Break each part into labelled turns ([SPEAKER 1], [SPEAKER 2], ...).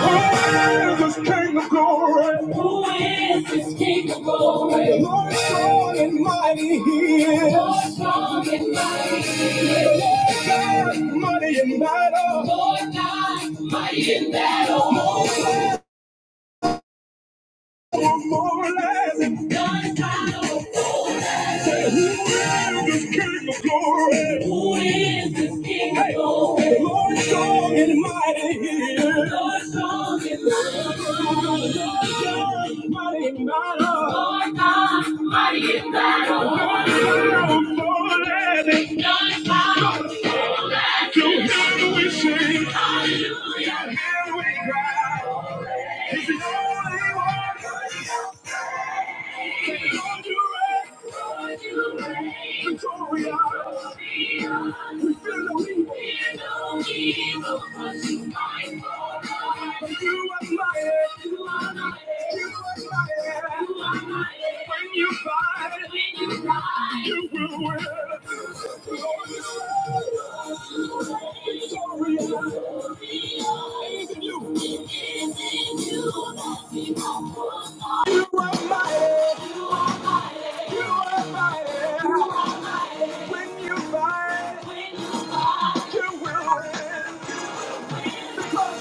[SPEAKER 1] Who is this King of glory? Who is this King of glory? The Lord is strong and mighty he is. Lord strong and mighty. God mighty in battle. Lord God mighty in battle. No one more less. None power. Say, Who is this King of glory? Who is this King of Hey, glory? The Lord strong and mighty he is. Lord strong and mighty. Because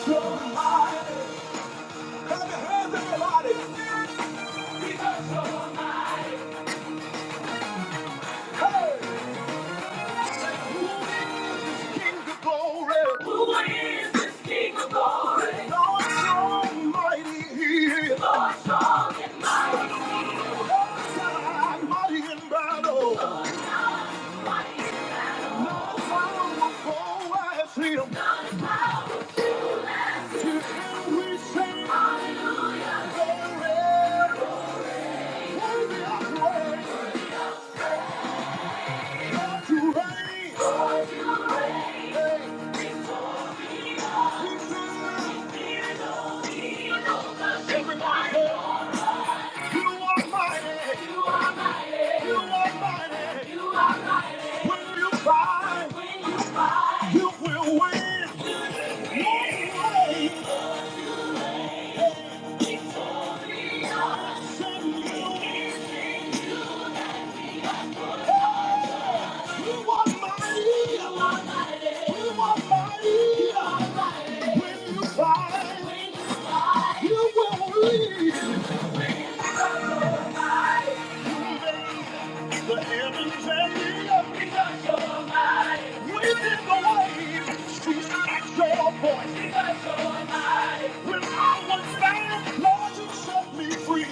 [SPEAKER 1] you're mine. Clap your hands, everybody. Hey! King of glory. Who is this King of glory? Lord, you mighty. He mighty in battle. No power will go him. To him we sing glory. Worthy of praise. God, you reign. He says, You are mighty. You are mighty. When you fight, you will win. Lord, you reign. Send you We want mighty. We want mighty. When you cry, you will leave. The heavens and the earth within the waves. She's at your voice. When I was bound, Lord, you set me free.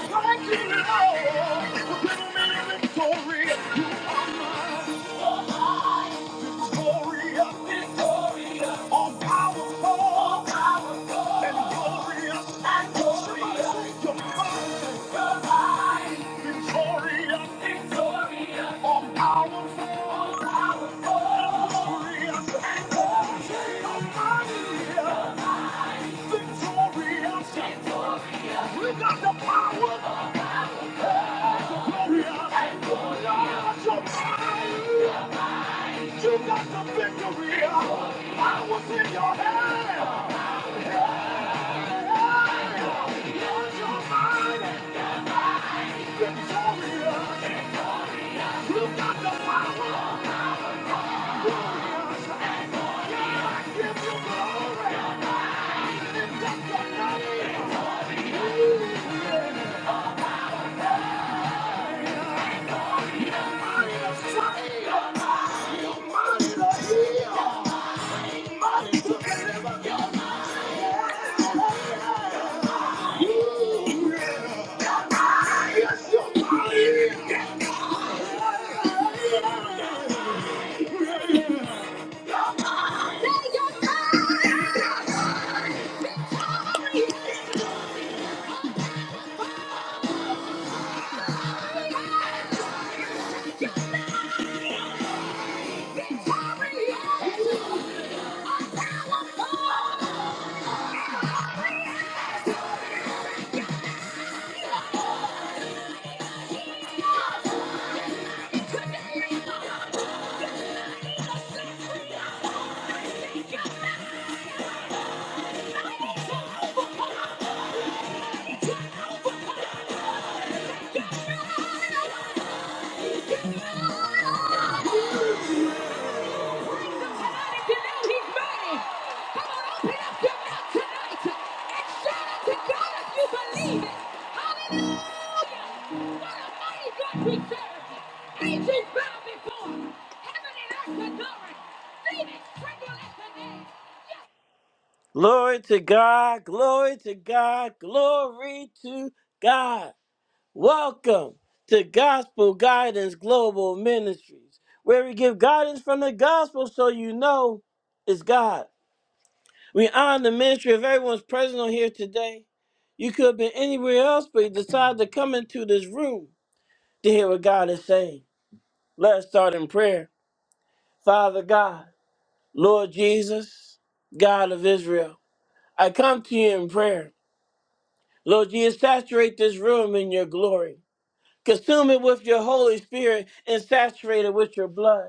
[SPEAKER 1] Thank you, Lord, for giving me victory. Glorious, glorious, all powerful, all powerful, and glorious, and glorious. Your mind, your mind, victorious, victorious, all powerful, all powerful, glorious, and glorious. Your mind, victorious, victorious. You got the power, glorious, and glorious. Your mind. You got the victory. I was in your hand. Use your mind. Victorious. You got the power. I give you glory. Lift up your name. Glory to God, glory to God, glory to God. Welcome to Gospel Guidance Global Ministries, where we give guidance from the gospel so you know it's God. We honor the ministry of everyone's present on here today. You could have been anywhere else, but you decided to come into this room to hear what God is saying. Let's start in prayer. Father God, Lord Jesus, God of Israel, I come to you in prayer. Lord Jesus, saturate this room in your glory. Consume it with your Holy Spirit and saturate it with your blood.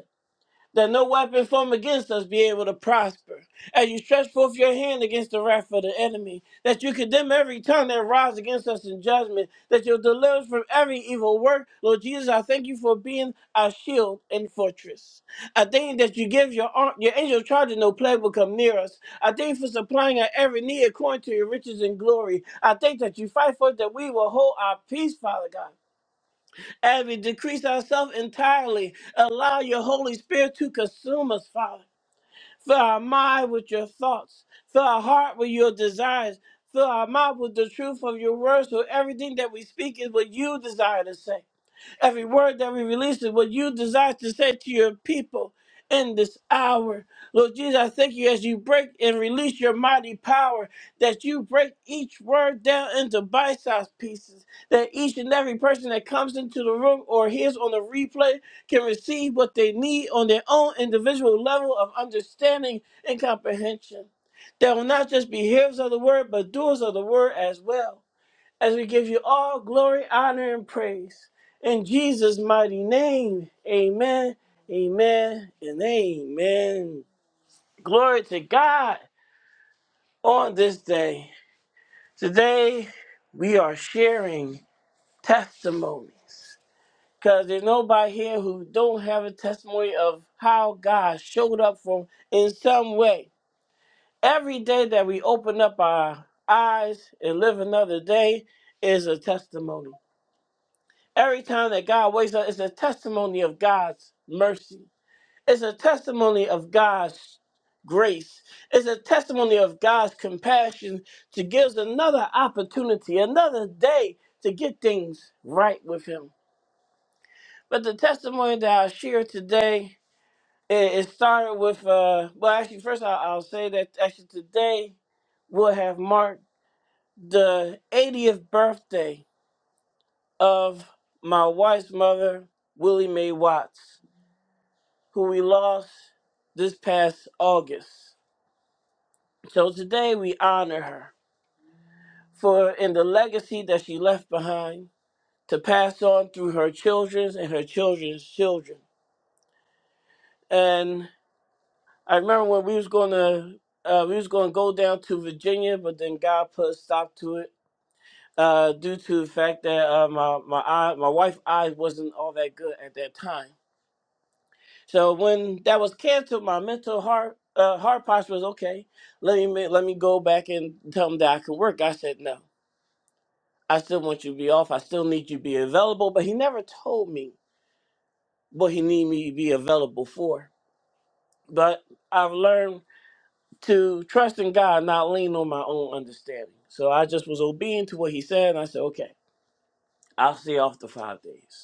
[SPEAKER 1] that no weapon formed against us be able to prosper. As you stretch forth your hand against the wrath of the enemy, that you condemn every tongue that rises against us in judgment, that you'll deliver us from every evil work. Lord Jesus, I thank you for being our shield and fortress. I thank you that you give your ar- your angel charge and no plague will come near us. I thank you for supplying our every need according to your riches and glory. I thank that you fight for us that we will hold our peace, Father God as we decrease ourselves entirely, allow your Holy Spirit to consume us, Father. Fill our mind with your thoughts, fill our heart with your desires, fill our mouth with the truth of your words, so everything that we speak is what you desire to say. Every word that we release is what you desire to say to your people in this hour. Lord Jesus, I thank you as you break and release your mighty power, that you break each word down into bite sized pieces, that each and every person that comes into the room or hears on the replay can receive what they need on their own individual level of understanding and comprehension. That will not just be hearers of the word, but doers of the word as well as we give you all glory, honor, and praise. In Jesus' mighty name, amen, amen, and amen. Glory to God on this day. Today, we are sharing testimonies because there's nobody here who don't have a testimony of how God showed up for in some way. Every day that we open up our eyes and live another day is a testimony. Every time that God wakes up, it's a testimony of God's mercy. It's a testimony of God's grace. It's a testimony of God's compassion to give us another opportunity, another day to get things right with Him. But the testimony that I share today, it, it started with, uh, well, actually, first I'll, I'll say that actually today will have marked the 80th birthday of my wife's mother, Willie Mae Watts. who we lost this past August. So today we honor her for in the legacy that she left behind to pass on through her children's and her children's children. And I remember when we was going to uh, we was going to go down to Virginia, but then God put a stop to it uh, due to the fact that uh, my my eye, my wife's eye wasn't all that good at that time. So when that was canceled, my mental heart uh, heart posture was okay. Let me ma- let me go back and tell him that I can work. I said no. I still want you to be off. I still need you to be available. But he never told me what he needed me to be available for. But I've learned to trust in God, not lean on my own understanding. So I just was obedient to what he said. And I said, okay, I'll see you off the five days.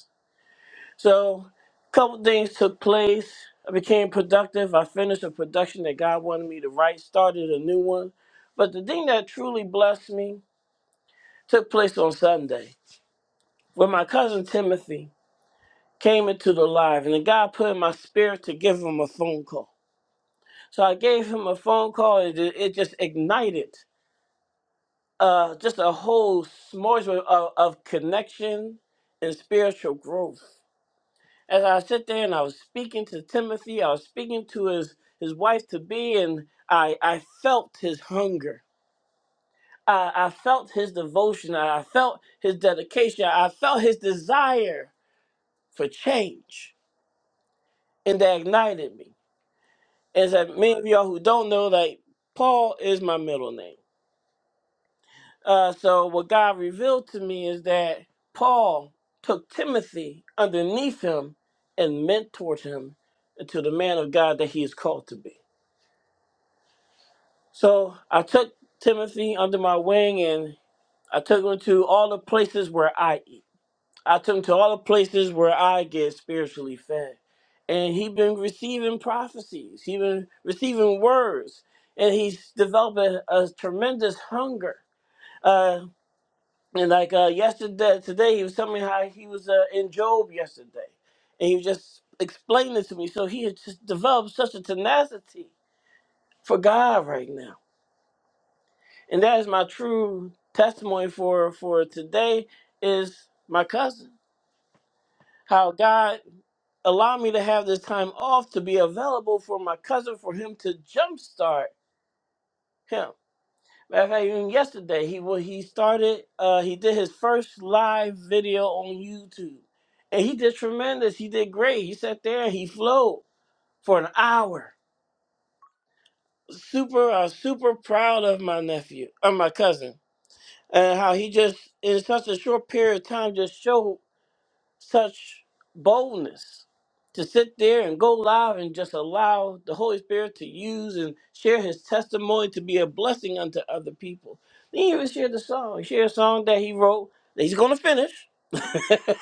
[SPEAKER 1] So, a couple things took place. I became productive. I finished a production that God wanted me to write, started a new one. But the thing that truly blessed me took place on Sunday when my cousin Timothy came into the live, and then God put in my spirit to give him a phone call. So I gave him a phone call, and it it just ignited uh, just a whole smorgasbord of, of connection and spiritual growth. As I sit there and I was speaking to Timothy, I was speaking to his, his wife to be, and I, I felt his hunger. I, I felt his devotion. I felt his dedication. I felt his desire for change. And that ignited me. As I, many of y'all who don't know, like, Paul is my middle name. Uh, so what God revealed to me is that Paul took Timothy underneath him and mentored him into the man of God that he is called to be. So I took Timothy under my wing and I took him to all the places where I eat. I took him to all the places where I get spiritually fed. And he been receiving prophecies. he been receiving words. And he's developing a tremendous hunger. Uh, and like uh, yesterday, today, he was telling me how he was uh, in Job yesterday. And he was just explaining it to me. So he had just developed such a tenacity for God right now. And that is my true testimony for for today is my cousin. How God allowed me to have this time off to be available for my cousin for him to jumpstart him. Matter of fact, even yesterday he wa- he started uh, he did his first live video on YouTube, and he did tremendous. He did great. He sat there and he flowed for an hour. Super, uh, super proud of my nephew, of my cousin and how he just in such a short period of time just showed such boldness to sit there and go live and just allow the Holy Spirit to use and share his testimony to be a blessing unto other people. Then he even shared the song. He shared a song that he wrote that he's gonna finish. that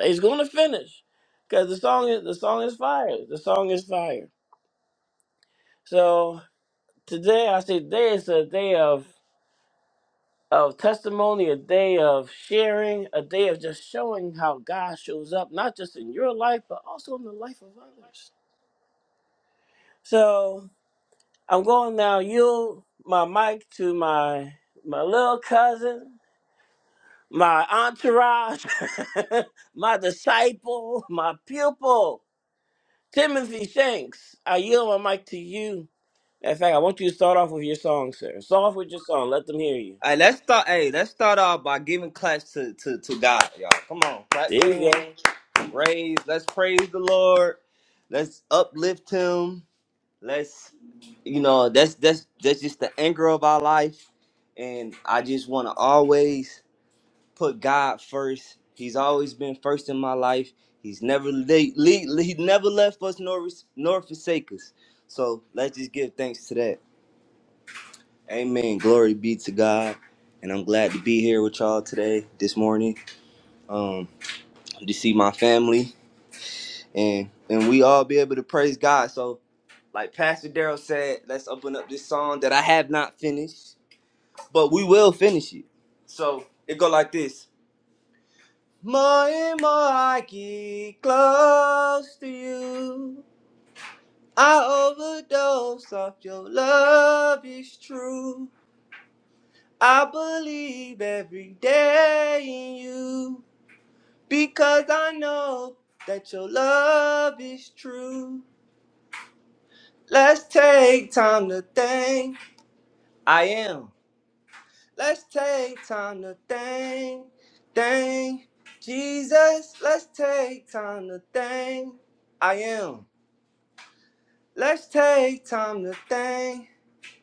[SPEAKER 1] he's gonna finish. Cause the song is the song is fire. The song is fire. So today I say today is a day of of testimony, a day of sharing, a day of just showing how God shows up, not just in your life, but also in the life of others. So I'm going now. You, my mic to my my little cousin, my entourage, my disciple, my pupil, Timothy Shanks. I yield my mic to you. In fact, I want you to start off with your song, sir. Start off with your song. Let them hear you.
[SPEAKER 2] Hey, let's start. Hey, let's start off by giving claps to, to, to God, y'all. Come on, clap
[SPEAKER 1] There
[SPEAKER 2] your
[SPEAKER 1] you go.
[SPEAKER 2] hands, raise. Let's praise the Lord. Let's uplift Him. Let's, you know, that's that's that's just the anchor of our life, and I just want to always put God first. He's always been first in my life. He's never le- le- he never left us nor nor forsake us. So let's just give thanks to that. Amen. Glory be to God. And I'm glad to be here with y'all today, this morning, um, to see my family and and we all be able to praise God. So, like Pastor Daryl said, let's open up this song that I have not finished, but we will finish it. So it go like this: More and more I get close to you, I overdose off your love. is true. I believe every day in you because I know that your love is true. Let's take time to thank. I am. Let's take time to thank, thank Jesus. Let's take time to thank. I am. Let's take time to thank,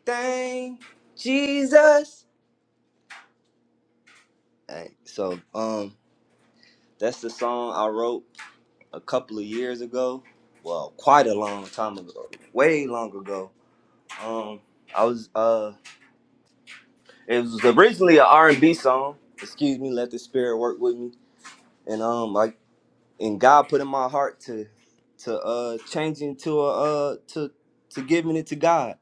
[SPEAKER 2] thank Jesus. Hey, so um, that's the song I wrote a couple of years ago. Well, quite a long time ago, way long ago. Um, I was uh, it was originally an R and B song. Excuse me, let the spirit work with me. And um, like, and God put in my heart to to uh change into a uh to to giving it to God.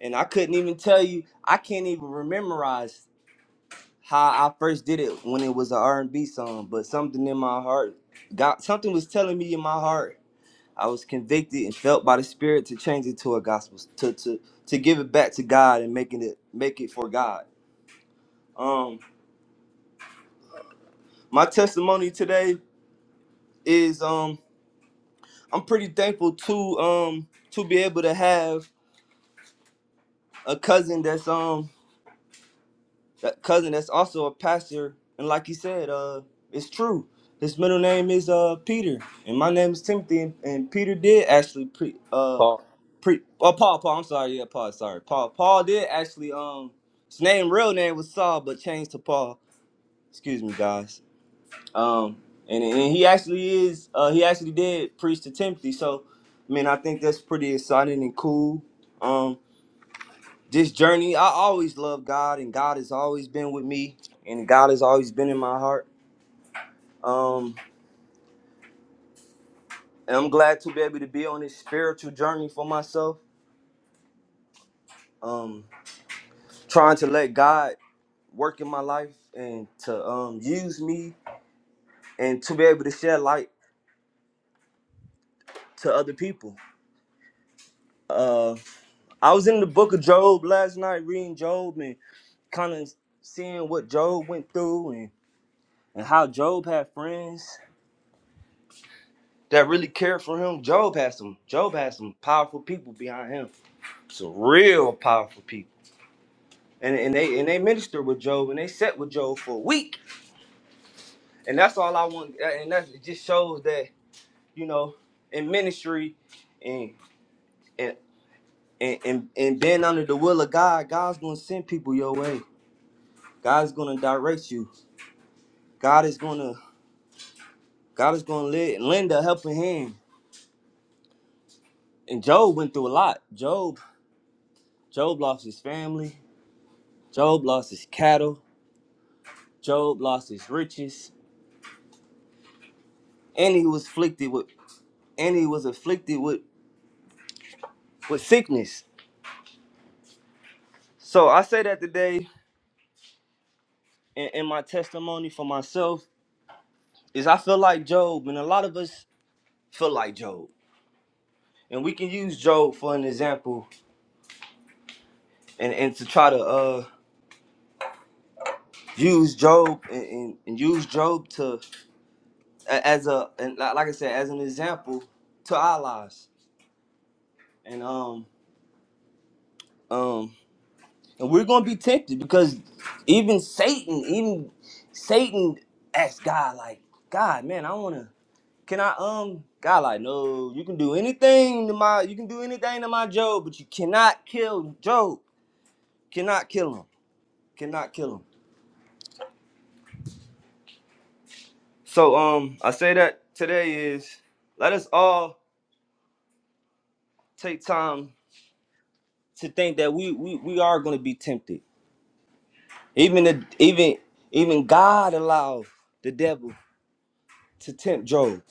[SPEAKER 2] And I couldn't even tell you. I can't even rememorize how I first did it when it was an R and B song. But something in my heart, God, something was telling me in my heart I was convicted and felt by the Spirit to change it to a gospel, to to to give it back to God and making it make it for God. Um, my testimony today is um I'm pretty thankful to um to be able to have a cousin that's um that cousin that's also a pastor and like he said uh it's true. His middle name is uh Peter and my name is Timothy and, and Peter did actually pre- uh
[SPEAKER 1] Paul.
[SPEAKER 2] Pre oh Paul, Paul, I'm sorry, yeah, Paul, sorry. Paul Paul did actually um his name real name was Saul, but changed to Paul. Excuse me guys. Um and, and he actually is uh he actually did preach to Timothy. So I mean I think that's pretty exciting and cool. Um this journey, I always love God and God has always been with me and God has always been in my heart. Um and I'm glad to be able to be on this spiritual journey for myself. Um trying to let God work in my life and to um use me and to be able to share light to other people. Uh, I was in the book of Job last night reading Job and kind of seeing what Job went through and, and how Job had friends that really cared for him. Job had some Job had some powerful people behind him. Some real powerful people. And, and they and they ministered with Job and they sat with Job for a week. And that's all I want and that it just shows that, you know, in ministry and and and, and and being under the will of God, God's gonna send people your way. God's gonna direct you. God is gonna God is gonna lend, lend a helping hand. And Job went through a lot. Job Job lost his family. Job lost his cattle. Job lost his riches, and he was afflicted with and he was afflicted with with sickness. So I say that today in, in my testimony for myself is I feel like Job, and a lot of us feel like Job, and we can use Job for an example and and to try to uh use Job and, and, and use Job to a- as a and li- like I said as an example to our lives and um um and we're gonna be tempted because even Satan even Satan asked God like God man I wanna can I um God like no you can do anything to my you can do anything to my Job but you cannot kill Job cannot kill him cannot kill him so um I say that today is let us all take time to think that we we, we are going to be tempted. Even the even even God allowed the devil to tempt Job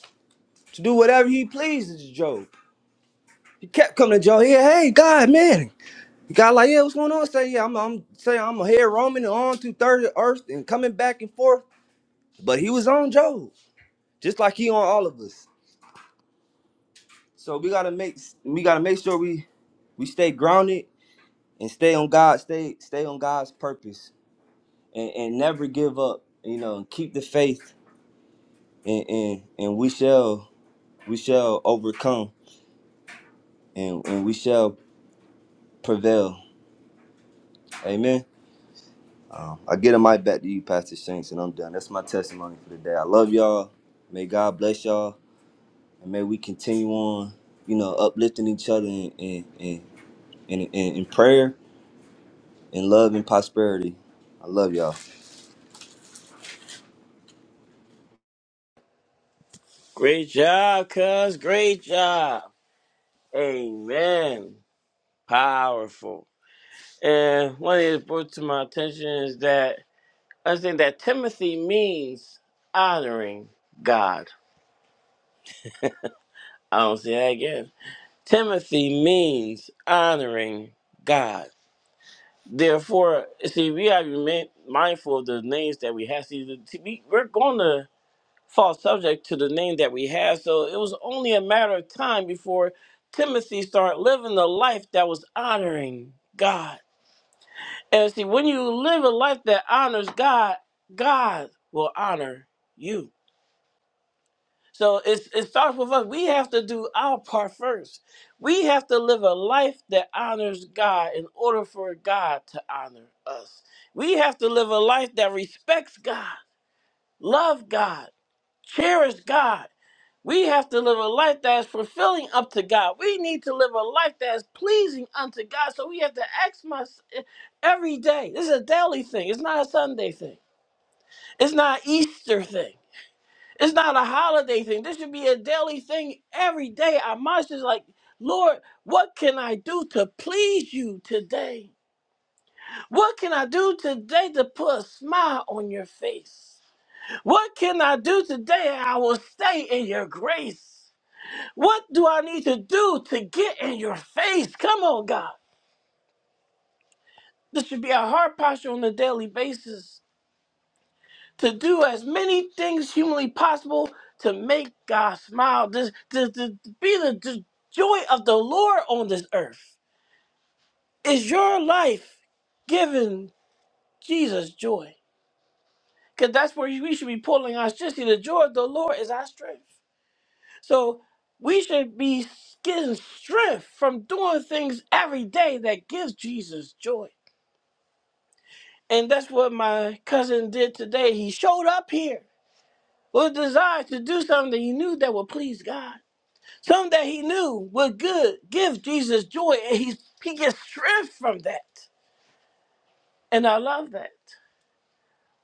[SPEAKER 2] to do whatever he pleases to Job. He kept coming to Job. Yeah, hey God, man. God like, yeah, what's going on? Say, yeah, I'm I'm saying I'm here roaming on through third earth and coming back and forth. But he was on Job, just like he on all of us. So we gotta make we gotta make sure we we stay grounded and stay on God, stay stay on God's purpose and, and never give up. You know, keep the faith, and, and and we shall we shall overcome, and and we shall prevail. Amen. Um, I get a mic back to you, Pastor Shanks, and I'm done. That's my testimony for the day. I love y'all. May God bless y'all, and may we continue on. You know, uplifting each other in in in, in, in, in prayer and love and prosperity. I love y'all.
[SPEAKER 1] Great job, cuz. Great job. Amen. Powerful. And one of these brought to my attention is that I think that Timothy means honoring God. I don't say that again. Timothy means honoring God. Therefore, see, we have to be mindful of the names that we have. See, the, we, we're going to fall subject to the name that we have. So it was only a matter of time before Timothy started living a life that was honoring God. And see, when you live a life that honors God, God will honor you. So it's, it starts with us. We have to do our part first. We have to live a life that honors God in order for God to honor us. We have to live a life that respects God, love God, cherish God. We have to live a life that is fulfilling up to God. We need to live a life that is pleasing unto God. So we have to ask myself every day. This is a daily thing. It's not a Sunday thing. It's not an Easter thing. It's not a holiday thing. This should be a daily thing every day. Our mind is like, Lord, what can I do to please you today? What can I do today to put a smile on your face? What can I do today? I will stay in your grace. What do I need to do to get in your face? Come on, God. This should be our heart posture on a daily basis. to do as many things humanly possible to make God smile, to, to, to be the, the joy of the Lord on this earth. Is your life giving Jesus joy? Because that's where we should be pulling our strength. See, the joy of the Lord is our strength. So we should be getting strength from doing things every day that gives Jesus joy. And that's what my cousin did today. He showed up here with a desire to do something that he knew that would please God. Some that he knew were good give Jesus joy, and he, he gets strength from that. And I love that.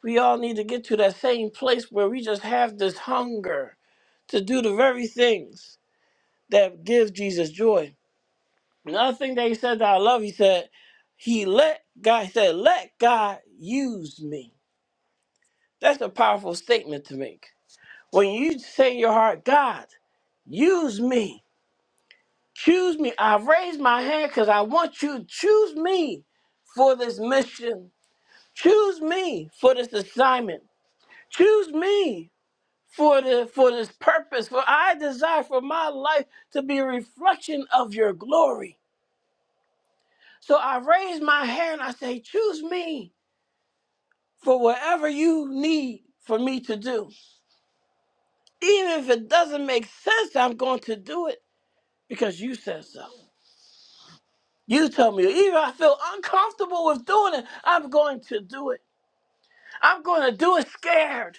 [SPEAKER 1] We all need to get to that same place where we just have this hunger to do the very things that give Jesus joy. Another thing that he said that I love, he said, he let God, he said, let God use me. That's a powerful statement to make. When you say in your heart, God, use me. Choose me. I raise my hand because I want you to choose me for this mission. Choose me for this assignment. Choose me for the for this purpose. For I desire for my life to be a reflection of your glory. So I raise my hand. I say, choose me for whatever you need for me to do. Even if it doesn't make sense, I'm going to do it because you said so. You tell me, even I feel uncomfortable with doing it, I'm going to do it. I'm going to do it scared.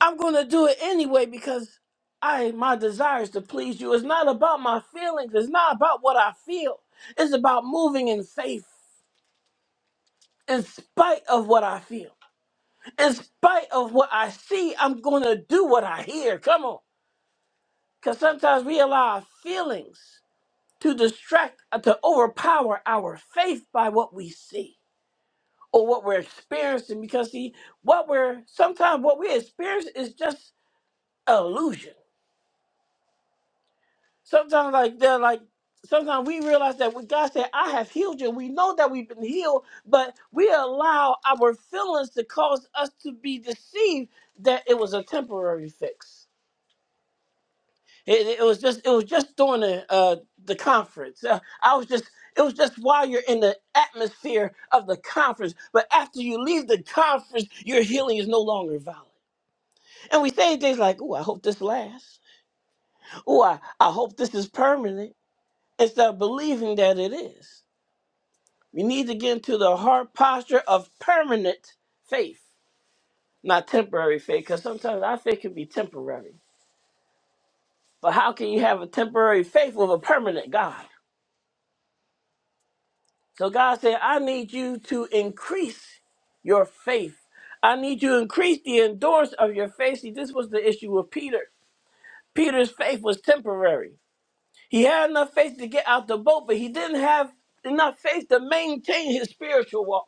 [SPEAKER 1] I'm going to do it anyway because I my desire is to please you. It's not about my feelings. It's not about what I feel. It's about moving in faith in spite of what I feel. In spite of what I see, I'm going to do what I hear. Come on. Cuz sometimes we allow our feelings to distract uh, to overpower our faith by what we see. or what we're experiencing because see what we're sometimes what we experience is just an illusion sometimes like they're like sometimes we realize that when god said i have healed you we know that we've been healed but we allow our feelings to cause us to be deceived that it was a temporary fix it, it was just it was just during the uh the conference Uh, i was just it was just while you're in the atmosphere of the conference but after you leave the conference your healing is no longer valid And we say things like, oh, I hope this lasts. Oh, I, I hope this is permanent instead of believing that it is. We need to get into the heart posture of permanent faith, not temporary faith, because sometimes our faith can be temporary. But how can you have a temporary faith with a permanent God? So God said, I need you to increase your faith. I need you to increase the endurance of your faith. See, this was the issue with Peter. Peter's faith was temporary. He had enough faith to get out the boat, but he didn't have enough faith to maintain his spiritual walk.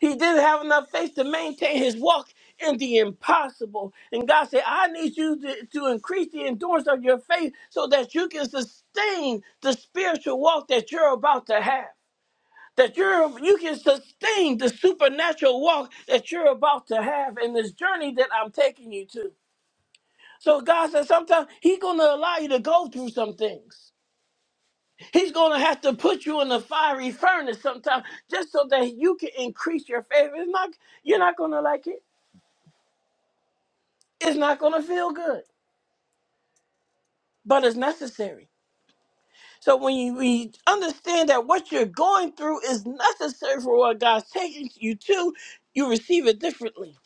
[SPEAKER 1] He didn't have enough faith to maintain his walk in the impossible. And God said, I need you to, to increase the endurance of your faith so that you can sustain the spiritual walk that you're about to have. That you're you can sustain the supernatural walk that you're about to have in this journey that I'm taking you to. So God said sometimes He's gonna allow you to go through some things. He's going to have to put you in a fiery furnace sometime just so that you can increase your faith. It's not, you're not going to like it. It's not going to feel good, but it's necessary. So when you, when you understand that what you're going through is necessary for what God's taking you to, you receive it differently.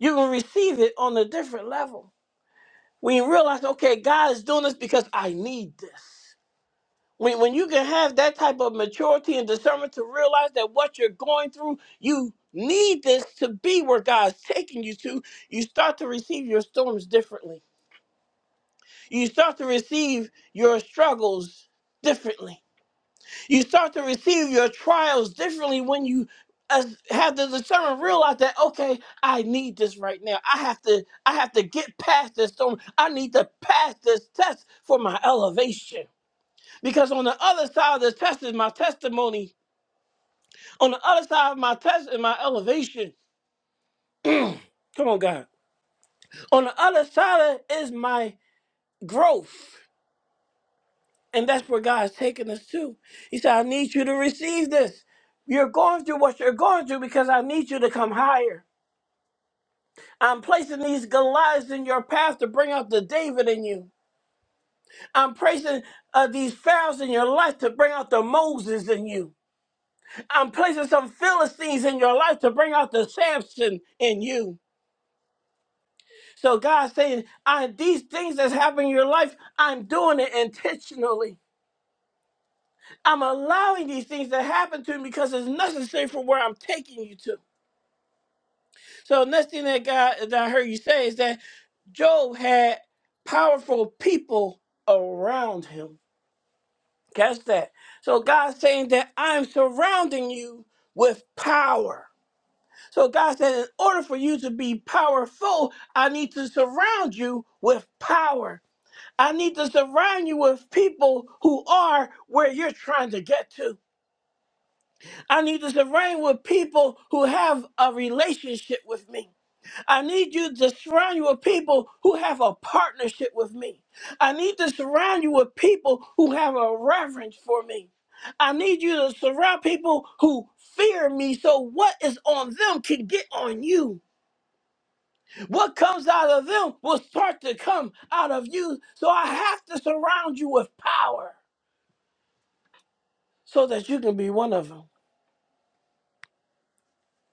[SPEAKER 1] You can receive it on a different level. When you realize, okay, God is doing this because I need this. when, when you can have that type of maturity and discernment to realize that what you're going through, you need this to be where God's taking you to, you start to receive your storms differently. You start to receive your struggles differently. You start to receive your trials differently when you as, have the discernment realize that okay i need this right now i have to i have to get past this storm i need to pass this test for my elevation because on the other side of this test is my testimony. On the other side of my test is my elevation. Come on, God. On the other side of it is my growth. And that's where God's taking us to. He said, I need you to receive this. You're going through what you're going through because I need you to come higher. I'm placing these Goliaths in your path to bring out the David in you. I'm placing uh, these Pharaohs in your life to bring out the Moses in you. I'm placing some Philistines in your life to bring out the Samson in you. So God's saying, I, these things that's happening in your life, I'm doing it intentionally. I'm allowing these things to happen to me because it's necessary for where I'm taking you to. So the next thing that God that I heard you say is that Job had powerful people around him. Catch that. So God's saying that I'm surrounding you with power. So God said, in order for you to be powerful, I need to surround you with power. I need to surround you with people who are where you're trying to get to. I need to surround you with people who have a relationship with me. I need you to surround you with people who have a partnership with me. I need to surround you with people who have a reverence for me. I need you to surround people who fear me so what is on them can get on you. What comes out of them will start to come out of you. So I have to surround you with power so that you can be one of them.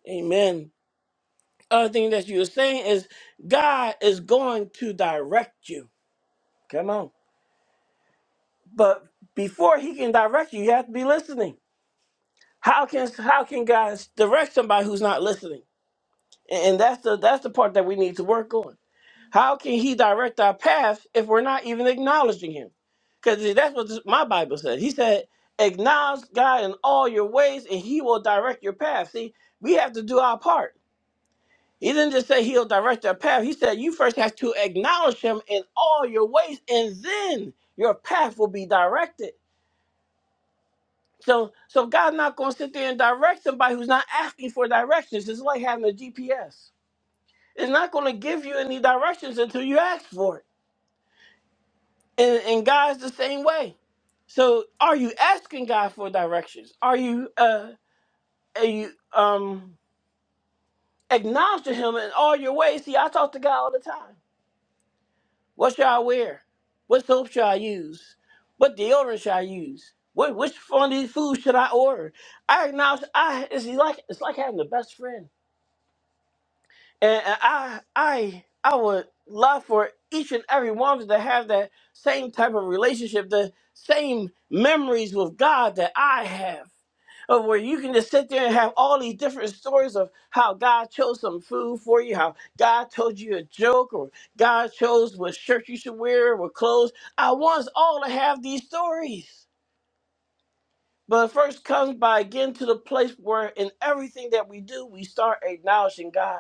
[SPEAKER 1] Amen. Other thing that you were saying is God is going to direct you. Come on. But before he can direct you, you have to be listening. How can how can God direct somebody who's not listening? And and that's the that's the part that we need to work on. How can he direct our path if we're not even acknowledging him? Because that's what this, my Bible said. He said, Acknowledge God in all your ways, and he will direct your path. See, we have to do our part. He didn't just say he'll direct our path. He said, You first have to acknowledge him in all your ways, and then your path will be directed. So, so God's not going to sit there and direct somebody who's not asking for directions. It's like having a GPS. It's not going to give you any directions until you ask for it. and, and God's the same way. So are you asking God for directions? Are you uh are you um acknowledging him in all your ways? See, I talk to God all the time. What shall I wear? What soap shall I use? What deodorant shall I use? What which funny food should I order? I acknowledge I it's like it's like having the best friend. And and I I I would love for each and every one of us to have that same type of relationship, the same memories with God that I have. Of where you can just sit there and have all these different stories of how God chose some food for you, how God told you a joke, or God chose what shirt you should wear, what clothes. I want us all to have these stories. But it first comes by getting to the place where in everything that we do, we start acknowledging God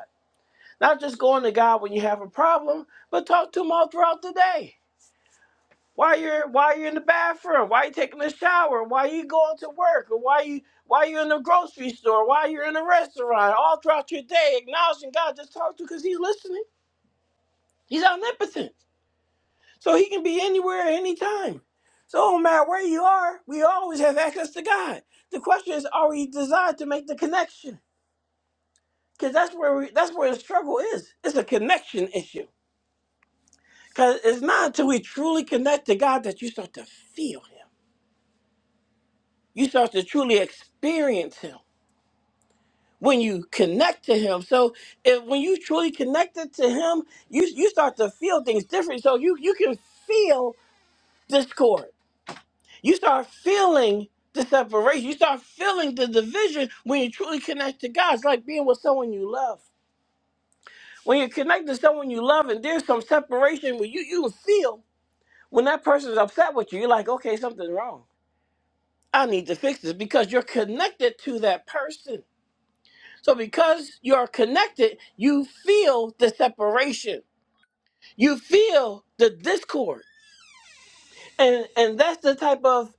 [SPEAKER 1] not just going to God when you have a problem, but talk to Him all throughout the day. Why you're Why you're in the bathroom, Why you taking a shower, Why you going to work, or why you Why you're in the grocery store, Why you're in a restaurant, all throughout your day, acknowledging God, just talk to him because He's listening. He's omnipotent, so He can be anywhere at any time. So no matter where you are, we always have access to God. The question is, are we desired to make the connection? Because that's where we, that's where the struggle is. It's a connection issue Because it's not until we truly connect to God that you start to feel Him. You start to truly experience Him when you connect to Him. So if, when you truly connected to Him, you you start to feel things different. So you you can feel discord. You start feeling the separation. You start feeling the division when you truly connect to God. It's like being with someone you love. When you connect to someone you love and there's some separation where you you feel when that person's upset with you, you're like, okay, something's wrong I need to fix this because you're connected to that person. So because you're connected, you feel the separation. You feel the discord. And and that's the type of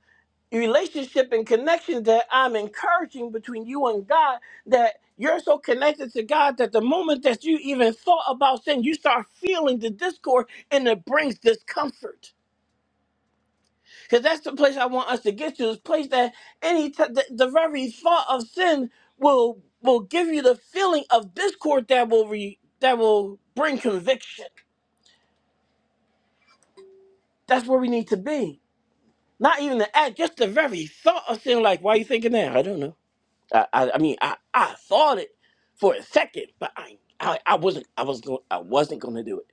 [SPEAKER 1] relationship and connection that I'm encouraging between you and God that you're so connected to God that the moment that you even thought about sin, you start feeling the discord and it brings discomfort Because that's the place I want us to get to. This place that any t- the, the very thought of sin will will give you the feeling of discord that will re- that will bring conviction. That's where we need to be. Not even the act, just the very thought of sin. Like, why are you thinking that? I don't know. I I, I mean, I, I thought it for a second, but I I, I wasn't I was going I wasn't going to do it.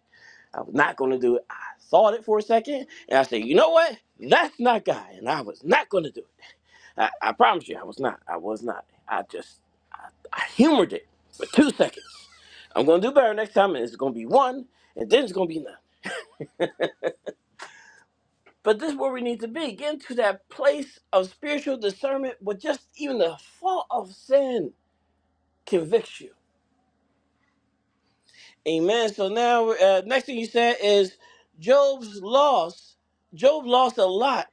[SPEAKER 1] I was not going to do it. I thought it for a second, and I said, you know what? That's not God, and I was not going to do it. I, I promise you, I was not. I was not. I just I humored it for two seconds. I'm gonna do better next time, and it's gonna be one, and then it's gonna be none. But this is where we need to be. Get into that place of spiritual discernment, but just even the thought of sin convicts you. Amen. So now, uh, next thing you said is Job's loss. Job lost a lot,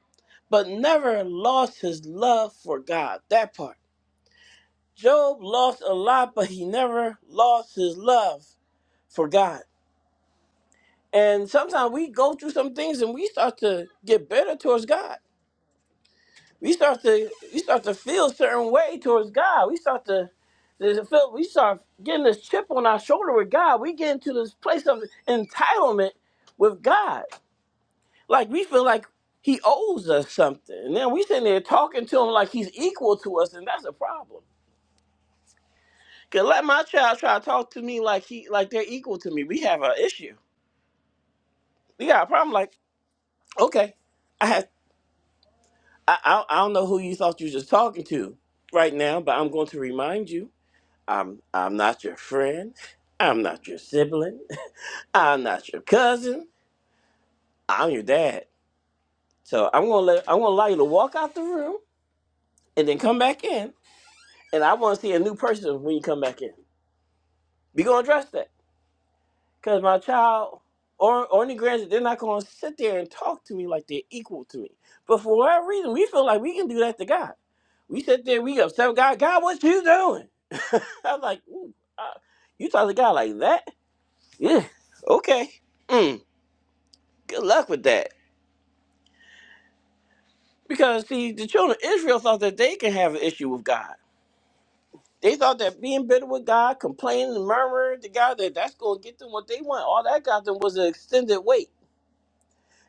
[SPEAKER 1] but never lost his love for God. That part. Job lost a lot, but he never lost his love. for God. And sometimes we go through some things and we start to get better towards God. We start to we start to feel a certain way towards God. We start to there's a feel we start getting this chip on our shoulder with God. We get into this place of entitlement with God. Like we feel like he owes us something. And then we sitting there talking to him like he's equal to us, and that's a problem. Cause let my child try to talk to me like he like they're equal to me. We have an issue. We got a problem like, okay, I have. I, I I don't know who you thought you was just talking to right now, but I'm going to remind you, I'm I'm not your friend. I'm not your sibling. I'm not your cousin. I'm your dad. So I'm gonna let I'm gonna allow you to walk out the room and then come back in, and I want to see a new person when you come back in. We gonna address that. Cause my child or only granted they're not gonna sit there and talk to me like they're equal to me. But for whatever reason, we feel like we can do that to God. We sit there, we upset with God. God, what you doing? I'm like, Ooh, uh, you talk to God like that? Yeah. Okay. Mm, good luck with that. Because see, the children of Israel thought that they can have an issue with God. They thought that being bitter with God, complaining and murmuring to God, that that's gonna get them what they want. All that got them was an extended wait,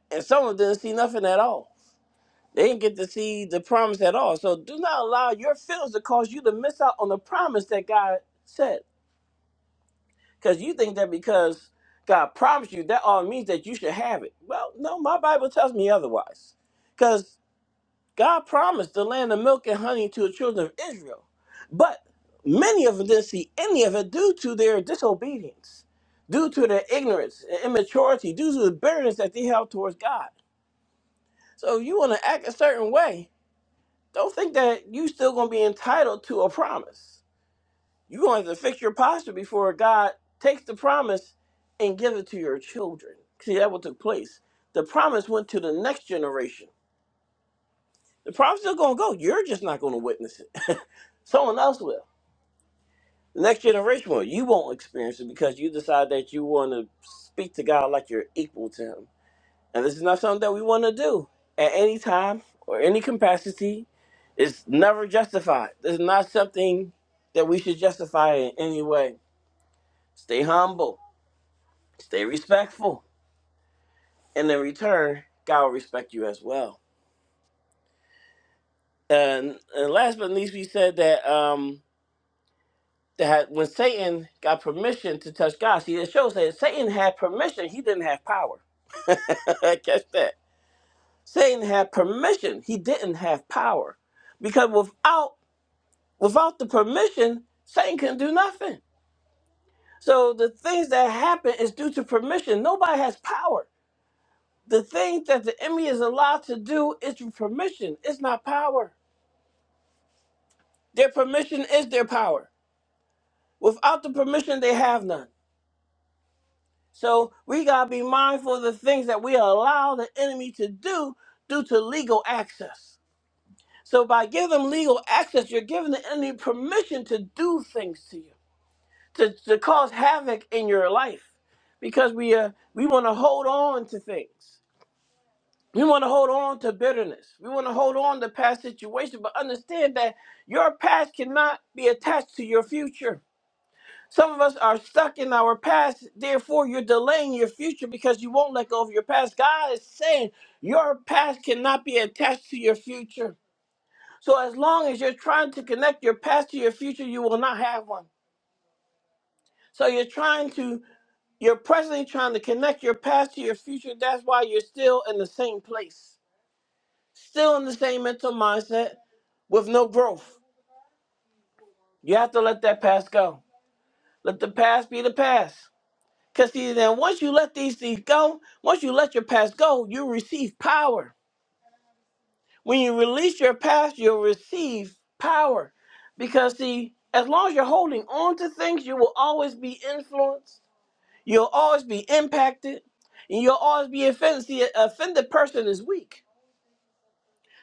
[SPEAKER 1] and some of them didn't see nothing at all. They didn't get to see the promise at all. So do not allow your feelings to cause you to miss out on the promise that God said. Because you think that because God promised you, that all means that you should have it. Well, no, my Bible tells me otherwise. Because God promised the land of milk and honey to the children of Israel. But many of them didn't see any of it due to their disobedience, due to their ignorance and immaturity, due to the bitterness that they held towards God. So if you want to act a certain way. don't think that you still gonna be entitled to a promise. You're gonna have to fix your posture before God takes the promise and gives it to your children. See that what took place. The promise went to the next generation. The promise still gonna go. You're just not gonna witness it. Someone else will. The next generation will. You won't experience it because you decide that you want to speak to God like you're equal to Him. And this is not something that we want to do at any time or any capacity It's never justified. This is not something that we should justify in any way. Stay humble, stay respectful, and in return, God will respect you as well. And, and last but not least, we said that um, that when Satan got permission to touch God, see, it shows that Satan had permission; he didn't have power. Catch that. Satan had permission; he didn't have power, because without without the permission, Satan couldn't do nothing. So the things that happen is due to permission. Nobody has power. The things that the enemy is allowed to do is through permission. It's not power. Their permission is their power. Without the permission, they have none. So we gotta be mindful of the things that we allow the enemy to do due to legal access. So by giving them legal access, you're giving the enemy permission to do things to you, to, to cause havoc in your life. Because we uh, we want to hold on to things. We want to hold on to bitterness. We want to hold on to past situations, but understand that your past cannot be attached to your future. Some of us are stuck in our past, therefore, you're delaying your future because you won't let go of your past. God is saying your past cannot be attached to your future. So, as long as you're trying to connect your past to your future, you will not have one. So, you're trying to, you're presently trying to connect your past to your future. That's why you're still in the same place, still in the same mental mindset with no growth. You have to let that past go. Let the past be the past. Because see, then once you let these things go, once you let your past go, you receive power. When you release your past, you'll receive power. Because see, as long as you're holding on to things, you will always be influenced. You'll always be impacted. And you'll always be offended. See, an offended person is weak.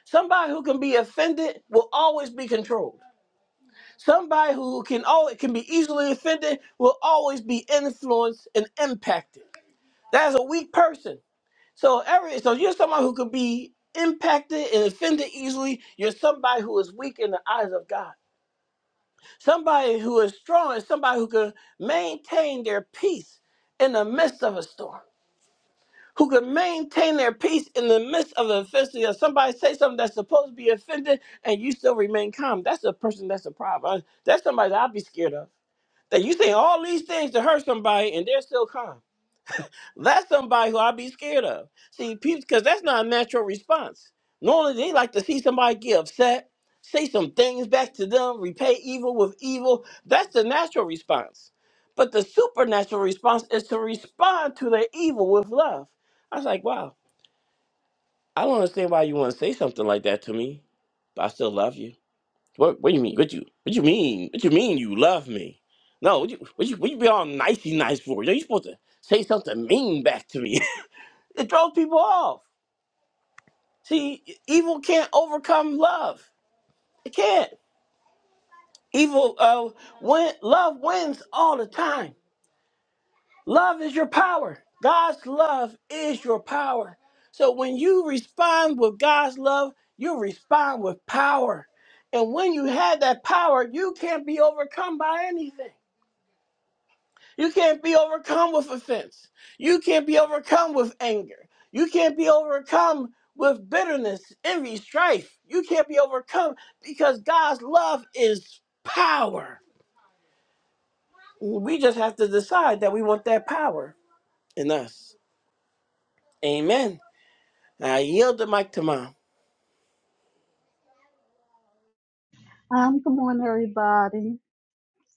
[SPEAKER 1] Somebody who can be offended will always be controlled. Somebody who can always can be easily offended will always be influenced and impacted. That is a weak person. So every so you're someone who can be impacted and offended easily. You're somebody who is weak in the eyes of God. Somebody who is strong is somebody who can maintain their peace in the midst of a storm. Who can maintain their peace in the midst of an offense? If somebody say something that's supposed to be offended, and you still remain calm. That's a person. That's a problem. That's somebody that I'd be scared of. That you say all these things to hurt somebody and they're still calm. That's somebody who I'd be scared of. See, people, because that's not a natural response. Normally, they like to see somebody get upset, say some things back to them, repay evil with evil. That's the natural response. But the supernatural response is to respond to their evil with love. I was like, wow, I don't understand why you want to say something like that to me, but I still love you. What what do you mean? What you what you mean? What you mean you love me? No, what you what you, what you be all nicey nice for? You know, you're supposed to say something mean back to me. it throws people off. See, evil can't overcome love. It can't. Evil uh win, love wins all the time. Love is your power. God's love is your power. So when you respond with God's love, you respond with power. And when you have that power, you can't be overcome by anything. You can't be overcome with offense. You can't be overcome with anger. You can't be overcome with bitterness, envy, strife. You can't be overcome because God's love is power. We just have to decide that we want that power in us. Amen. I yield the mic to mom.
[SPEAKER 3] Um, good morning, everybody.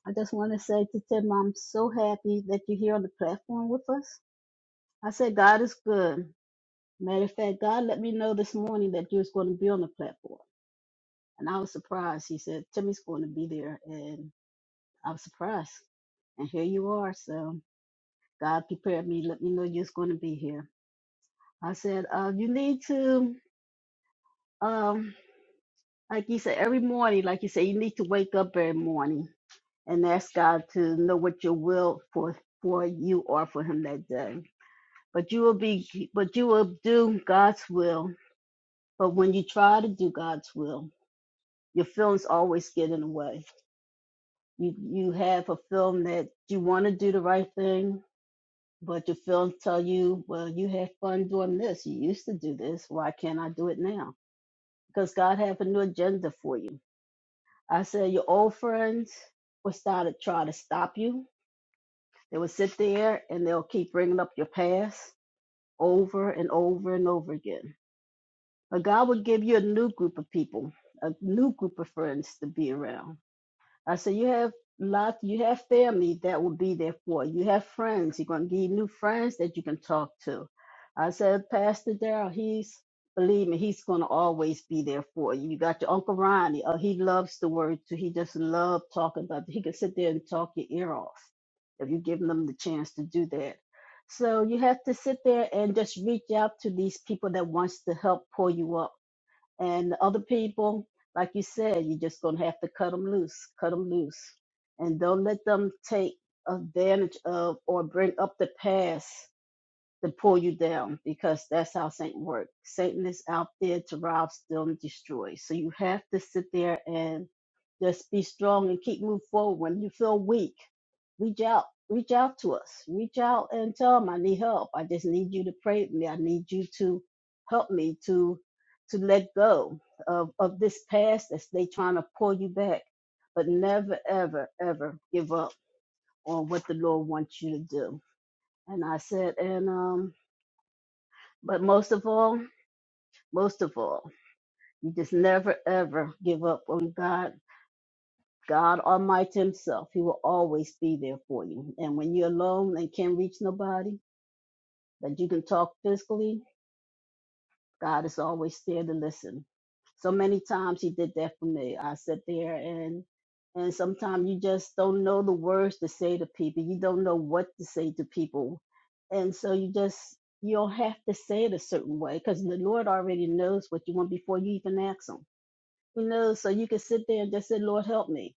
[SPEAKER 3] I just want to say to Tim, I'm so happy that you're here on the platform with us. I said, God is good. Matter of fact, God let me know this morning that you was going to be on the platform. And I was surprised. He said, Timmy's going to be there. And I was surprised. And here you are. So God prepared me, let me know you was going to be here. I said, uh, you need to, um, like you said, every morning, like you said, you need to wake up every morning and ask God to know what your will for for you are for him that day. But you will be but you will do God's will. But when you try to do God's will, your feelings always get in the way. You you have a feeling that you want to do the right thing, but your feelings tell you, well, you had fun doing this. You used to do this. Why can't I do it now? Because God have a new agenda for you. I said your old friends will start to try to stop you They will sit there and they'll keep bringing up your past over and over and over again. But God will give you a new group of people, a new group of friends to be around I said, you have lot, you have family that will be there for you. You have friends. You're gonna get new friends that you can talk to. I said, Pastor Darrell, he's believe me, he's gonna always be there for you. You got your Uncle Ronnie. Oh, he loves the word too. He just love talking about it. He can sit there and talk your ear off if you give them the chance to do that. So you have to sit there and just reach out to these people that wants to help pull you up and the other people, like you said, you're just gonna have to cut them loose, cut them loose, and don't let them take advantage of or bring up the past to pull you down because that's how Satan works. Satan is out there to rob, steal, and destroy. So you have to sit there and just be strong and keep moving forward. When you feel weak, reach out. Reach out to us. Reach out and tell them I need help. I just need you to pray with me. I need you to help me to to let go of, of this past that's they trying to pull you back. But never, ever, ever give up on what the Lord wants you to do. And I said, and um but most of all, most of all, you just never ever give up on God. God Almighty Himself, He will always be there for you. And when you're alone and can't reach nobody that you can talk physically, God is always there to listen. So many times he did that for me. I sit there and and sometimes you just don't know the words to say to people. You don't know what to say to people. And so you just you don't have to say it a certain way because the Lord already knows what you want before you even ask him. He knows so you can sit there and just say, Lord help me.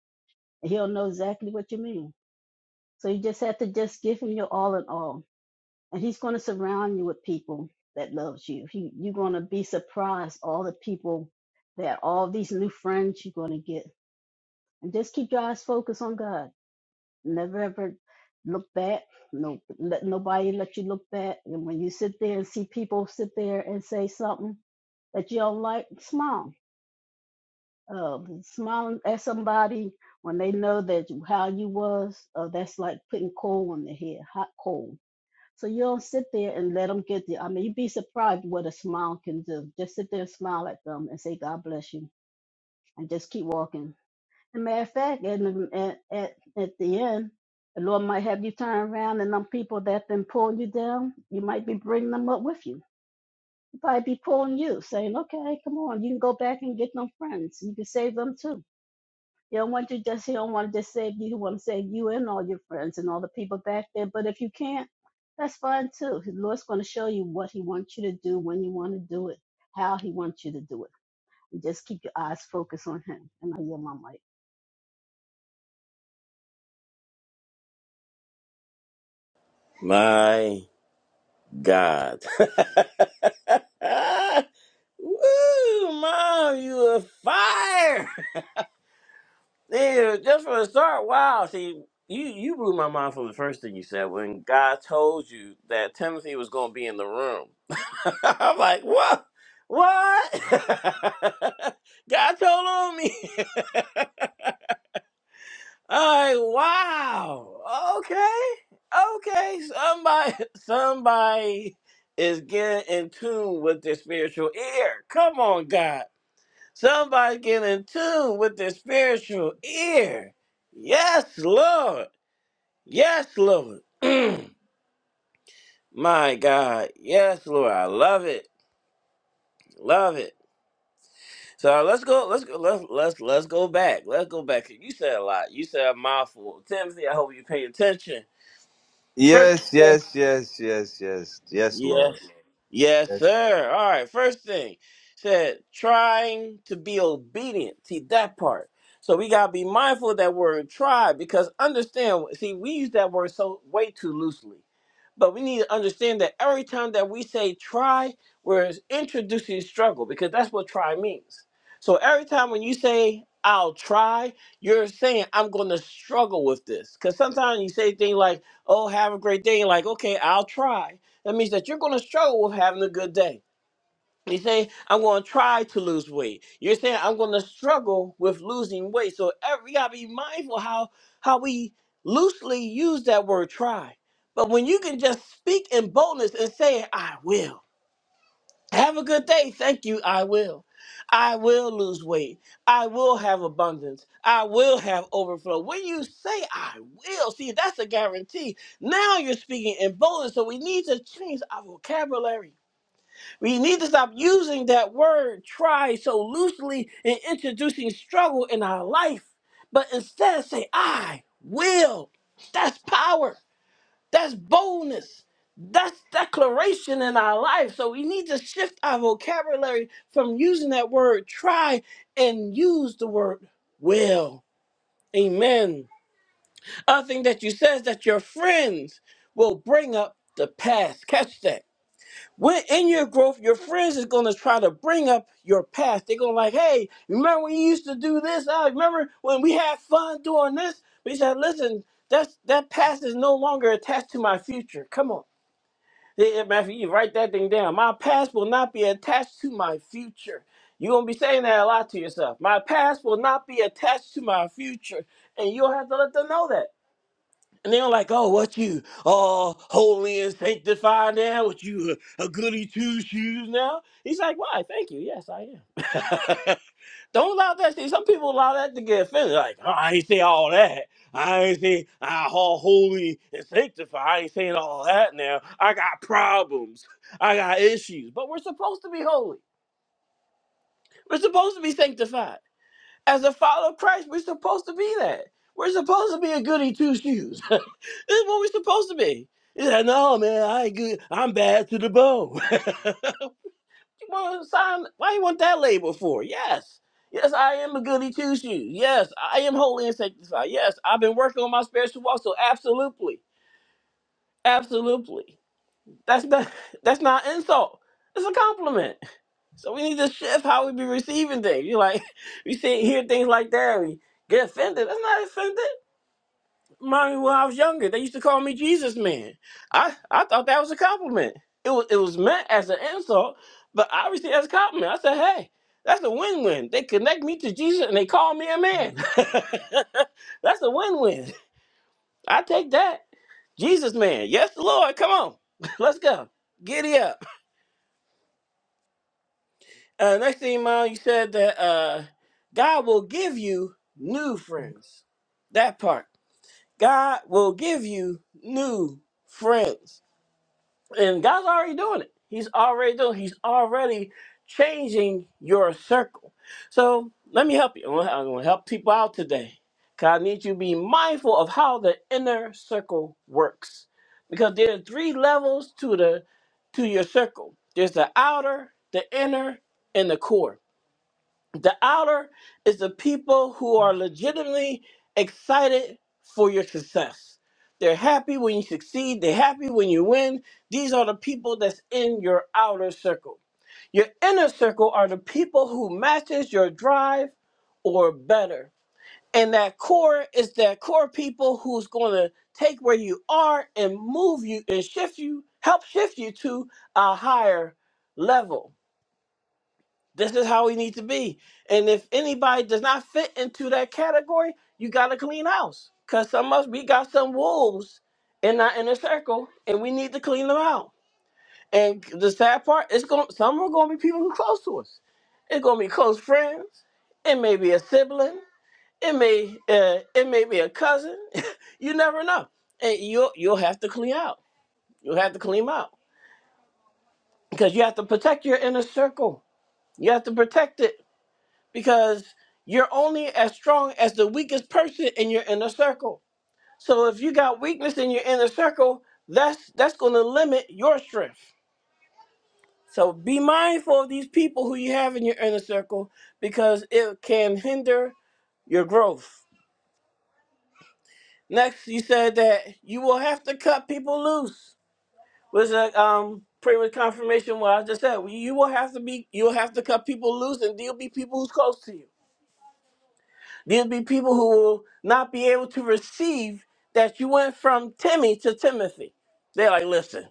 [SPEAKER 3] And he'll know exactly what you mean. So you just have to just give him your all in all and he's going to surround you with people that loves you he, you're going to be surprised all the people that all these new friends you're going to get and just keep your eyes focused on god never ever look back no let nobody let you look back and when you sit there and see people sit there and say something that you don't like smile uh, smile at somebody when they know that you- how you was uh, that's like putting coal on their head hot coal so you don't sit there and let them get there. I mean, you'd be surprised what a smile can do. Just sit there and smile at them and say, God bless you, and just keep walking. And matter of fact, at, at, at, at the end, the Lord might have you turn around and them people that been pulling you down, you might be bringing them up with you. You might be pulling you, saying, okay, come on, you can go back and get them friends. You can save them too. You don't want to just you don't want to just save you. You want to save you and all your friends and all the people back there. But if you can't, that's fine too. The Lord's going to show you what He wants you to do, when you want to do it, how He wants you to do it. And just keep your eyes focused on Him. And I hear my mic.
[SPEAKER 1] My God. Woo, mom, you are fire. Yeah, just for the start, wow. See, you you blew my mind from the first thing you said when God told you that Timothy was going to be in the room. I'm like, what? What? God told on me. I'm like, wow. Okay, okay. Somebody, somebody is getting in tune with their spiritual ear. Come on, God. Somebody's getting in tune with their spiritual ear. Yes, Lord. Yes, Lord. Mm. My God. Yes, Lord. I love it. Love it. So let's go. Let's go. Let's let's let's go back. Let's go back. You said a lot. You said a mouthful. Timothy, I hope you're paying attention. First.
[SPEAKER 2] Yes, yes, yes, yes, yes, yes, Lord.
[SPEAKER 1] Yes. Yes,
[SPEAKER 2] Yes.
[SPEAKER 1] sir. All right. First thing said trying to be obedient. See that part. So we gotta be mindful of that word try because understand see, we use that word so way too loosely. But we need to understand that every time that we say try, we're introducing struggle because that's what try means. So every time when you say I'll try, you're saying I'm gonna struggle with this. Cause sometimes you say things like, Oh, have a great day, and like, okay, I'll try that means that you're going to struggle with having a good day. You say, I'm going to try to lose weight. You're saying, I'm going to struggle with losing weight. So every, we got to be mindful how, how we loosely use that word try. But when you can just speak in boldness and say, I will. Have a good day. Thank you. I will. I will lose weight. I will have abundance. I will have overflow. When you say I will, see, that's a guarantee. Now you're speaking in boldness. So we need to change our vocabulary. We need to stop using that word try so loosely and introducing struggle in our life, but instead say I will. That's power. That's boldness. That's declaration in our life. So we need to shift our vocabulary from using that word try and use the word will. Amen. Other thing that you said is that your friends will bring up the past. Catch that. When in your growth, your friends is gonna try to bring up your past. They're gonna like, hey, remember when you used to do this? I remember when we had fun doing this. We said, listen, that's that past is no longer attached to my future. Come on. Yeah, Matthew, you write that thing down. My past will not be attached to my future. You're gonna be saying that a lot to yourself. My past will not be attached to my future. And you'll have to let them know that. And they're like, oh, what you all holy and sanctified now? What you a, a goody two shoes now? He's like, why? Thank you. Yes, I am. Don't allow that. See, some people allow that to get offended. Like, "Oh, I ain't say all that. I ain't say I all holy and sanctified. I ain't saying all that now. I got problems. I got issues. But we're supposed to be holy. We're supposed to be sanctified. As a follower of Christ, we're supposed to be that. We're supposed to be a goody two shoes. this is what we're supposed to be. He's like, no, man, I ain't good. I'm bad to the bone. You want to sign? Why you want that label for? Yes. Yes, I am a goody two shoes. Yes, I am holy and sanctified. Yes, I've been working on my spiritual walk. So absolutely, absolutely. That's not that's not insult. It's a compliment. So we need to shift how we be receiving things. You like we see hear things like that. We get offended. That's not offended. Mine, when I was younger, they used to call me Jesus Man. I, I thought that was a compliment. It was it was meant as an insult, but obviously as a compliment. I said, hey, that's a win win. They connect me to Jesus and they call me a man. that's a win win. I take that. Jesus Man. Yes, Lord. Come on. Let's go. Giddy up. Uh, next thing, Mom, you said that uh, God will give you new friends. That part. God will give you new friends And God's already doing it. He's already doing. He's already changing your circle. So let me help you. I'm gonna I'm gonna help people out today. Cause I need you to be mindful of how the inner circle works. Because there are three levels to the to your circle. There's the outer, the inner, and the core the outer is the people who are legitimately excited for your success. They're happy when you succeed, they're happy when you win. These are the people that's in your outer circle. Your inner circle are the people who matches your drive or better. And that core is that core people who's going to take where you are and move you and shift you, help shift you to a higher level. This is how we need to be. And if anybody does not fit into that category, you got to clean house. Because some of us, we got some wolves in our inner circle, and we need to clean them out. And the sad part, it's going some are going to be people who are close to us. It's going to be close friends. It may be a sibling. It may uh, it may be a cousin. you never know. And you'll you'll have to clean out. You'll have to clean 'em out because you have to protect your inner circle. You have to protect it because you're only as strong as the weakest person in your inner circle. So if you got weakness in your inner circle, that's that's going to limit your strength. So be mindful of these people who you have in your inner circle because it can hinder your growth. Next, you said that you will have to cut people loose. Was a um pretty much confirmation what I just said. You will have to be you will have to cut people loose and deal be people who's close to you. There'll be people who will not be able to receive that you went from Timmy to Timothy. They're like, listen,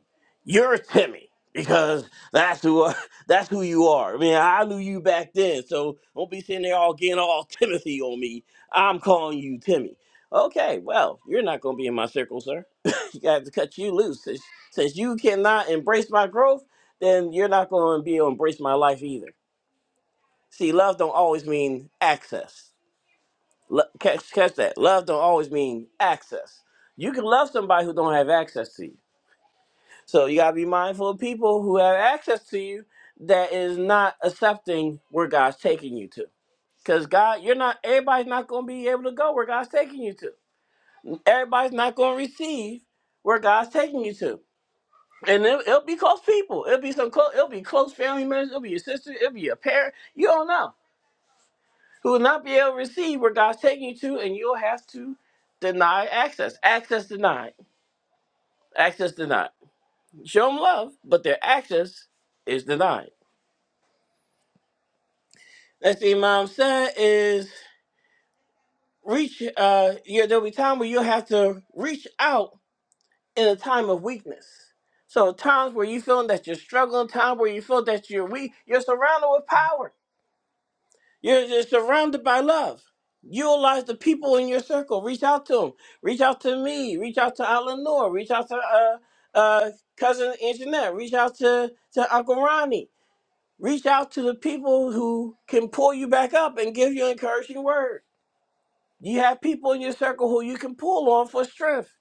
[SPEAKER 1] you're Timmy because that's who that's who you are. I mean, I knew you back then, so don't be sitting there all getting all Timothy on me. I'm calling you Timmy. Okay, well, you're not going to be in my circle, sir. you got to cut you loose. Since, since you cannot embrace my growth, then you're not going to be able to embrace my life either. See, love don't always mean access Lo- catch, catch that. Love don't always mean access. You can love somebody who don't have access to you. So you gotta be mindful of people who have access to you that is not accepting where God's taking you to. Because God, you're not everybody's not gonna be able to go where God's taking you to. Everybody's not gonna receive where God's taking you to. And it, it'll be close people. It'll be some close. It'll be close family members. It'll be your sister. It'll be your parent. You don't know. who will not be able to receive where God's taking you to, and you'll have to deny access. Access denied. Access denied. Show them love, but their access is denied. That's the Imam said is reach. Uh, yeah, there'll be time where you'll have to reach out in a time of weakness. So times where you feeling that you're struggling, time where you feel that you're weak, you're surrounded with power. You're, you're surrounded by love. Utilize the people in your circle. Reach out to them. Reach out to me. Reach out to Eleanor. Reach out to uh, uh, cousin Anjanette. Reach out to, to Uncle Ronnie. Reach out to the people who can pull you back up and give you an encouraging word. You have people in your circle who you can pull on for strength.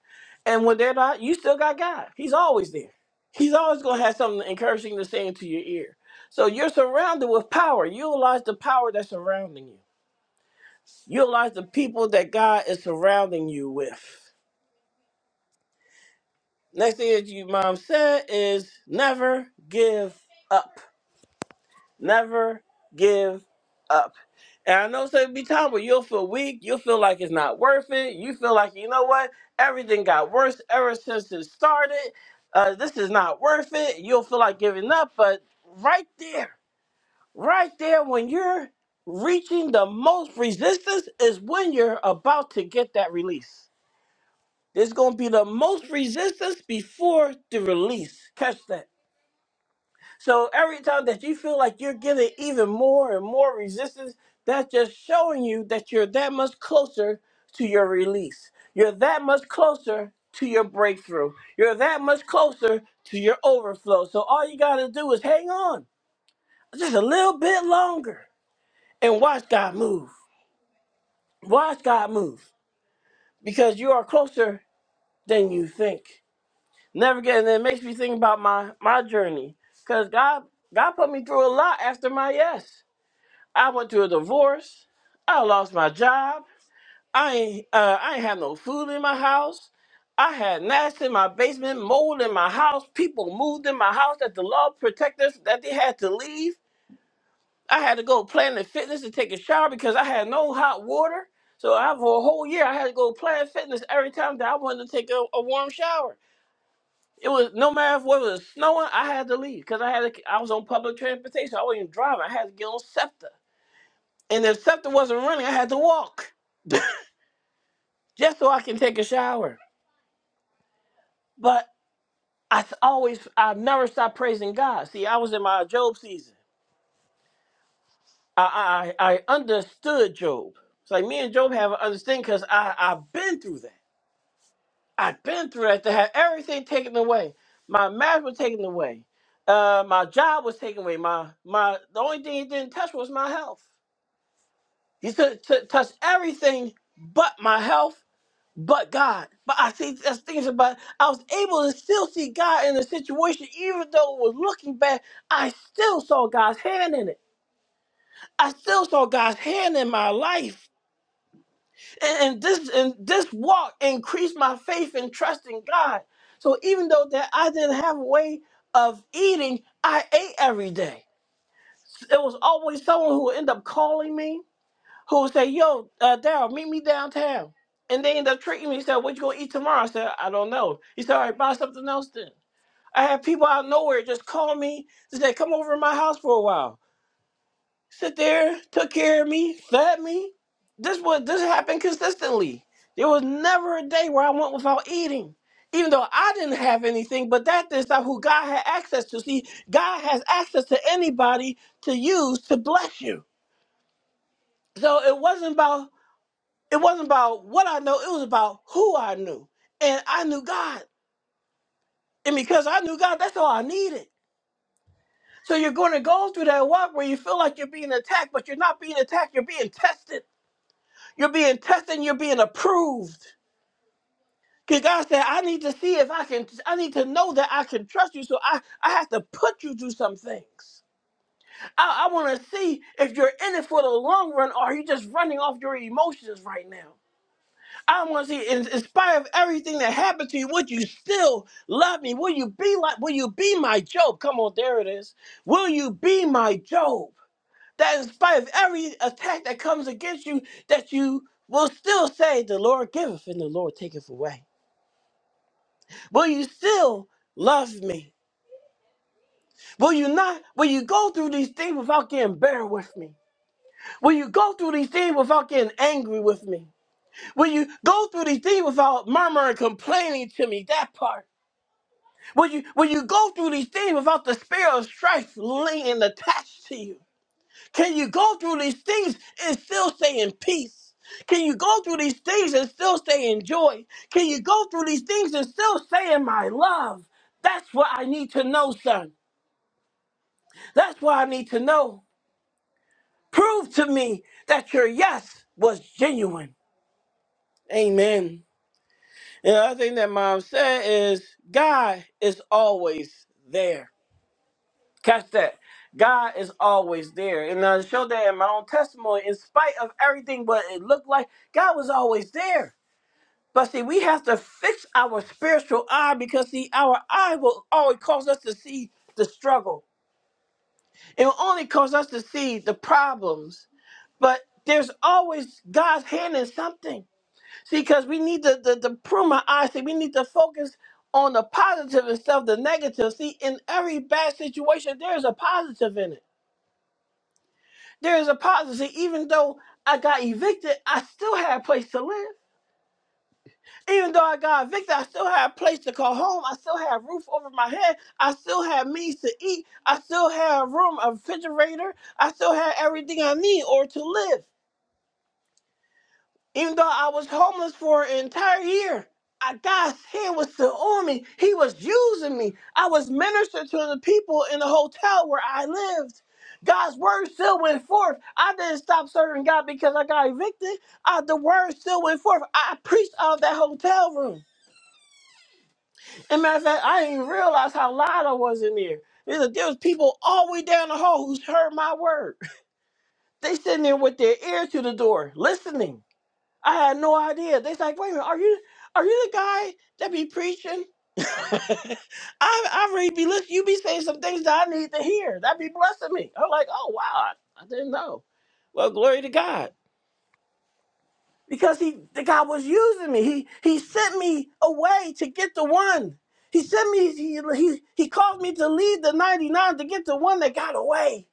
[SPEAKER 1] And when they're not, you still got God. He's always there. He's always going to have something encouraging to say into your ear. So you're surrounded with power. Utilize the power that's surrounding you. You realize the people that God is surrounding you with. Next thing that your mom said is never give up. Never give up. And I know so be time where you'll feel weak, you'll feel like it's not worth it, you feel like you know what, everything got worse ever since it started. Uh, this is not worth it. You'll feel like giving up, but right there, right there, when you're reaching the most resistance is when you're about to get that release. There's going to be the most resistance before the release. Catch that. So every time that you feel like you're getting even more and more resistance, that's just showing you that you're that much closer to your release. You're that much closer to your breakthrough. You're that much closer to your overflow. So all you got to do is hang on just a little bit longer and watch God move. Watch God move because you are closer than you think. Never get, and it makes me think about my my journey, cause God God put me through a lot after my yes. I went through a divorce. I lost my job. I ain't uh, I ain't have no food in my house. I had gnats in my basement, mold in my house. People moved in my house that the law protected us, that they had to leave. I had to go Planet Fitness to take a shower because I had no hot water. So I, for a whole year, I had to go Planet Fitness every time that I wanted to take a a warm shower. It was no matter if what it was snowing, I had to leave because I had to, I was on public transportation. I wasn't even driving. I had to get on Scepter, and if Scepter wasn't running, I had to walk just so I can take a shower. But I s- always, I never stopped praising God. See, I was in my Job season. I I, I understood Job. It's like me and Job have an understanding because I I've been through that. I've been through that. To have everything taken away, my marriage was taken away, uh, my job was taken away. My my the only thing it didn't touch was my health. You could t- touch everything but my health, but God. But I see there's things about I was able to still see God in the situation, even though it was looking bad. I still saw God's hand in it. I still saw God's hand in my life. And, and this and this walk increased my faith and trust in God. So even though that I didn't have a way of eating, I ate every day. It was always someone who would end up calling me who say, "Yo, uh, Daryl, meet me downtown." And they end up treating me. He said, "What you gonna eat tomorrow?" I said, "I don't know." He said, "All right, buy something else then." I had people out of nowhere just call me to say, "Come over to my house for a while." Sit there, took care of me, fed me. This was this happened consistently. There was never a day where I went without eating. Even though I didn't have anything, but that is not who God had access to. See, God has access to anybody to use to bless you. So it wasn't about It wasn't about what I know, it was about who I knew. And I knew God. And because I knew God, that's all I needed. So you're going to go through that walk where you feel like you're being attacked, but you're not being attacked, you're being tested. You're being tested and you're being approved. Because God said, I need to see if I can, I need to know that I can trust you. So I, I have to put you through some things. I, I want to see if you're in it for the long run or are you just running off your emotions right now. I want to see, in, in spite of everything that happened to you, would you still love me? Will you be like, will you be my Job? Come on, there it is. Will you be my Job? That in spite of every attack that comes against you, that you will still say, The Lord giveth and the Lord taketh away. Will you still love me? Will you not? Will you go through these things without getting bitter with me? Will you go through these things without getting angry with me? Will you go through these things without murmuring, complaining to me? That part. Will you will you go through these things without the spirit of strife lingering attached to you, can you go through these things and still stay in peace? Can you go through these things and still stay in joy? Can you go through these things and still stay in my love? That's what I need to know, son. That's what I need to know. Prove to me that your yes was genuine. Amen. And the other thing that mom said is God is always there. Catch that. God is always there. And I showed that in my own testimony, in spite of everything what it looked like, God was always there. But see, we have to fix our spiritual eye because see, our eye will always cause us to see the struggle. It will only cause us to see the problems. But there's always God's hand in something. See, because we need to, to, to prune my eyes. See, we need to focus on the positive instead of the negative. See, in every bad situation, there's a positive in it. There is a positive. Even though I got evicted, I still had a place to live. Even though I got evicted, I still had a place to call home. I still had a roof over my head. I still had means to eat. I still had a room, a refrigerator. I still had everything I need or to live. Even though I was homeless for an entire year, I, God's hand was still on me. He was using me. I was ministered to the people in the hotel where I lived. God's word still went forth. I didn't stop serving God because I got evicted. Uh, the word still went forth. I preached out of that hotel room. And matter of fact, I didn't even realize how loud I was in there. There was there was people all the way down the hall who's heard my word. They sitting there with their ear to the door, listening. I had no idea. They like, wait a minute, are you are you the guy that be preaching? I I really be listening. You be saying some things that I need to hear. That be blessing me. I'm like, oh wow, I, I didn't know. Well, glory to God because he the God was using me. He he sent me away to get the one. He sent me. He he he called me to leave the ninety nine to get the one that got away.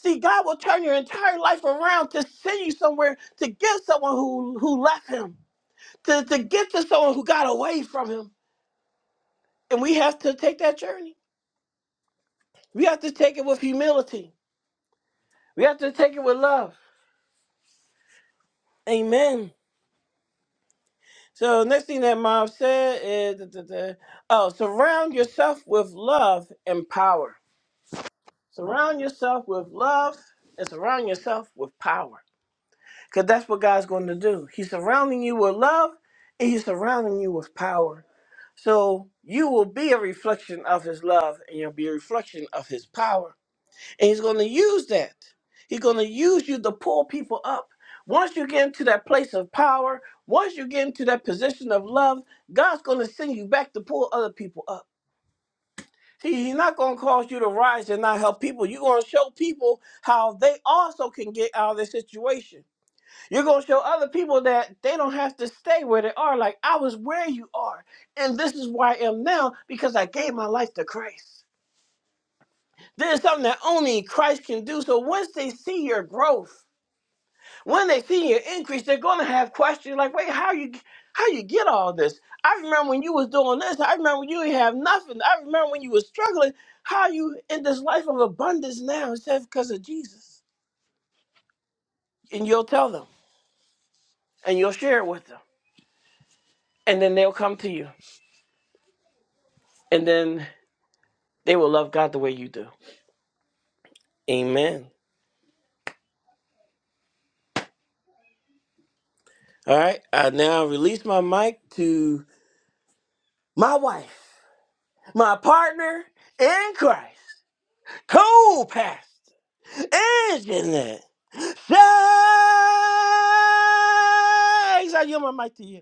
[SPEAKER 1] See, God will turn your entire life around to send you somewhere to give someone who who left Him. to, to get to someone who got away from him. And we have to take that journey. We have to take it with humility. We have to take it with love. Amen. So next thing that mom said is da, da, da. oh, surround yourself with love and power. Surround yourself with love and surround yourself with power. Because that's what God's going to do. He's surrounding you with love and he's surrounding you with power. So you will be a reflection of his love and you'll be a reflection of his power. And he's going to use that. He's going to use you to pull people up. Once you get into that place of power, once you get into that position of love, God's going to send you back to pull other people up. See, he's not going to cause you to rise and not help people. You're going to show people how they also can get out of their situation. You're going to show other people that they don't have to stay where they are. Like, I was where you are, and this is where I am now because I gave my life to Christ. This is something that only Christ can do. So once they see your growth, when they see your increase, they're gonna have questions like, "Wait, how you how you get all this? I remember when you was doing this. I remember when you didn't have nothing. I remember when you was struggling. How you in this life of abundance now? It says because of Jesus." And you'll tell them, and you'll share it with them, and then they'll come to you, and then they will love God the way you do. Amen. All right, I now release my mic to my wife. my partner in Christ, co-pastor, and Jeanette. Thanks. I yield my mic to you.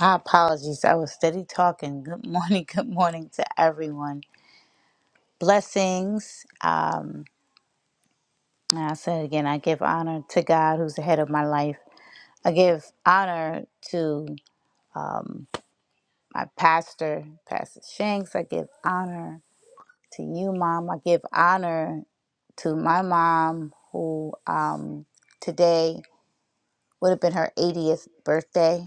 [SPEAKER 4] My apologies. I was steady talking. Good morning. Good morning to everyone. Blessings. Um, and I said again, I give honor to God who's the head of my life. I give honor to um, my pastor, Pastor Shanks. I give honor to you, Mom. I give honor to my mom, who um, today would have been her 80th birthday.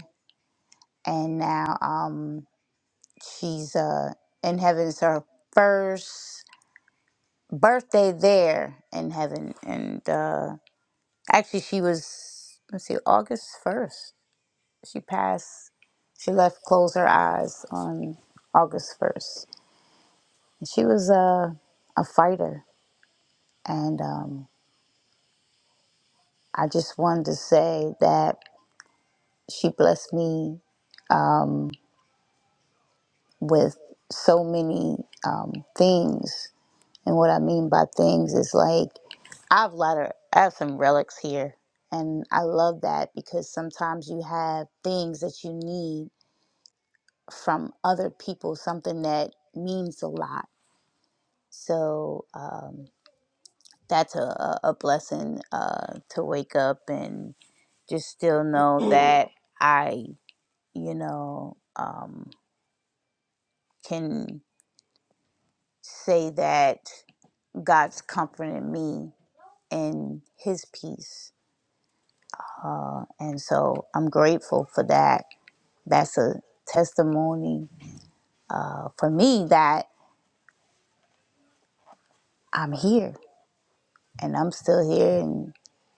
[SPEAKER 4] And now um, she's uh, in heaven. It's her first. birthday there in heaven. And uh, actually, she was, let's see, August 1st. She passed, she left closed Her Eyes on August 1st. And she was a, a fighter. And um, I just wanted to say that she blessed me um, with so many um, things And what I mean by things is like I have a lot of I have some relics here, and I love that because sometimes you have things that you need from other people, something that means a lot. So um, that's a, a a blessing uh, to wake up and just still know that I, you know, um, can say that God's comforting me in His peace And so I'm grateful for that. That's a testimony uh, for me that I'm here and I'm still here. And you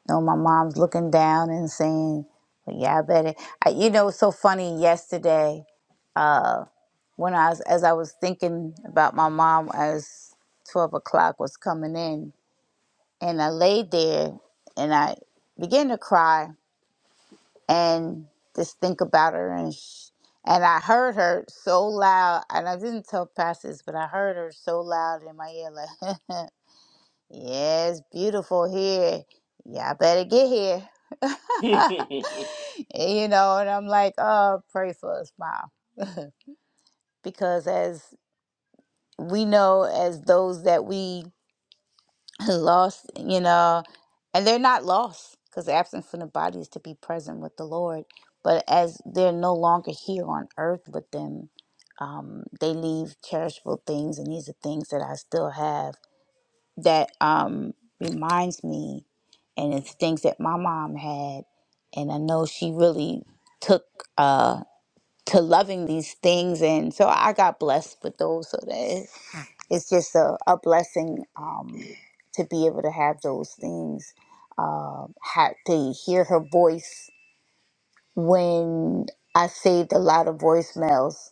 [SPEAKER 4] know, my mom's looking down and saying, well, "Yeah, I better." I, you know, it's so funny. Yesterday, uh, when I was as I was thinking about my mom as twelve o'clock was coming in, and I laid there and I began to cry and just think about her and sh- and I heard her so loud and I didn't tell pastors but I heard her so loud in my ear like yeah it's beautiful here y'all better get here And, you know and I'm like oh pray for us mom because as we know as those that we lost, you know, and they're not lost because absent from the body is to be present with the Lord. But as they're no longer here on earth with them, um, they leave cherishable things, and these are things that I still have that um, reminds me, and it's things that my mom had, and I know she really took uh, to loving these things, and so I got blessed with those. So that it's just a, a blessing um, to be able to have those things uh, ha- to hear her voice when i saved a lot of voicemails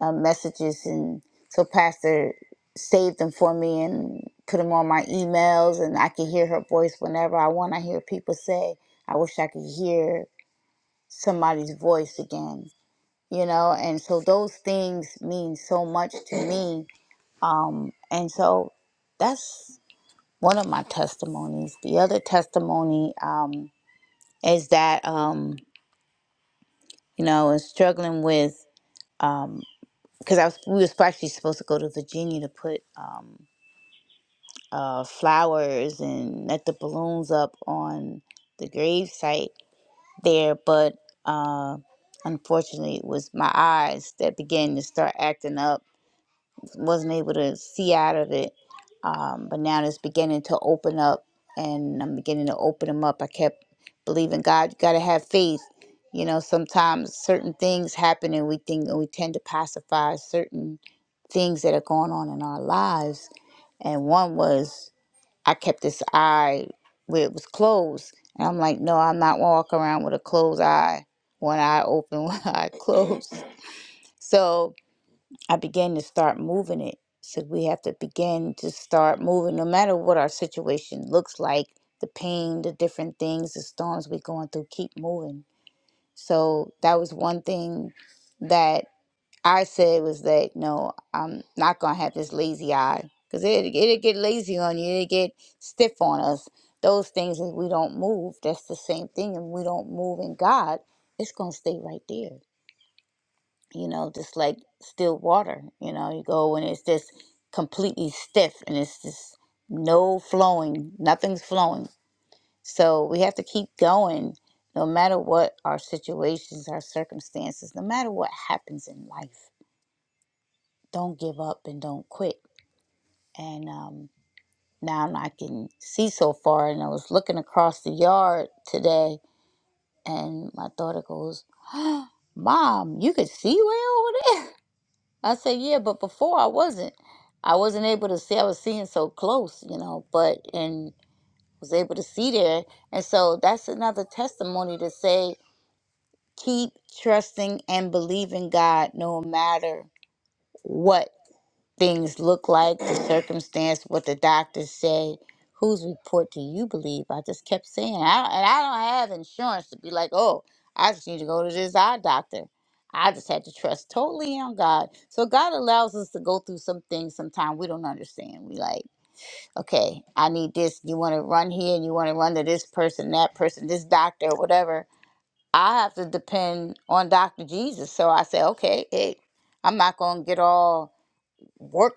[SPEAKER 4] uh, messages and so pastor saved them for me and put them on my emails and i can hear her voice whenever i want i hear people say i wish i could hear somebody's voice again you know and so those things mean so much to me um, and so that's one of my testimonies. The other testimony um, is that um, you know, I was struggling with um, because I was we was actually supposed to go to Virginia to put um, uh, flowers and let the balloons up on the grave site there, but uh, unfortunately, it was my eyes that began to start acting up wasn't able to see out of it. Um, but now it's beginning to open up, and I'm beginning to open them up. I kept believing God. You got to have faith. You know, sometimes certain things happen, and we think and we tend to pacify certain things that are going on in our lives. And one was I kept this eye where it was closed, and I'm like, no, I'm not walking around with a closed eye. One eye open, one eye closed. So I began to start moving it. So we have to begin to start moving, no matter what our situation looks like, the pain, the different things, the storms we're going through, keep moving. So that was one thing that I said was that no, I'm not gonna have this lazy eye because it it'll get lazy on you, it'll get stiff on us. Those things that we don't move, that's the same thing, and we don't move in God, it's gonna stay right there you know, just like still water. You know, you go and it's just completely stiff and it's just no flowing, nothing's flowing. So we have to keep going no matter what our situations, our circumstances, no matter what happens in life. Don't give up and don't quit. And um, now I can see so far. And I was looking across the yard today and my daughter goes, Mom, you could see way over there. I said, yeah, but before I wasn't. I wasn't able to see. I was seeing so close, you know, but and was able to see there. And so that's another testimony to say, keep trusting and believing God no matter what things look like, the circumstance, what the doctors say, whose report do you believe? I just kept saying, I, and I don't have insurance to be like, oh, I just need to go to this eye doctor. I just had to trust totally on God. So God allows us to go through some things sometimes we don't understand. We like, okay, I need this. You want to run here and you want to run to this person, that person, this doctor, whatever. I have to depend on Dr. Jesus. So I say, okay, hey, I'm not going to get all work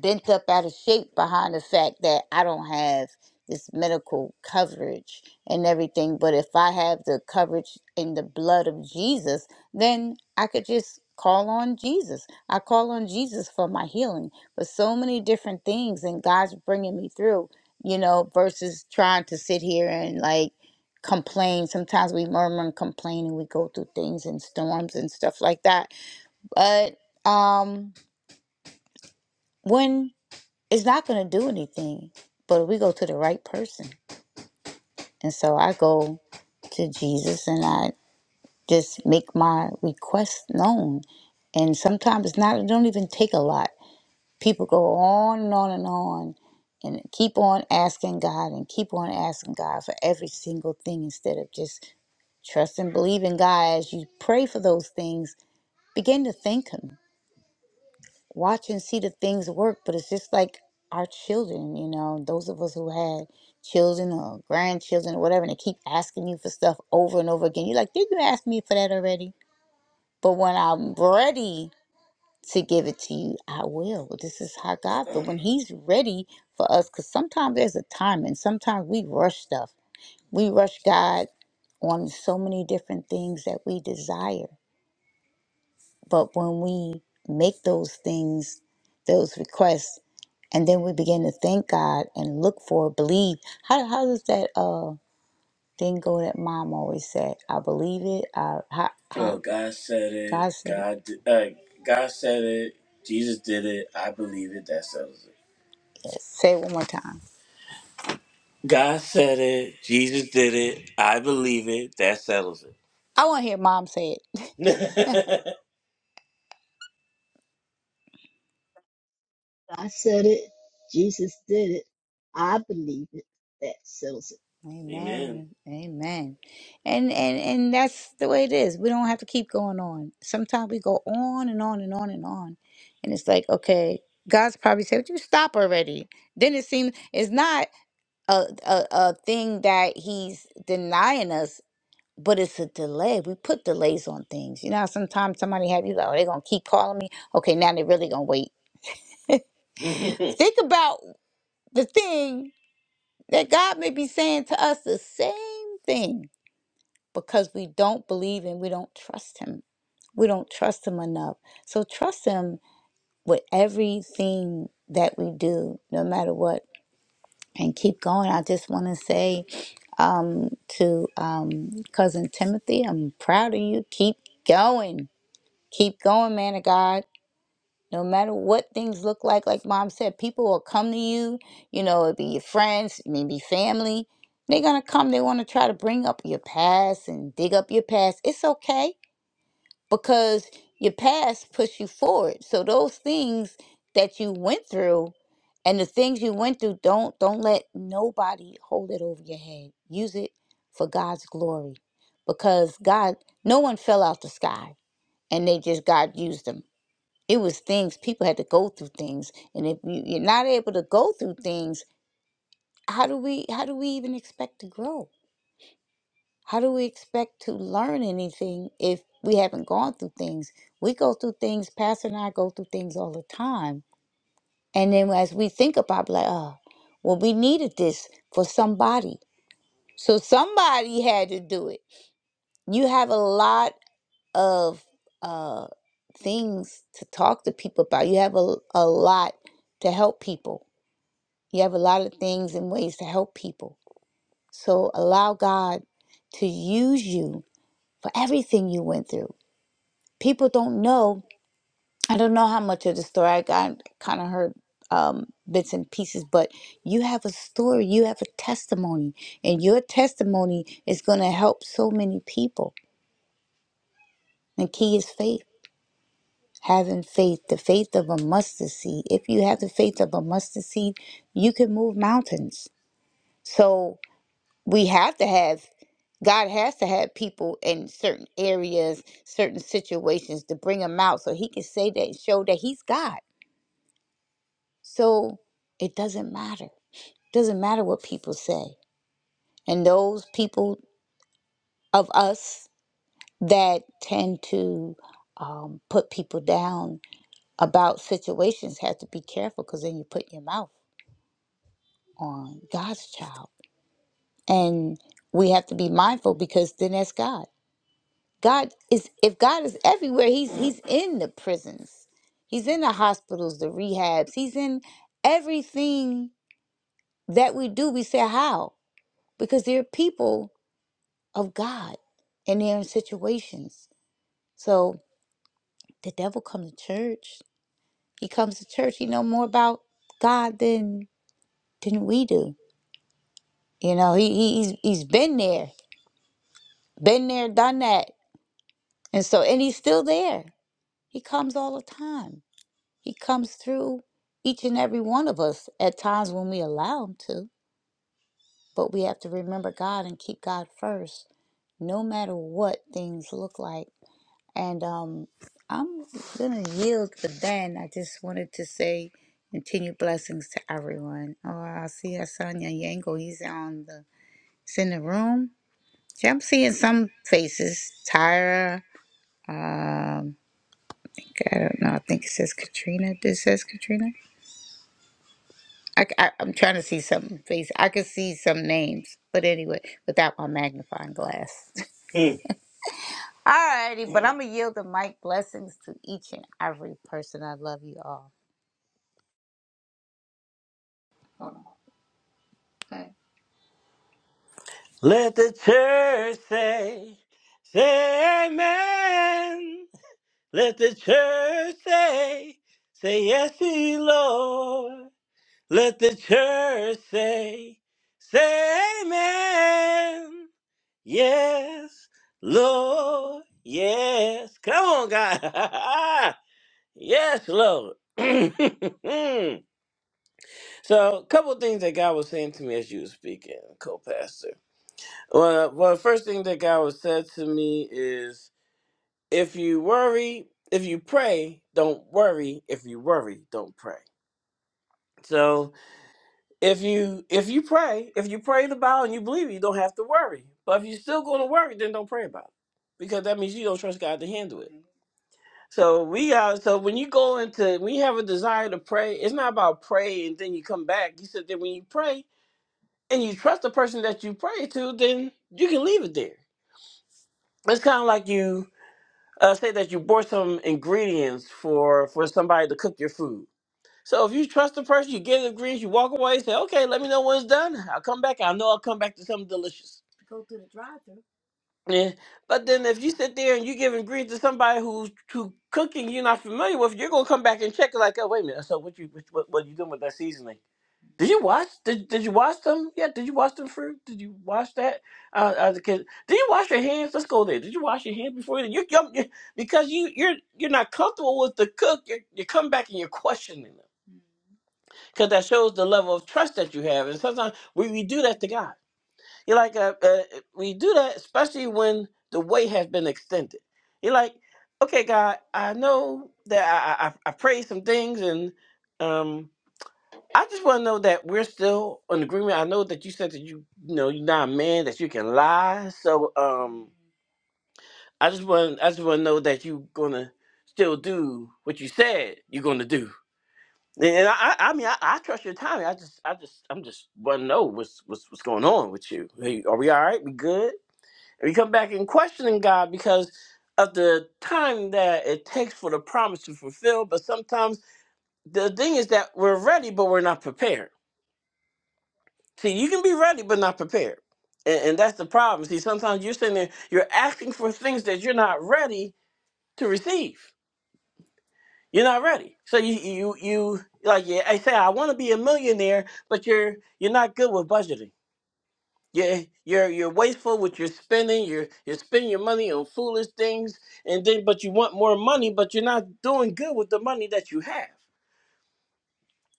[SPEAKER 4] bent up out of shape behind the fact that I don't have this medical coverage and everything. But if I have the coverage in the blood of Jesus, then I could just call on Jesus. I call on Jesus for my healing for so many different things, and God's bringing me through, you know, versus trying to sit here and like complain. Sometimes we murmur and complain and we go through things and storms and stuff like that. But, um, when it's not going to do anything but we go to the right person and so i go to jesus and i just make my request known and sometimes it's not it don't even take a lot people go on and on and on and keep on asking god and keep on asking god for every single thing instead of just trust and believe in god as you pray for those things begin to thank him watch and see the things work, but it's just like our children, you know, those of us who had children or grandchildren or whatever, and they keep asking you for stuff over and over again. You're like, did you ask me for that already? But when I'm ready to give it to you, I will. This is how God, but when He's ready for us, because sometimes there's a time and sometimes we rush stuff. We rush God on so many different things that we desire. But when we make those things, those requests, and then we begin to thank God and look for, believe. How how does that uh thing go that mom always said? I believe it. I how, how, Oh, God said it. God said it. God, did, uh, God said it. Jesus did it. I believe it. That settles it. Yes. Say it one more time. God said it. Jesus did it. I believe it. That settles it. I want to hear mom say it.
[SPEAKER 3] I said it. Jesus did it. I believe it. That settles it.
[SPEAKER 4] Amen. Amen. Amen. And and and that's the way it is. We don't have to keep going on. Sometimes we go on and on and on and on. And it's like, okay, God's probably said, Would you stop already? Then it seems it's not a, a a thing that he's denying us, but it's a delay. We put delays on things. You know how sometimes somebody have you like, Oh, they're gonna keep calling me. Okay, now they're really gonna wait. Hmm. Think about the thing that God may be saying to us the same thing because we don't believe and we don't trust him. We don't trust him enough. So trust him with everything that we do, no matter what. And keep going. I just want to say um, to um, cousin Timothy, I'm proud of you. Keep going. Keep going, man of God. No matter what things look like, like mom said, people will come to you. You know, it'll be your friends, maybe family. They're going to come. They want to try to bring up your past and dig up your past. It's okay because your past pushed you forward. So those things that you went through and the things you went through don't don't let nobody hold it over your head. Use it for God's glory because God no one fell out the sky and they just God used them. It was things people had to go through things and if you, you're not able to go through things, how do we how do we even expect to grow? How do we expect to learn anything if we haven't gone through things? We go through things, Pastor and I go through things all the time. And then as we think about, like, oh, well, we needed this for somebody. So somebody had to do it. You have a lot of uh, things to talk to people about. You have a, a lot to help people. You have a lot of things and ways to help people. So allow God to use you for everything you went through people don't know. I don't know how much of the story I got kind of heard um, bits and pieces, but you have a story, you have a testimony, and your testimony is going to help so many people. And key is faith. Having faith, the faith of a mustard seed. If you have the faith of a mustard seed, you can move mountains. So we have to have, God has to have people in certain areas, certain situations to bring them out so he can say that, show that he's God So it doesn't matter. doesn't matter what people say. And those people of us that tend to um, put people down about situations have to be careful because then you put your mouth on God's child. And we have to be mindful because then that's God. God is if God is everywhere, he's he's in the prisons. He's in the hospitals, the rehabs. He's in everything that we do. We say how? Because there are people of God and they're in their situations. So the devil comes to church. He comes to church. He know more about God than than we do. You know, he, he he's he's been there, been there, done that, and so and he's still there. He comes all the time. He comes through each and every one of us at times when we allow him to. But we have to remember God and keep God first, no matter what things look like. And um, I'm gonna yield, but then I just wanted to say continued blessings to everyone. Oh, I see Hassan Yango. He's on the he's in the room. See, I'm seeing some faces. Tyra. Um, I don't know. I think it says Katrina. This says Katrina. I, I, I'm trying to see some face. I can see some names, but anyway, without my magnifying glass. Mm. Alrighty, but I'm gonna yield the mic. Blessings to each and every person. I love you all.
[SPEAKER 1] Let the church say, say amen. Let the church say, say yes, he Lord. Let the church say, say amen. Yes, Lord. Yes. Come on, God. yes, Lord. so, a couple things that God was saying to me as you were speaking, co-pastor. Well, well, the first thing that God was said to me is, if you worry, if you pray, don't worry. If you worry, don't pray. So, if you if you pray, if you pray the Bible and you believe it, you don't have to worry. But if you're still going to worry, then don't pray about it because that means you don't trust God to handle it. So we got so when you go into when you have a desire to pray, it's not about pray and then you come back. You said that when you pray and you trust the person that you pray to, then you can leave it there. It's kind of like you uh, say that you bought some ingredients for for somebody to cook your food. So if you trust the person, you get the ingredients, you walk away, say, okay, let me know when it's done. I'll come back. I know I'll come back to something delicious. Yeah, but then if you sit there and you give ingredients to somebody who's who cooking you're not familiar with, you're gonna come back and check it like, oh wait a minute, so what you what what, what you doing with that seasoning? Did you wash? Did did you wash them? Yeah, did you wash them fruit? Did you wash that? Uh, uh, the kid, did you wash your hands? Let's go there. Did you wash your hands before you? You, you, you because you you're you're not comfortable with the cook. You you come back and you're questioning them because that shows the level of trust that you have. And sometimes we, we do that to God. You're like, uh, uh, we do that, especially when the wait has been extended. You're like, okay, God, I know that I, I, I prayed some things, and um, I just want to know that we're still in agreement. I know that you said that you, you know, you're not a man that you can lie. So, um, I just want, I just want to know that you're gonna still do what you said you're gonna do. And I, I I mean, I, I trust your timing. I just, I just, I'm just want to know what's, what's, what's going on with you. Hey, Are we all right? We good? We come back and questioning God because of the time that it takes for the promise to fulfill. But sometimes the thing is that we're ready, but we're not prepared. See, you can be ready, but not prepared. And, and that's the problem. See, sometimes you're sitting there, you're asking for things that you're not ready to receive. You're not ready. So you, you, you like yeah, I say, I want to be a millionaire, but you're you're not good with budgeting You're, you're you're wasteful with your spending. You're you're spending your money on foolish things, and then but you want more money, but you're not doing good with the money that you have.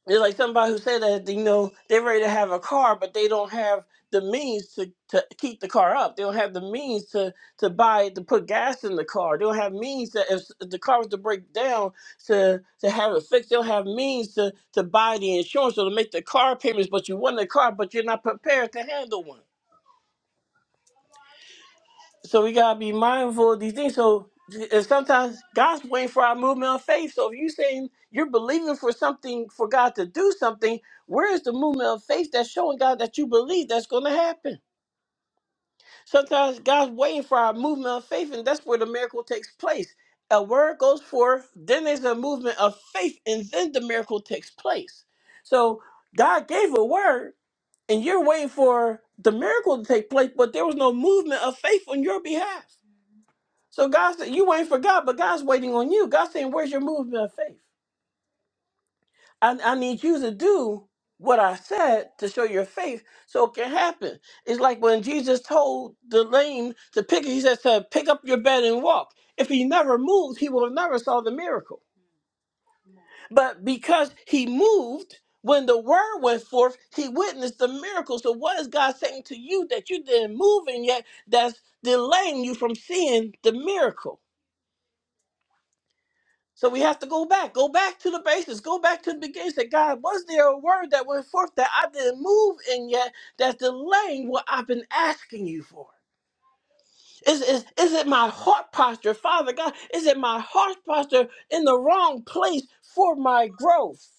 [SPEAKER 1] It's like somebody who said that you know they're ready to have a car, but they don't have the means to, to keep the car up. They don't have the means to to buy to put gas in the car. They don't have means that if the car was to break down to to have it fixed. They don't have means to to buy the insurance or to make the car payments. But you want the car, but you're not prepared to handle one. So we gotta be mindful of these things. So and sometimes God's waiting for our movement of faith. So if you are saying you're believing for something for God to do something, where is the movement of faith that's showing God that you believe that's gonna happen? Sometimes God's waiting for our movement of faith, and that's where the miracle takes place. A word goes forth, then there's a movement of faith, and then the miracle takes place. So God gave a word, and you're waiting for the miracle to take place, but there was no movement of faith on your behalf. So God said, You waiting for God, but God's waiting on you. God's saying, Where's your movement of faith? I, I need you to do what I said to show your faith so it can happen. It's like when Jesus told the lame to pick, he said to pick up your bed and walk. If he never moved, he would have never saw the miracle. But because he moved, when the word went forth, he witnessed the miracle. So what is God saying to you that you didn't move and yet that's delaying you from seeing the miracle? So we have to go back, go back to the basis, go back to the beginning. Say, God, was there a word that went forth that I didn't move in yet that's delaying what I've been asking you for? Is, is, is it my heart posture, Father God? Is it my heart posture in the wrong place for my growth?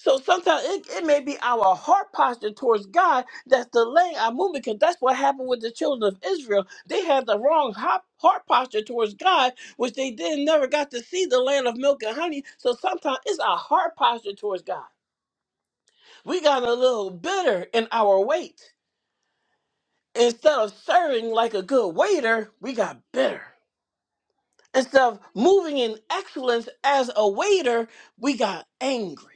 [SPEAKER 1] So sometimes it, it may be our heart posture towards God that's delaying our movement because that's what happened with the children of Israel. They had the wrong hop, heart posture towards God, which they then never got to see the land of milk and honey. So sometimes it's our heart posture towards God. We got a little bitter in our weight. Instead of serving like a good waiter, we got bitter. Instead of moving in excellence as a waiter, we got angry.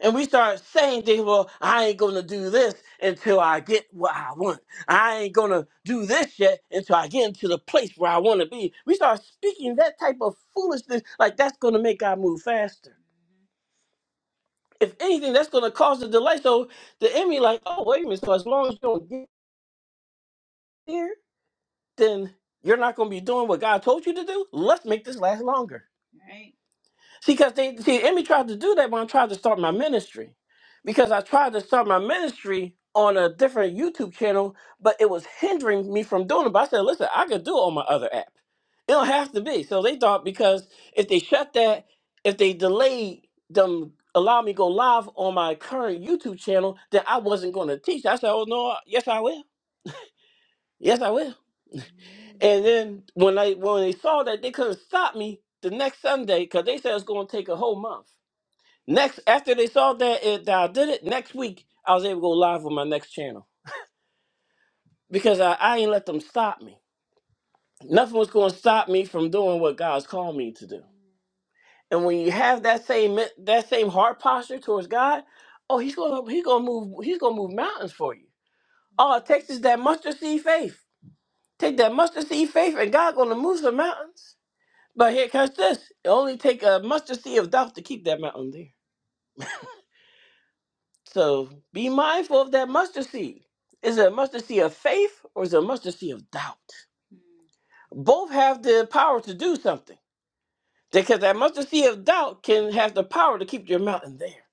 [SPEAKER 1] And we start saying things, well, I ain't gonna do this until I get what I want. I ain't gonna do this yet until I get into the place where I wanna be. We start speaking that type of foolishness, like that's gonna make God move faster. If anything, that's gonna cause a delay. So the enemy, like, oh, wait a minute, so as long as you don't get here, then you're not gonna be doing what God told you to do. Let's make this last longer. See, because they see Emmy tried to do that when I tried to start my ministry. Because I tried to start my ministry on a different YouTube channel, but it was hindering me from doing it. But I said, listen, I could do it on my other app. It don't have to be. So they thought because if they shut that, if they delayed them allow me to go live on my current YouTube channel, then I wasn't going to teach. I said, oh no, yes I will. Yes I will. And then when I when they saw that they couldn't stop me the next Sunday, because they said it's gonna take a whole month. Next, after they saw that, it, that I did it, next week I was able to go live on my next channel because I, I ain't let them stop me. Nothing was going to stop me from doing what God's called me to do. And when you have that same men- that same heart posture towards God, oh, he's gonna he's gonna move he's gonna move mountains for you. All it takes is that mustard seed faith. Take that mustard seed faith, and God's gonna move some mountains. But here comes this: it only take a mustard seed of doubt to keep that mountain there. So be mindful of that mustard seed. Is it a mustard seed of faith or is it a mustard seed of doubt? Both have the power to do something because that mustard seed of doubt can have the power to keep your mountain there.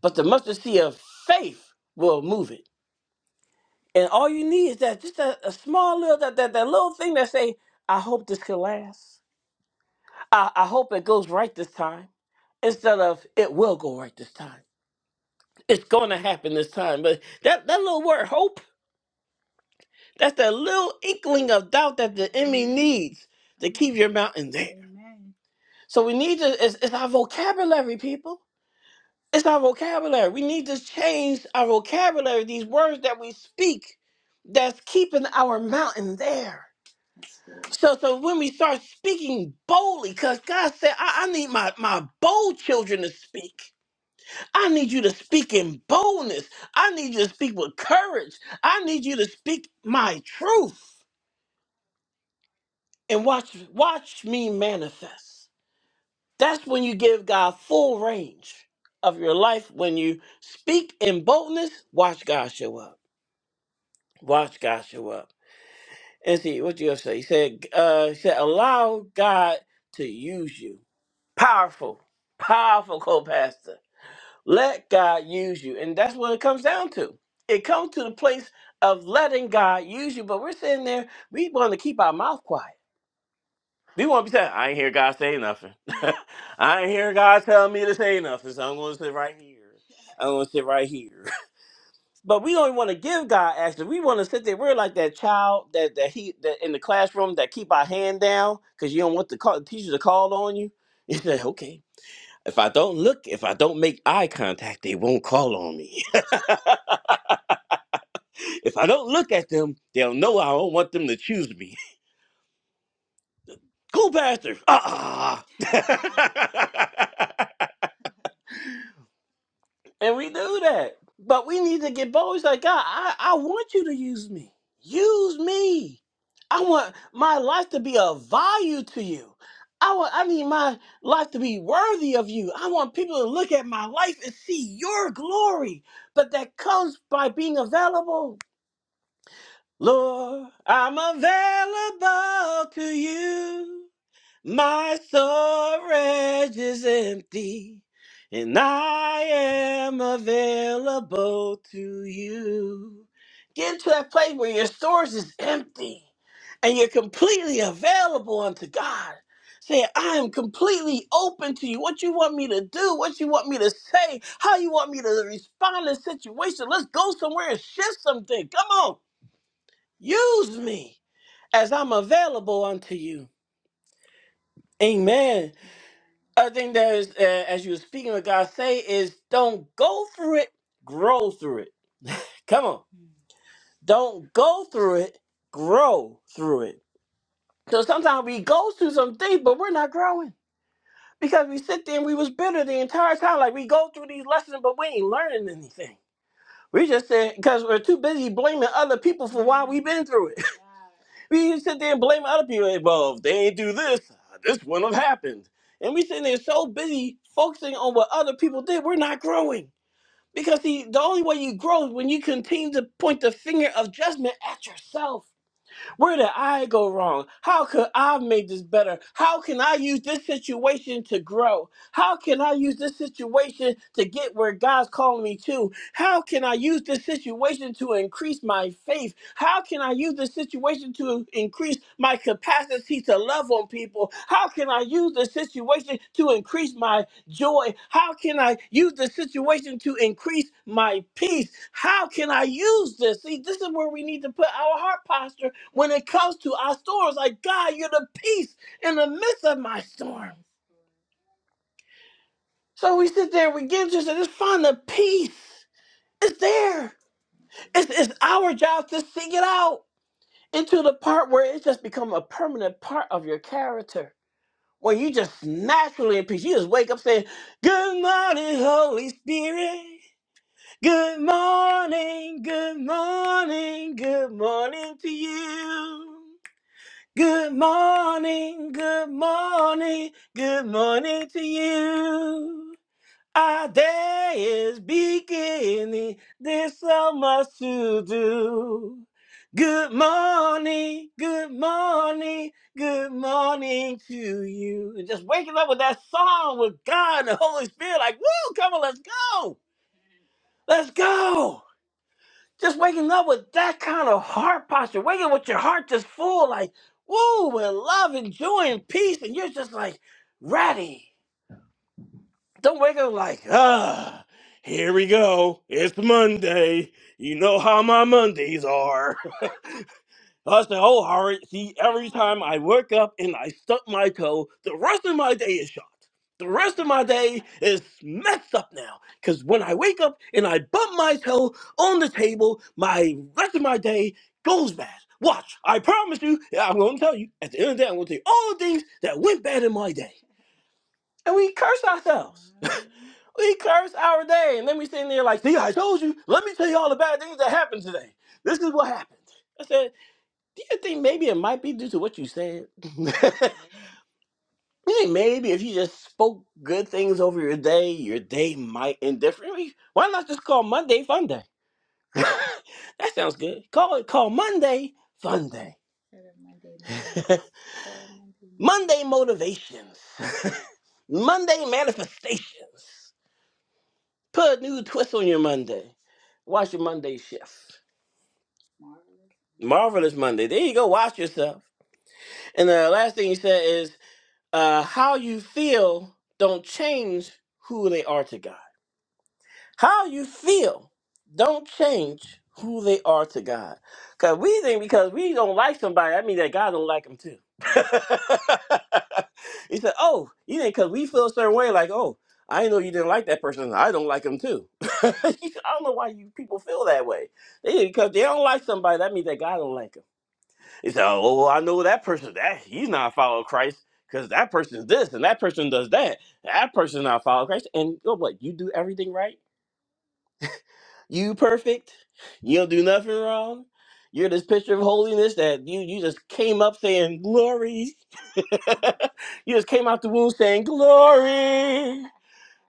[SPEAKER 1] But the mustard seed of faith will move it. And all you need is that just a, a small little that, that that little thing that say, I hope this can last. I, I hope it goes right this time. Instead of it will go right this time. It's gonna happen this time. But that, that little word hope That's that little inkling of doubt that the enemy needs to keep your mountain there. So we need to, it's, it's our vocabulary, people. It's our vocabulary. We need to change our vocabulary, these words that we speak that's keeping our mountain there. So, so when we start speaking boldly, because God said, I, I need my, my bold children to speak. I need you to speak in boldness. I need you to speak with courage. I need you to speak my truth. and watch watch me manifest. That's when you give God full range of your life. When you speak in boldness, watch God show up. Watch God show up. And see what you have say. He said, uh, he said, allow God to use you. Powerful, powerful co-pastor. Let God use you. And that's what it comes down to. It comes to the place of letting God use you, but we're sitting there, we want to keep our mouth quiet. They won't be saying, I ain't hear God say nothing. I ain't hear God tell me to say nothing, so I'm going to sit right here. I'm going to sit right here. but we don't want to give God action. We want to sit there. We're like that child that, that he that in the classroom that keep our hand down because you don't want the, call, the teacher to call on you. You say, okay. If I don't look, if I don't make eye contact, they won't call on me. if I don't look at them, they'll know I don't want them to choose me. Cool, pastor. Ah. And we do that. But we need to get bold. It's like, God, I, I want you to use me. Use me. I want my life to be of value to you. I want I need my life to be worthy of you. I want people to look at my life and see your glory. But that comes by being available. Lord, I'm available to you. My storage is empty, and I am available to you. Get to that place where your storage is empty and you're completely available unto God. Say, I am completely open to you. What you want me to do, what you want me to say, how you want me to respond to the situation. Let's go somewhere and shift something. Come on, use me as I'm available unto you. Amen. Other thing that is, uh, as you were speaking, what God say is, don't go through it, grow through it. Come on, don't go through it, grow through it. So sometimes we go through some things, but we're not growing because we sit there and we was bitter the entire time. Like we go through these lessons, but we ain't learning anything. We just said because we're too busy blaming other people for why we been through it. we just sit there and blame other people. Like, well, if they ain't do this, uh, this wouldn't have happened. And we sitting there so busy focusing on what other people did, we're not growing. Because see, the only way you grow is when you continue to point the finger of judgment at yourself. Where did I go wrong? How could I have made this better? How can I use this situation to grow? How can I use this situation to get where God's calling me to? How can I use this situation to increase my faith? How can I use this situation to increase my capacity to love on people? How can I use this situation to increase my joy? How can I use the situation to increase my peace? How can I use this? See, this is where we need to put our heart posture when it comes to our storms. Like, God, you're the peace in the midst of my storm. So we sit there, we get just, just find the peace. It's there. It's, it's our job to seek it out into the part where it's just become a permanent part of your character. Where you just naturally in peace. You just wake up saying, Good morning, Holy Spirit. Good morning, good morning, good morning to you. Good morning, good morning, good morning to you. Our day is beginning, there's so much to do. Good morning, good morning, good morning to you. And Just waking up with that song with God and the Holy Spirit, like, woo, come on, let's go, let's go. Just waking up with that kind of heart posture, waking up with your heart just full, like, woo, and love and joy and peace, and you're just like ready. Don't wake up like, ah, here we go. It's Monday. You know how my Mondays are. I said, oh, Howard, see, every time I wake up and I stuck my toe, the rest of my day is shot. The rest of my day is messed up now. Because when I wake up and I bump my toe on the table, my rest of my day goes bad. Watch, I promise you, I'm going to tell you, at the end of the day, I'm going to tell you all the things that went bad in my day. And we curse ourselves. We curse our day. And then we sitting there like, see, I told you, let me tell you all the bad things that happened today. This is what happened. You think maybe it might be due to what you said? you think maybe if you just spoke good things over your day, your day might end differently? Why not just call Monday Fun Day? that sounds good. Call it call Monday Fun Day. Monday motivations. Monday manifestations. Put a new twist on your Monday. Watch your Monday shift. Marvelous Monday. There you go. Watch yourself. And the last thing you said is uh, how you feel don't change who they are to God. How you feel don't change who they are to God. Cause we think because we don't like somebody, I mean that God don't like them too. he said, "Oh, you didn't because we feel a certain way. Like, oh, I didn't know you didn't like that person. I don't like him too. he said, I don't know why you people feel that way. They, because they don't like somebody, that means that God don't like like them. He said, "Oh, well, I know that person. That he's not following Christ because that person's this and that person does that. That person's not following Christ. And you know what? You do everything right. You perfect. You don't do nothing wrong. You're this picture of holiness that you you just came up saying glory. you just came out the womb saying glory.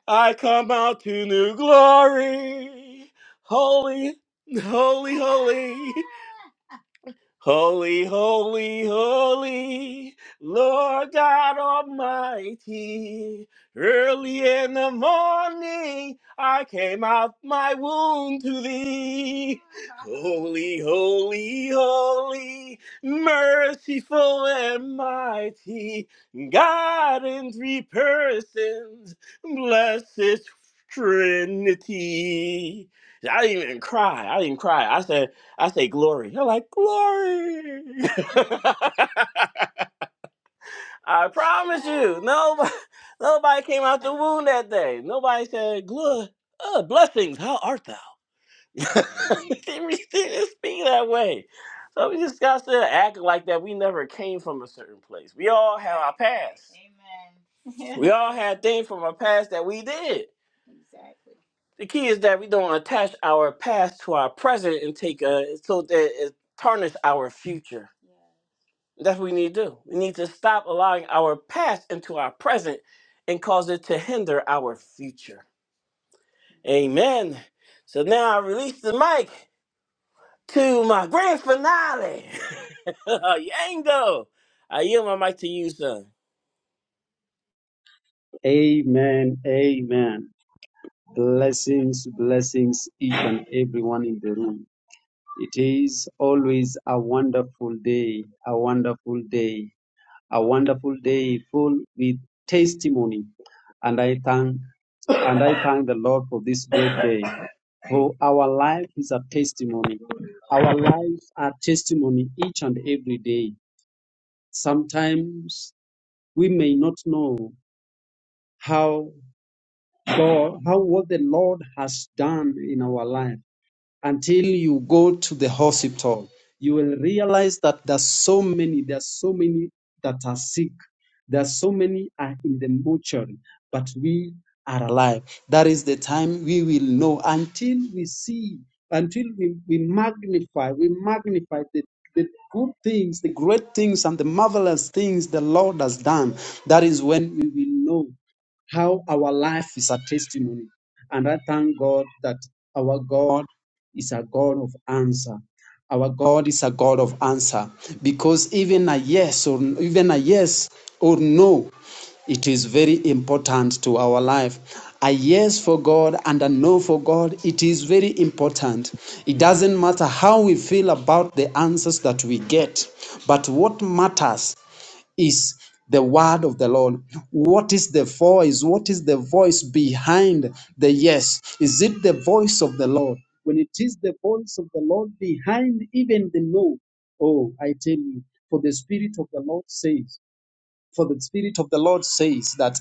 [SPEAKER 1] I come out to new glory. Holy, holy, holy. Holy, holy, holy, Lord God Almighty. Early in the morning, I came out my womb to thee. Holy, holy, holy, merciful and mighty, God in three persons, blessed Trinity. I didn't even cry. I didn't cry. I said, I say glory. You're like glory. I promise you, nobody, nobody came out the womb that day. Nobody said glory. Uh, blessings, how art thou? they didn't really speak that way. So we just got to act like that. We never came from a certain place. We all have our past. We all had things from our past that we did. The key is that we don't attach our past to our present and take a so that it tarnish our future. That's what we need to do. We need to stop allowing our past into our present and cause it to hinder our future. Amen. So now I release the mic to my grand finale. Yango. I yield my mic to you, son.
[SPEAKER 5] Amen. Amen. Blessings, blessings, each and everyone in the room. It is always a wonderful day, a wonderful day, a wonderful day full with testimony. And I thank and I thank the Lord for this great day. For our life is a testimony. Our lives are testimony each and every day. Sometimes we may not know how So how what the Lord has done in our life until you go to the hospital you will realize that there's so many there's so many that are sick there's so many are in the mortuary but we are alive that is the time we will know until we see until we, we magnify we magnify the the good things, the great things, and the marvelous things the Lord has done. That is when we will know how our life is a testimony. And I thank God that our God is a God of answer. Our God is a God of answer because even a yes or even a yes or no, it is very important to our life. A yes for God and a no for God, it is very important. It doesn't matter how we feel about the answers that we get, but what matters is the word of the Lord. What is the voice? What is the voice behind the yes? Is it the voice of the Lord? When it is the voice of the Lord behind even the no, oh, I tell you, for the Spirit of the Lord says, for the Spirit of the Lord says that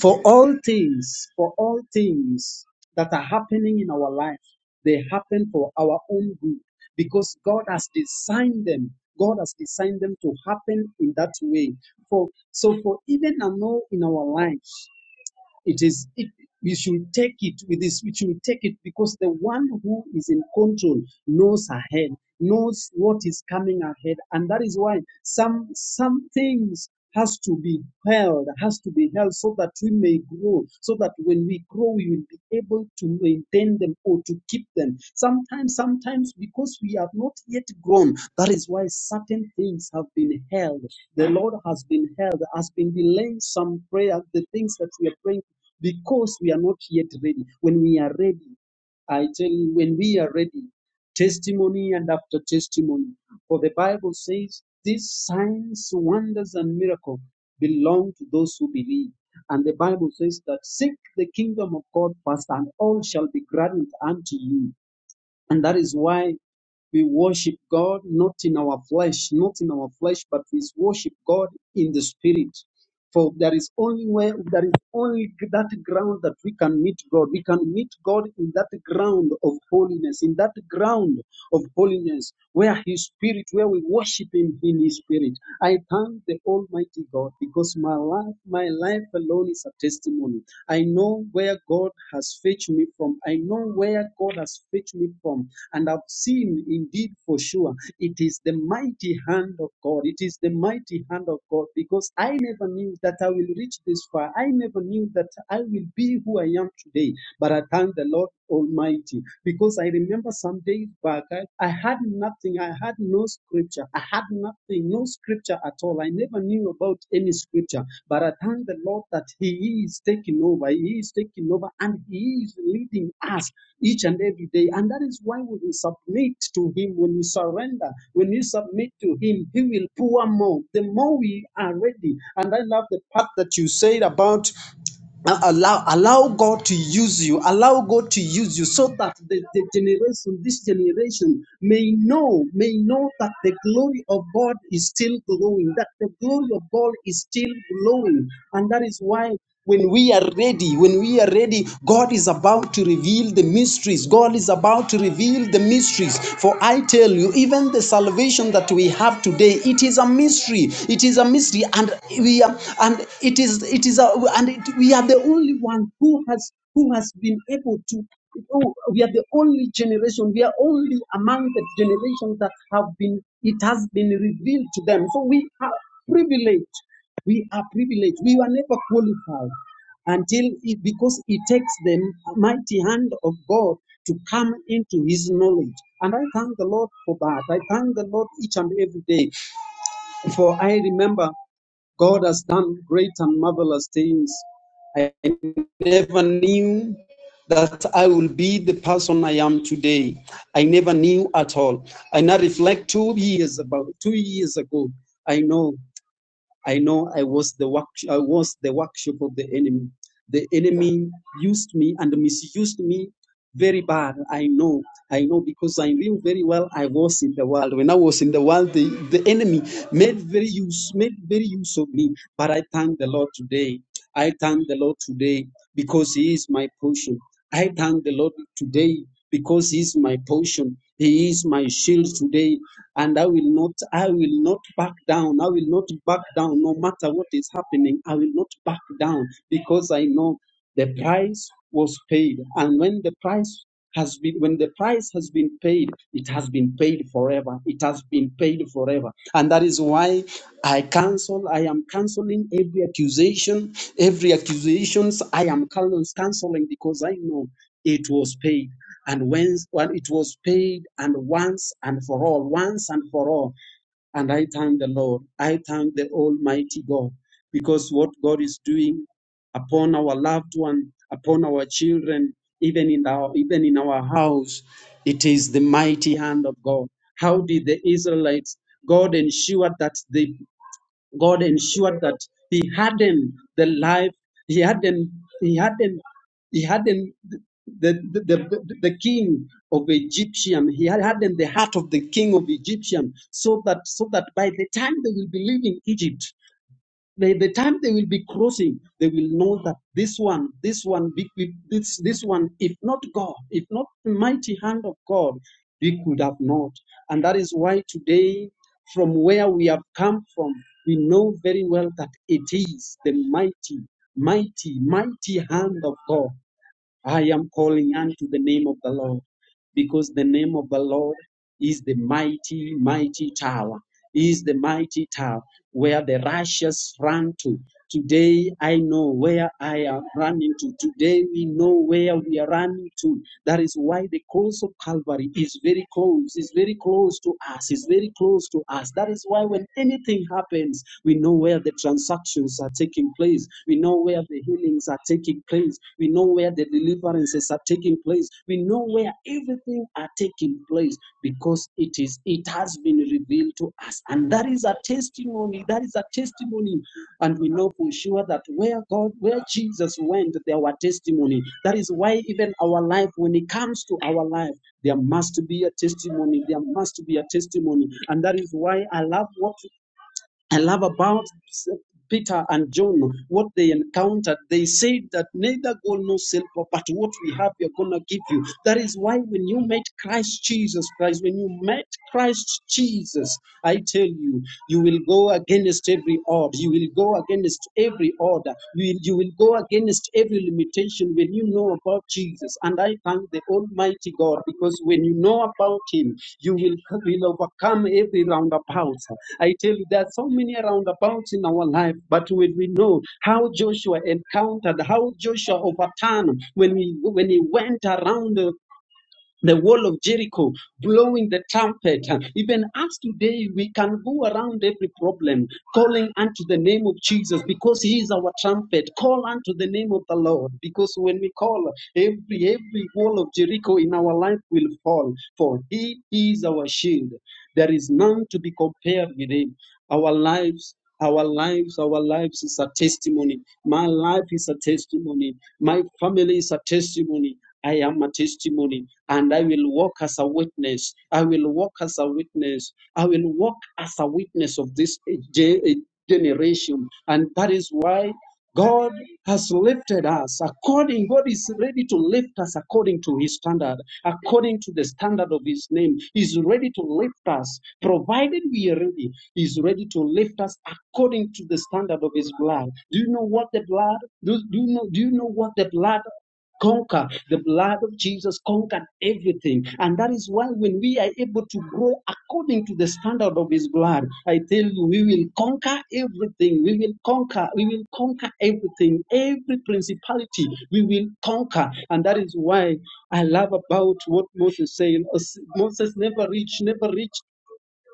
[SPEAKER 5] for all things, for all things that are happening in our life, they happen for our own good because God has designed them. God has designed them to happen in that way. For so for even and all in our life it is it, we should take it with this we should take it because the one who is in control knows ahead knows what is coming ahead and that is why some some things has to be held has to be held so that we may grow so that when we grow we will be able to maintain them or to keep them sometimes sometimes because we have not yet grown that is why certain things have been held the Lord has been held, has been delaying some prayer, the things that we are praying because we are not yet ready. When we are ready, I tell you, when we are ready, testimony and after testimony. For the Bible says, these signs, wonders, and miracles belong to those who believe. And the Bible says that seek the kingdom of God first, and all shall be granted unto you. And that is why we worship God not in our flesh, not in our flesh, but we worship God in the spirit. For there is only way, there is only that ground that we can meet God. We can meet God in that ground of holiness, in that ground of holiness, where His Spirit, where we worship Him in His Spirit. I thank the Almighty God because my life, my life alone is a testimony. I know where God has fetched me from. I know where God has fetched me from. And I've seen indeed for sure it is the mighty hand of God. It is the mighty hand of God because I never knew that I will reach this far. I never knew that I will be who I am today. But I thank the Lord Almighty because I remember some days back, I, I had nothing. I had no scripture. I had nothing, no scripture at all. I never knew about any scripture. But I thank the Lord that He is taking over. He is taking over and He is leading us each and every day. And that is why when we submit to Him, when we surrender, when we submit to Him, He will pour more. The more we are ready. And I love the part that you said about. Uh, allow allow god to use you allow god to use you so that the, the generation this generation may know may know that the glory of god is still glowing that the glory of god is still glowing and that is why when we are ready when we are ready god is about to reveal the mysteries god is about to reveal the mysteries for i tell you even the salvation that we have today it is a mystery it is a mystery and hallelujah and it is it is a, and it, we are the only one who has who has been able to oh, we are the only generation we are only among the generations that have been it has been revealed to them so we are privileged we are privileged we were never qualified until it, because it takes the mighty hand of God to come into his knowledge. And I thank the Lord for that. I thank the Lord each and every day for I remember God has done great and marvelous things. I never knew that I will be the person I am today. I never knew at all. I now reflect two years about two years ago. I know I know I was the work, I was the workshop of the enemy. The enemy used me and misused me very bad. I know, I know because I knew very well I was in the world. When I was in the world, the, the enemy made very use, made very use of me. But I thank the Lord today. I thank the Lord today because He is my portion. I thank the Lord today because He is my portion. He is my shield today and I will not, I will not back down. I will not back down, no matter what is happening. I will not back down because I know the price was paid, and when the price has been when the price has been paid it has been paid forever it has been paid forever and that is why i cancel i am canceling every accusation every accusations i am canceling because i know it was paid. And when, when it was paid, and once and for all, once and for all, and I thank the Lord. I thank the Almighty God because what God is doing upon our loved one, upon our children, even in our even in our house, it is the mighty hand of God. How did the Israelites? God ensured that they God ensured that He hardened the life, He hardened, He hardened, He hardened the, the, the, the king of Egyptian. He had hardened the heart of the king of Egyptian so that so that by the time they will be leaving Egypt, by the time they will be crossing, they will know that this one, this one, be- be- this, this one, if not God, if not the mighty hand of God, we could have not. And that is why today, from where we have come from, we know very well that it is the mighty, mighty, mighty hand of God I am calling unto the name of the Lord because the name of the Lord is the mighty, mighty tower, is the mighty tower where the righteous run to Today I know where I am running to. Today we know where we are running to. That is why the cross of Calvary is very close, is very close to us, is very close to us. That is why when anything happens, we know where the transactions are taking place. We know where the healings are taking place. We know where the deliverances are taking place. We know where everything are taking place because it is it has been revealed to us. And that is a testimony. That is a testimony and we know for sure that where God, where Jesus went, there were testimony. That is why even our life, when it comes to our life, there must be a testimony. There must be a testimony. And that is why I love what I love about Peter and John, what they encountered. They said that neither gold nor silver, but what we have, we are going to give you. That is why when you met Christ Jesus Christ, when you met Christ Jesus, I tell you, you will go against every order. You will go against every order. You will, you will go against every limitation when you know about Jesus. And I thank the Almighty God because when you know about Him, you will, will overcome every roundabout. I tell you, there are so many roundabouts in our life, but when we know how Joshua encountered, how Joshua overturned when he when he went around the, the wall of Jericho, blowing the trumpet. Even us today, we can go around every problem, calling unto the name of Jesus because He is our trumpet. Call unto the name of the Lord because when we call, every every wall of Jericho in our life will fall. For He is our shield. There is none to be compared with Him. Our lives, our lives, our lives is a testimony. My life is a testimony. My family is a testimony. I am a testimony and I will walk as a witness. I will walk as a witness. I will walk as a witness of this ge- generation. And that is why God has lifted us according, God is ready to lift us according to his standard, according to the standard of his name. He's ready to lift us, provided we are ready. He's ready to lift us according to the standard of his blood. Do you know what the blood? Do, do you know do you know what the blood conquer. The blood of Jesus conquered everything. And that is why when we are able to grow according to the standard of his blood, I tell you, we will conquer everything. We will conquer. We will conquer everything. Every principality, we will conquer. And that is why I love about what Moses saying. Moses never reached, never reached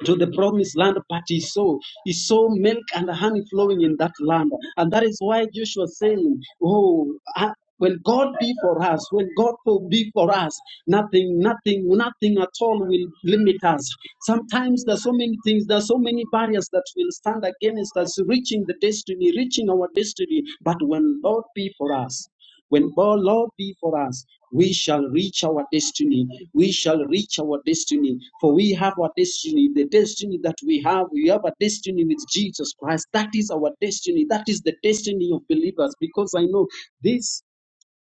[SPEAKER 5] to the promised land, but he saw he saw milk and honey flowing in that land, and that is why Joshua saying, "Oh, ah, when God be for us, when God will be for us, nothing, nothing, nothing at all will limit us." Sometimes there's so many things, there's so many barriers that will stand against us reaching the destiny, reaching our destiny. But when Lord be for us. When the Lord be for us, we shall reach our destiny. We shall reach our destiny. For we have our destiny. The destiny that we have, we have a destiny with Jesus Christ. That is our destiny. That is the destiny of believers. Because I know this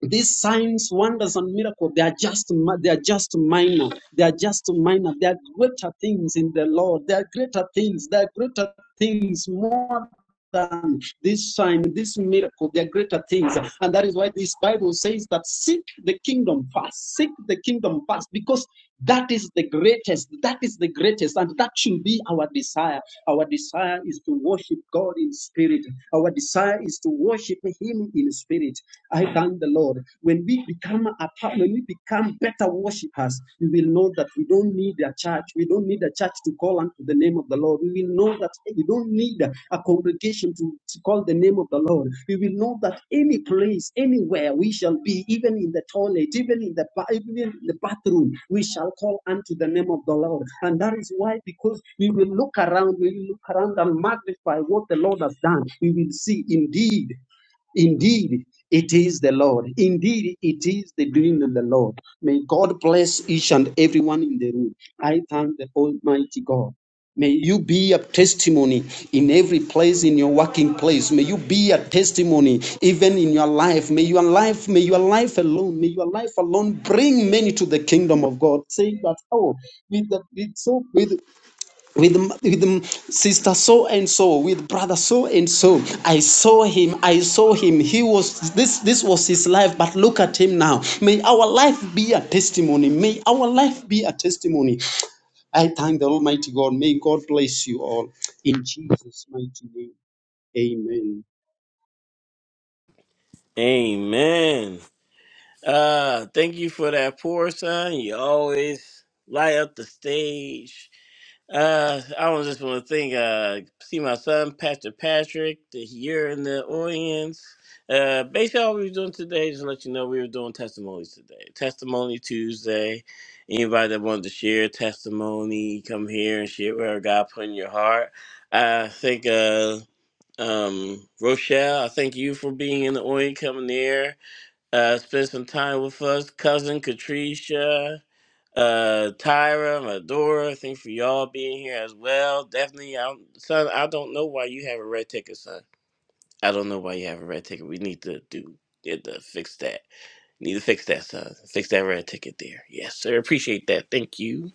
[SPEAKER 5] these signs, wonders, and miracles, they are just they are just minor. They are just minor. They are greater things in the Lord. They are greater things. They are greater things more than this sign, this miracle. They are greater things. And that is why this Bible says that seek the kingdom first. Seek the kingdom first. Because that is the greatest. That is the greatest. And that should be our desire. Our desire is to worship God in spirit. Our desire is to worship Him in spirit. I thank the Lord. When we become a part, when we become better worshipers, we will know that we don't need a church. We don't need a church to call unto the name of the Lord. We will will know that you don't need a congregation to, to call the name of the Lord. We will know that any place, anywhere we shall be, even in the toilet, even in the ba- even in the bathroom, we shall call unto the name of the Lord. And that is why, because we will look around, we will look around and magnify what the Lord has done. We will see indeed. Indeed, it is the Lord. Indeed, it is the doing of the Lord. May God bless each and everyone in the room. I thank the Almighty God. May you be a testimony in every place, in your working place. May you be a testimony even in your life. May your life, may your life alone, may your life alone bring many to the kingdom of God. Saying that, oh, with the, with so, with, with with sister so and so with brother so and so i saw him i saw him he was this this was his life but look at him now may our life be a testimony may our life be a testimony i thank the almighty god may god bless you all in jesus mighty name
[SPEAKER 1] Amen. Uh, thank you for that pour, son. You always light up the stage. Uh, I was just want to thank, uh, see my son, Pastor Patrick, that you're in the audience. Uh, basically, all we were doing today, just to let you know, we were doing testimonies today. Testimony Tuesday. Anybody that wanted to share a testimony, come here and share whatever God put in your heart. I think, uh, um, Rochelle, I thank you for being in the audience, coming here, uh, spend some time with us. Cousin Katricia, uh Tyra, Medora, thank you for y'all being here as well. Definitely, I don't, son, I don't know why you have a red ticket, son. I don't know why you have a red ticket. We need to do get to fix that. Need to fix that, son. Fix that red ticket there. Yes, sir. Appreciate that. Thank you.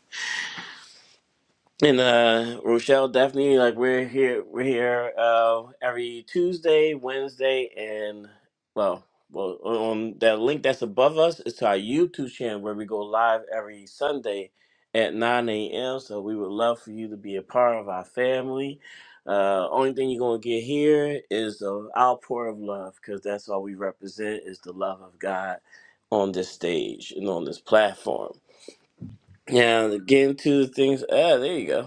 [SPEAKER 1] And uh Rochelle, definitely like we're here we're here uh every Tuesday, Wednesday, and well well on that link that's above us is to our YouTube channel where we go live every Sunday at nine AM. So we would love for you to be a part of our family. Uh only thing you're gonna get here is the outpour of love because that's all we represent is the love of God on this stage and on this platform. Now getting to things ah, there you go.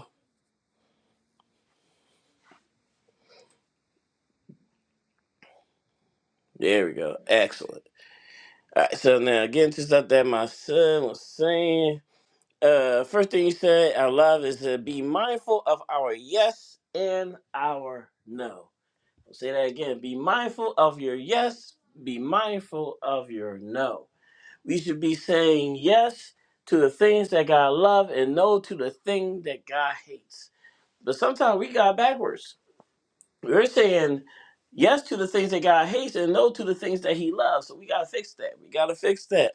[SPEAKER 1] There we go. Excellent. All right. So now, again, to stuff that my son was saying. Uh, first thing you said, I love is to be mindful of our yes and our no. I'll say that again. Be mindful of your yes. Be mindful of your no. We should be saying yes to the things that God love and no to the thing that God hates. But sometimes we got backwards we're saying yes to the things that God hates and no to the things that He loves. So we gotta fix that. We gotta fix that.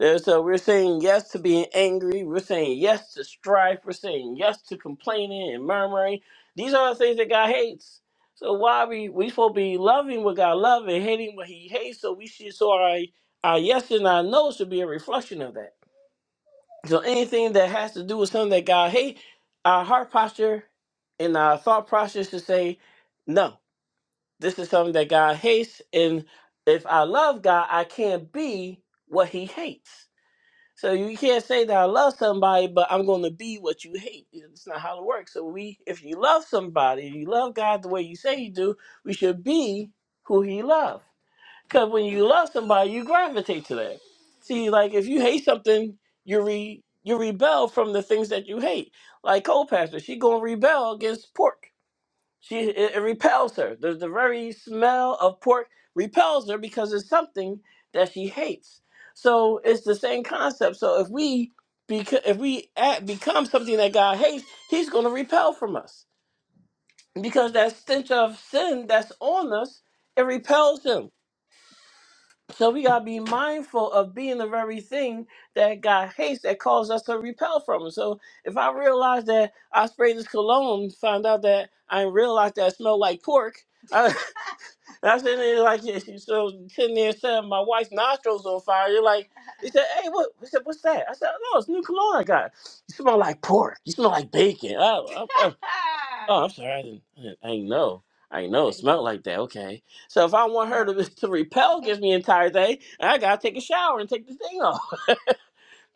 [SPEAKER 1] And so we're saying yes to being angry. We're saying yes to strife. We're saying yes to complaining and murmuring. These are the things that God hates. So why we we supposed to be loving what God loves and hating what He hates? So we should so our our yes and our no should be a reflection of that. So anything that has to do with something that God hates, our heart posture and our thought process should say no. This is something that God hates, and if I love God, I can't be what He hates. So you can't say that I love somebody, but I'm going to be what you hate. It's not how it works. So we, if you love somebody, if you love God the way you say you do, we should be who He loves. Because when you love somebody, you gravitate to that. See, like if you hate something, you re you rebel from the things that you hate. Like Cole Pastor, she gonna rebel against pork. She it, it repels her. The, the very smell of pork repels her because it's something that she hates. So it's the same concept. So if we beca- if we act, become something that God hates, He's going to repel from us because that stench of sin that's on us it repels Him. So we gotta be mindful of being the very thing that God hates that causes us to repel from Him. So if I realize that I sprayed this cologne, found out that I realized that I smell like pork. And I sitting there like, yeah, she so sitting there saying my wife's nostrils on fire. You're like, he said, hey, what? He said, what's that? I said, no, it's new cologne I got. You smell like pork. You smell like bacon. Oh, oh, oh, I'm sorry, I didn't, I didn't, I didn't know. I didn't know it smelled like that. Okay, so if I want her to to repel against me the entire day, I gotta take a shower and take the thing off.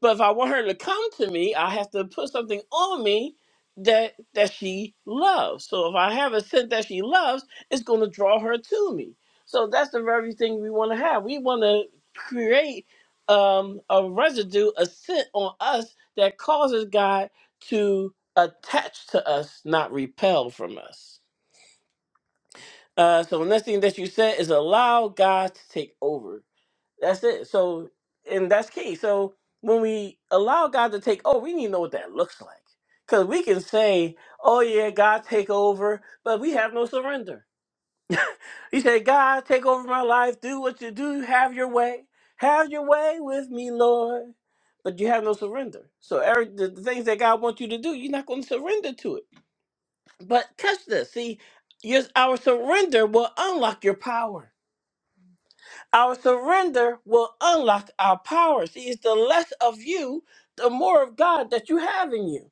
[SPEAKER 1] But if I want her to come to me, I have to put something on me that that she loves. So if I have a scent that she loves, it's going to draw her to me. So that's the very thing we want to have. We want to create um, a residue, a scent on us that causes God to attach to us, not repel from us. Uh, so the next thing that you said is allow God to take over. That's it. So, and that's key. So, when we allow God to take over, we need to know what that looks like. Because we can say, oh, yeah, God take over, but we have no surrender. He said, God, take over my life. Do what you do. Have your way. Have your way with me, Lord. But you have no surrender. So, Eric, the, the things that God wants you to do, you're not going to surrender to it. But catch this. See, your, our surrender will unlock your power Our surrender will unlock our power. See, it's the less of you, the more of God that you have in you.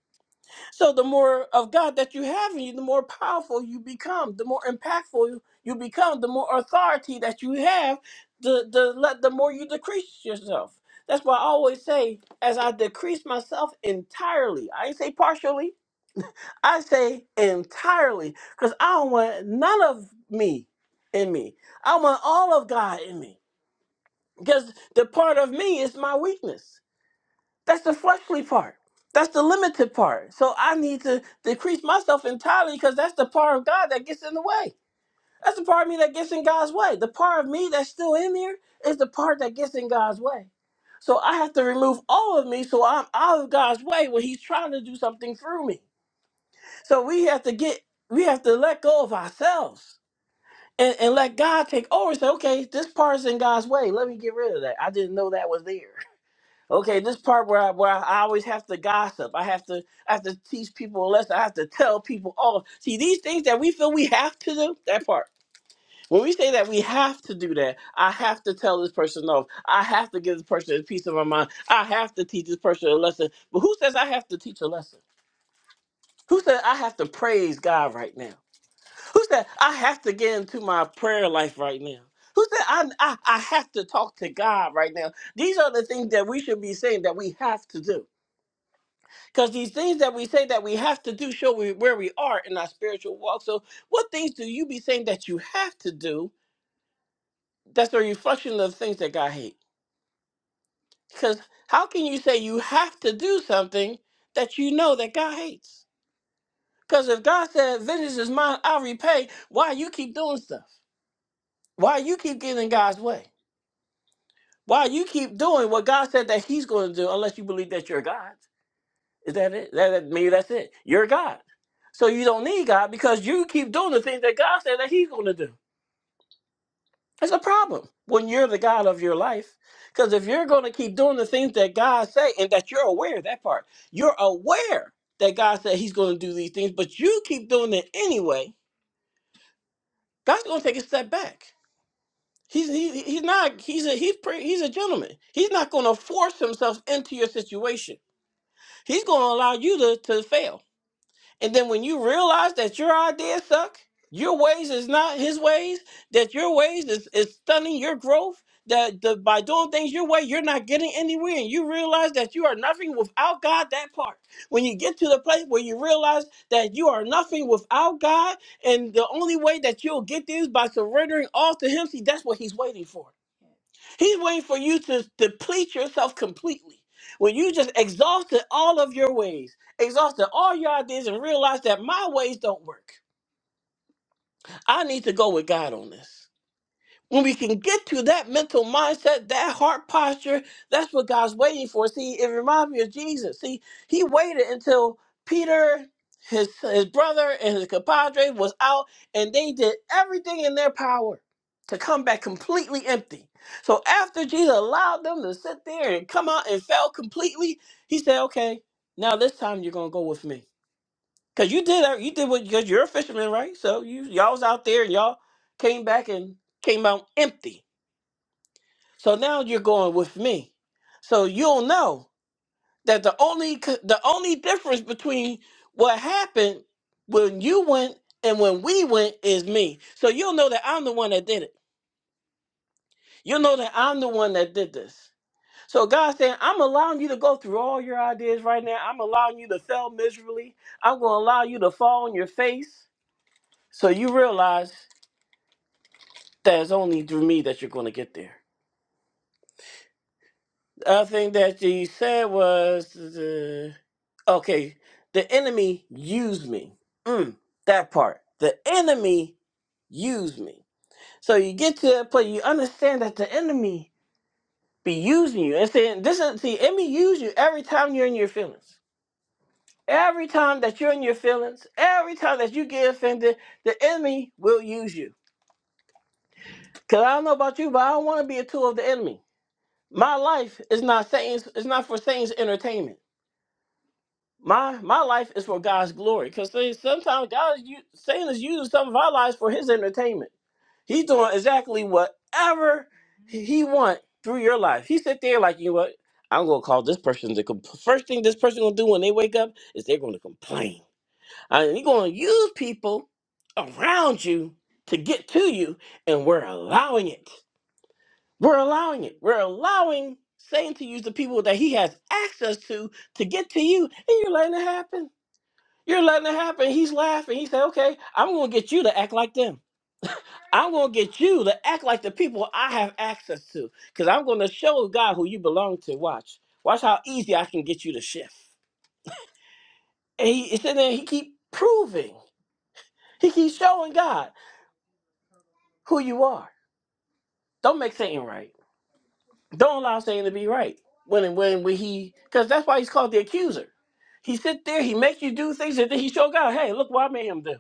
[SPEAKER 1] So, the more of God that you have in you, the more powerful you become, the more impactful you become, the more authority that you have, the, the, le- the more you decrease yourself. That's why I always say, as I decrease myself entirely, I ain't say partially, I say entirely, because I don't want none of me in me. I want all of God in me. Because the part of me is my weakness. That's the fleshly part. That's the limited part. So I need to decrease myself entirely because that's the part of God that gets in the way. That's the part of me that gets in God's way. The part of me that's still in there is the part that gets in God's way. So I have to remove all of me so I'm out of God's way when He's trying to do something through me. So we have to get, we have to let go of ourselves and, and let God take over and say, okay, this part's in God's way. Let me get rid of that. I didn't know that was there. Okay, this part where I, where I always have to gossip, I have to I have to teach people a lesson, I have to tell people off. See, these things that we feel we have to do, that part. When we say that we have to do that, I have to tell this person off. I have to give this person a piece of my mind. I have to teach this person a lesson. But who says I have to teach a lesson? Who said I have to praise God right now? Who said I have to get into my prayer life right now? Who said I, I, I have to talk to God right now? These are the things that we should be saying that we have to do. Because these things that we say that we have to do show we, where we are in our spiritual walk. So, what things do you be saying that you have to do that's a reflection of things that God hates? Because how can you say you have to do something that you know that God hates? Because if God said, Vengeance is mine, I'll repay, why you keep doing stuff? Why you keep getting in God's way? Why you keep doing what God said that He's going to do unless you believe that you're God? Is that it? That, that maybe that's it. You're God, so you don't need God because you keep doing the things that God said that He's going to do. That's a problem when you're the God of your life, because if you're going to keep doing the things that God say and that you're aware of that part, you're aware that God said He's going to do these things, but you keep doing it anyway. God's going to take a step back. He's he, he's not he's a he's pretty, he's a gentleman. He's not going to force himself into your situation. He's going to allow you to to fail And then when you realize that your ideas suck, your ways is not his ways, that your ways is, is stunning your growth, that the, by doing things your way, you're not getting anywhere, and you realize that you are nothing without God, that part. When you get to the place where you realize that you are nothing without God, and the only way that you'll get there is by surrendering all to him, see, that's what he's waiting for. He's waiting for you to deplete yourself completely. When you just exhausted all of your ways, exhausted all your ideas, and realize that my ways don't work. I need to go with God on this when we can get to that mental mindset, that heart posture, that's what God's waiting for. See, it reminds me of Jesus. See, he waited until Peter, his his brother, and his compadre was out, and they did everything in their power to come back completely empty. So after Jesus allowed them to sit there and come out and fell completely, he said, "Okay, now this time you're gonna go with me, cause you did you did what cause you're a fisherman, right? So you y'all was out there and y'all came back and came out empty." So now you're going with me. So you'll know that the only c- the only difference between what happened when you went and when we went is me. So you'll know that I'm the one that did it. You'll know that I'm the one that did this. So God's saying, I'm allowing you to go through all your ideas right now. I'm allowing you to fail miserably. I'm going to allow you to fall on your face. So you realize that it's only through me that you're going to get there. other thing that you said was, uh, okay, the enemy used me. Mm, that part. The enemy used me. So you get to that place, you understand that the enemy be using you. And saying, this is, the enemy use you every time you're in your feelings. Every time that you're in your feelings, every time that you get offended, the enemy will use you. Because I don't know about you, but I don't want to be a tool of the enemy. My life is not Satan's, it's not for Satan's entertainment. My my life is for God's glory. Because sometimes God is u- Satan is using some of our lives for his entertainment. He's doing exactly whatever he wants through your life. He sit there like, you know what? I'm gonna call this person to compl- first thing this person gonna do when they wake up is they're gonna complain. And you're gonna use people around you to get to you, and we're allowing it. We're allowing it. We're allowing Satan to use the people that he has access to to get to you, and you're letting it happen. You're letting it happen. He's laughing. He said, okay, I'm going to get you to act like them. I'm going to get you to act like the people I have access to because I'm going to show God who you belong to. Watch. Watch how easy I can get you to shift. And he, he said, there, he keep proving. He keeps showing God who you are. Don't make Satan right. Don't allow Satan to be right. When and when, when he, because that's why he's called the accuser. He sit there, he makes you do things, and then he show God, hey, look what I made him do.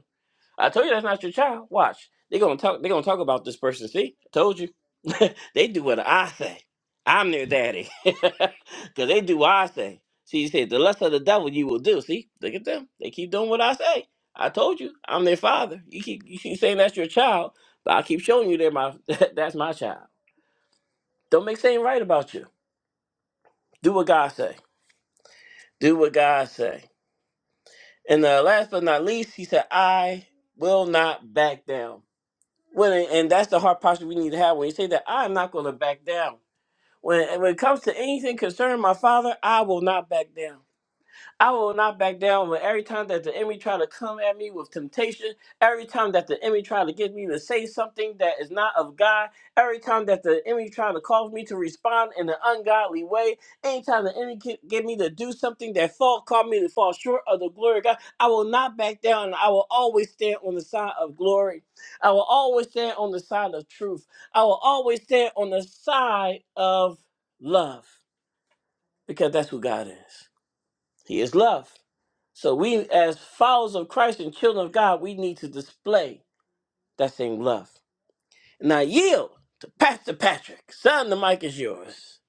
[SPEAKER 1] I told you that's not your child. Watch. They're gonna talk they're gonna talk about this person. See? I told you. they do what I say. I'm their daddy. Cause they do what I say. See, he said, the lust of the devil you will do. See, look at them. They keep doing what I say. I told you, I'm their father. You keep you keep saying that's your child, but I keep showing you they're my that's my child. Don't make saying right about you. Do what God say. Do what God say. And uh, last but not least, he said, I will not back down. When and that's the hard posture we need to have when you say that I'm not going to back down. When when it comes to anything concerning my father, I will not back down. I will not back down when every time that the enemy try to come at me with temptation, every time that the enemy try to get me to say something that is not of God, every time that the enemy try to cause me to respond in an ungodly way, anytime the enemy get, get me to do something that fall, call me to fall short of the glory of God, I will not back down. and I will always stand on the side of glory. I will always stand on the side of truth. I will always stand on the side of love because that's who God is. He is love. So we, as followers of Christ and children of God, we need to display that same love. And I yield to Pastor Patrick. Son, the mic is yours.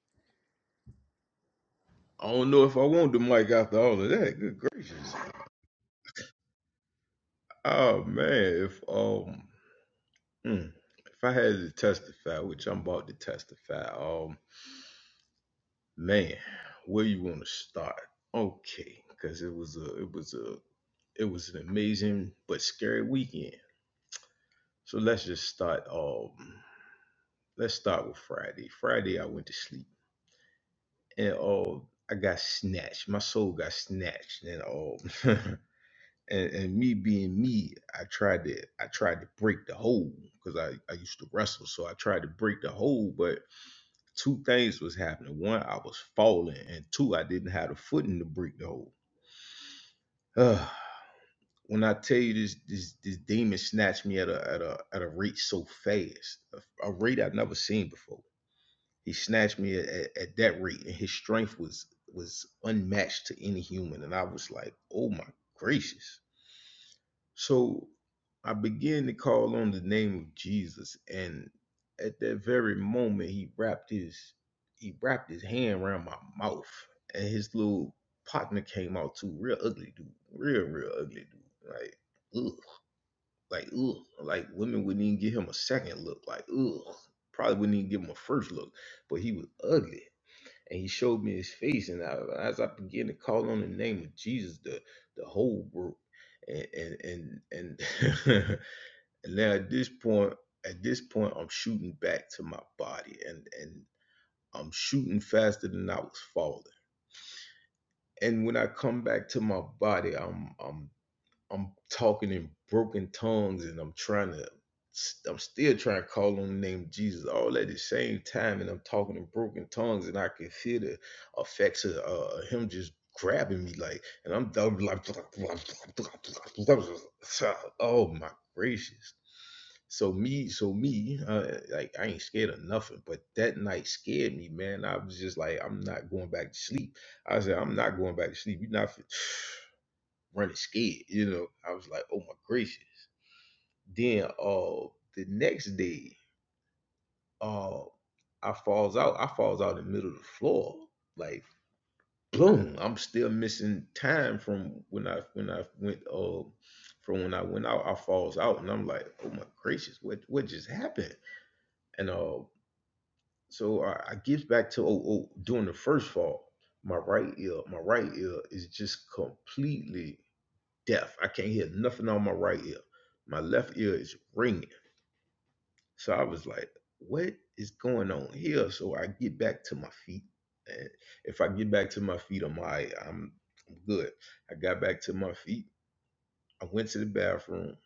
[SPEAKER 6] I don't know if I want the mic after all of that. Good gracious. Oh man, if um mm, if I had to testify, which I'm about to testify, um man, where you want to start? Okay, because it was a it was a it was an amazing but scary weekend. So let's just start um let's start with Friday. Friday I went to sleep and um I got snatched. My soul got snatched and all. and, and me being me, I tried to I tried to break the hold because I, I used to wrestle, so I tried to break the hold. But two things was happening: one, I was falling, and two, I didn't have the footing to break the hold. Ugh. when I tell you this, this this demon snatched me at a at a at a rate so fast, a, a rate I've never seen before. He snatched me at, at, at that rate, and his strength was was unmatched to any human. And I was like, oh my gracious So I began to call on the name of Jesus, and at that very moment, he wrapped his he wrapped his hand around my mouth, and his little partner came out too, real ugly dude, real real ugly dude, like ugh, like ugh, like women wouldn't even give him a second look, like ugh, probably wouldn't even give him a first look, but he was ugly and he showed me his face and I, as i began to call on the name of jesus the the whole world and and and, and and now at this point at this point i'm shooting back to my body and and i'm shooting faster than i was falling and when i come back to my body I'm i'm I'm talking in broken tongues and I'm trying to I'm still trying to call on the name of Jesus all at the same time and I'm talking in broken tongues and I can feel the effects of uh, him just grabbing me like and I'm I'm like oh my gracious so me so me uh, like I ain't scared of nothing but that night scared me man I was just like I'm not going back to sleep I said I'm not going back to sleep you're not running scared. You know, I was like, oh my gracious. Then uh the next day, uh I falls out. I falls out in the middle of the floor. Like boom, I'm still missing time from when I when I went uh from when I went out, I falls out and I'm like, oh my gracious, what what just happened? And uh so I, I get back to oh, oh during the first fall, my right ear, my right ear is just completely deaf. I can't hear nothing on my right ear. My left ear is ringing. So I was like, what is going on here? So I get back to my feet. And if I get back to my feet, I'm all right. I'm, I'm good. I got back to my feet. I went to the bathroom,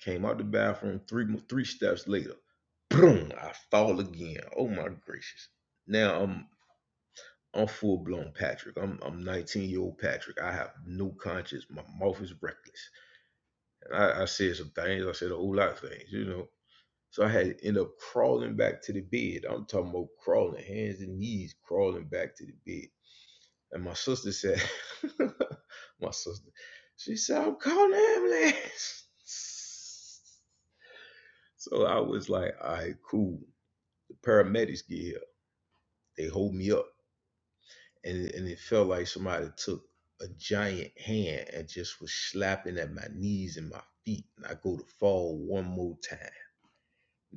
[SPEAKER 6] came out the bathroom three, three steps later. Boom, I fall again. Oh my gracious. Now I'm I'm full blown Patrick. I'm I'm 19 year old Patrick. I have no conscience. My mouth is reckless. I, I said some things. I said a whole lot of things, you know. So I had to end up crawling back to the bed. I'm talking about crawling, hands and knees, crawling back to the bed. And my sister said, my sister, she said, I'm calling the ambulance. So I was like, all right, cool. The paramedics get here. They hold me up. And, and it felt like somebody took a giant hand and just was slapping at my knees and my feet. And I go to fall one more time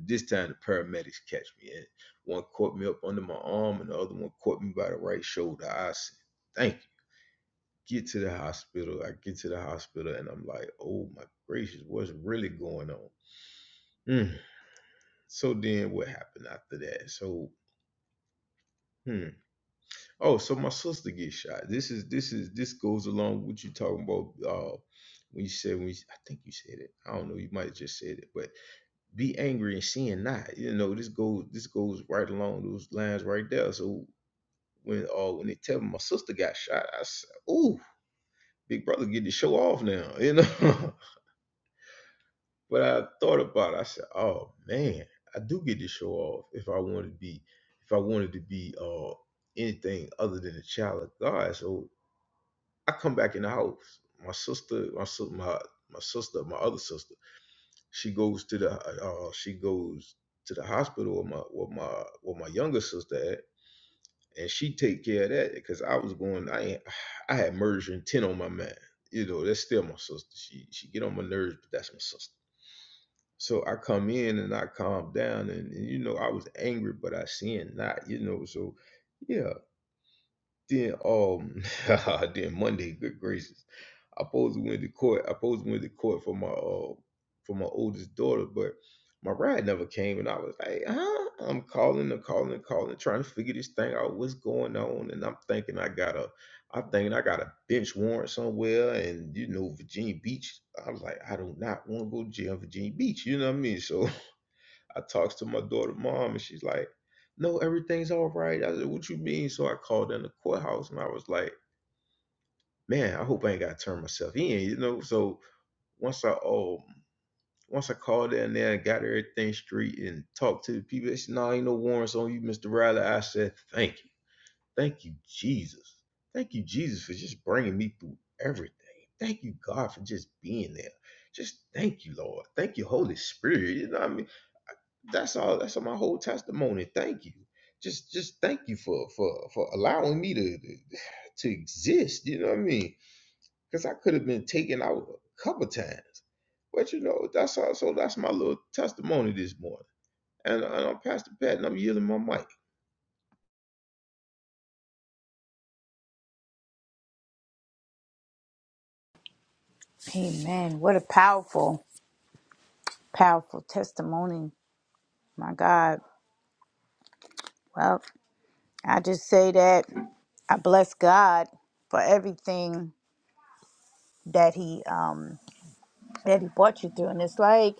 [SPEAKER 6] This time the paramedics catch me. And one caught me up under my arm and the other one caught me by the right shoulder. I said, thank you. Get to the hospital. I get to the hospital and I'm like, oh my gracious, what's really going on? Mm. So then what happened after that? So hmm. Oh, so my sister gets shot. This is this is this goes along with what you talking about uh when you said when you, I think you said it. I don't know, you might have just said it, but be angry and sin not. You know, this goes this goes right along those lines right there. So when uh when they tell me my sister got shot, I said, "Ooh, big brother getting to show off now," you know. but I thought about it. I said, "Oh man, I do get to show off if I wanted to be if I wanted to be uh anything other than a child of God." So I come back in the house. My sister, my sis- my my sister, my other sister, she goes to the uh she goes to the hospital with my with my with my younger sister at and she take care of that because I was going. I ain't- I had murder intent on my mind. You know, that's still my sister. She she get on my nerves, but that's my sister. So I come in and I calm down, and, and you know I was angry, but I sin not. You know, so yeah. Then um, then Monday, good gracious. I supposed to went to court. I supposed to went to court for my uh for my oldest daughter, but my ride never came, and I was like, huh? I'm calling and calling and calling, trying to figure this thing out. What's going on? And I'm thinking I got a, I'm thinking I got a bench warrant somewhere, and you know Virginia Beach. I was like, I do not want to go to jail, in Virginia Beach. You know what I mean? So I talks to my daughter mom, and she's like, No, everything's all right. I said, What you mean? So I called in the courthouse, and I was like man, I hope I ain't got to turn myself in, you know? So once I um once I called in there and got everything straight and talked to the people, they said, "No, ain't no warrants on you, Mister Riley." I said, "Thank you, thank you, Jesus, thank you, Jesus, for just bringing me through everything. Thank you, God, for just being there. Just thank you, Lord. Thank you, Holy Spirit. You know what I mean? That's all. That's all my whole testimony. Thank you." Just, just thank you for for for allowing me to to exist. You know what I mean? because I could have been taken out a couple times. But you know, that's also that's my little testimony this morning. And, and I'm Pastor Pat, and I'm yielding my mic.
[SPEAKER 1] Amen. What a powerful, powerful testimony. My God. Well, I just say that I bless God for everything that He um that He brought you through. And it's like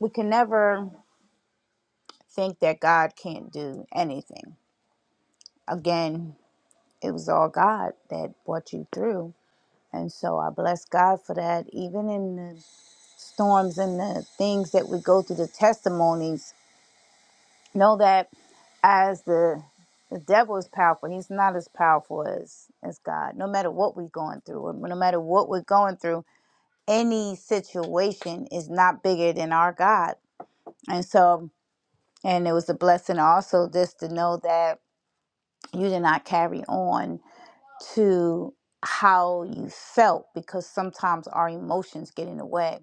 [SPEAKER 1] we can never think that God can't do anything. Again, it was all God that brought you through. And so I bless God for that. Even in the storms and the things that we go through, the testimonies, know that as the the devil is powerful, he's not as powerful as as God. No matter what we're going through, no matter what we're going through, any situation is not bigger than our God. And so, and it was a blessing also just to know that you did not carry on. to how you felt because sometimes our emotions get in the way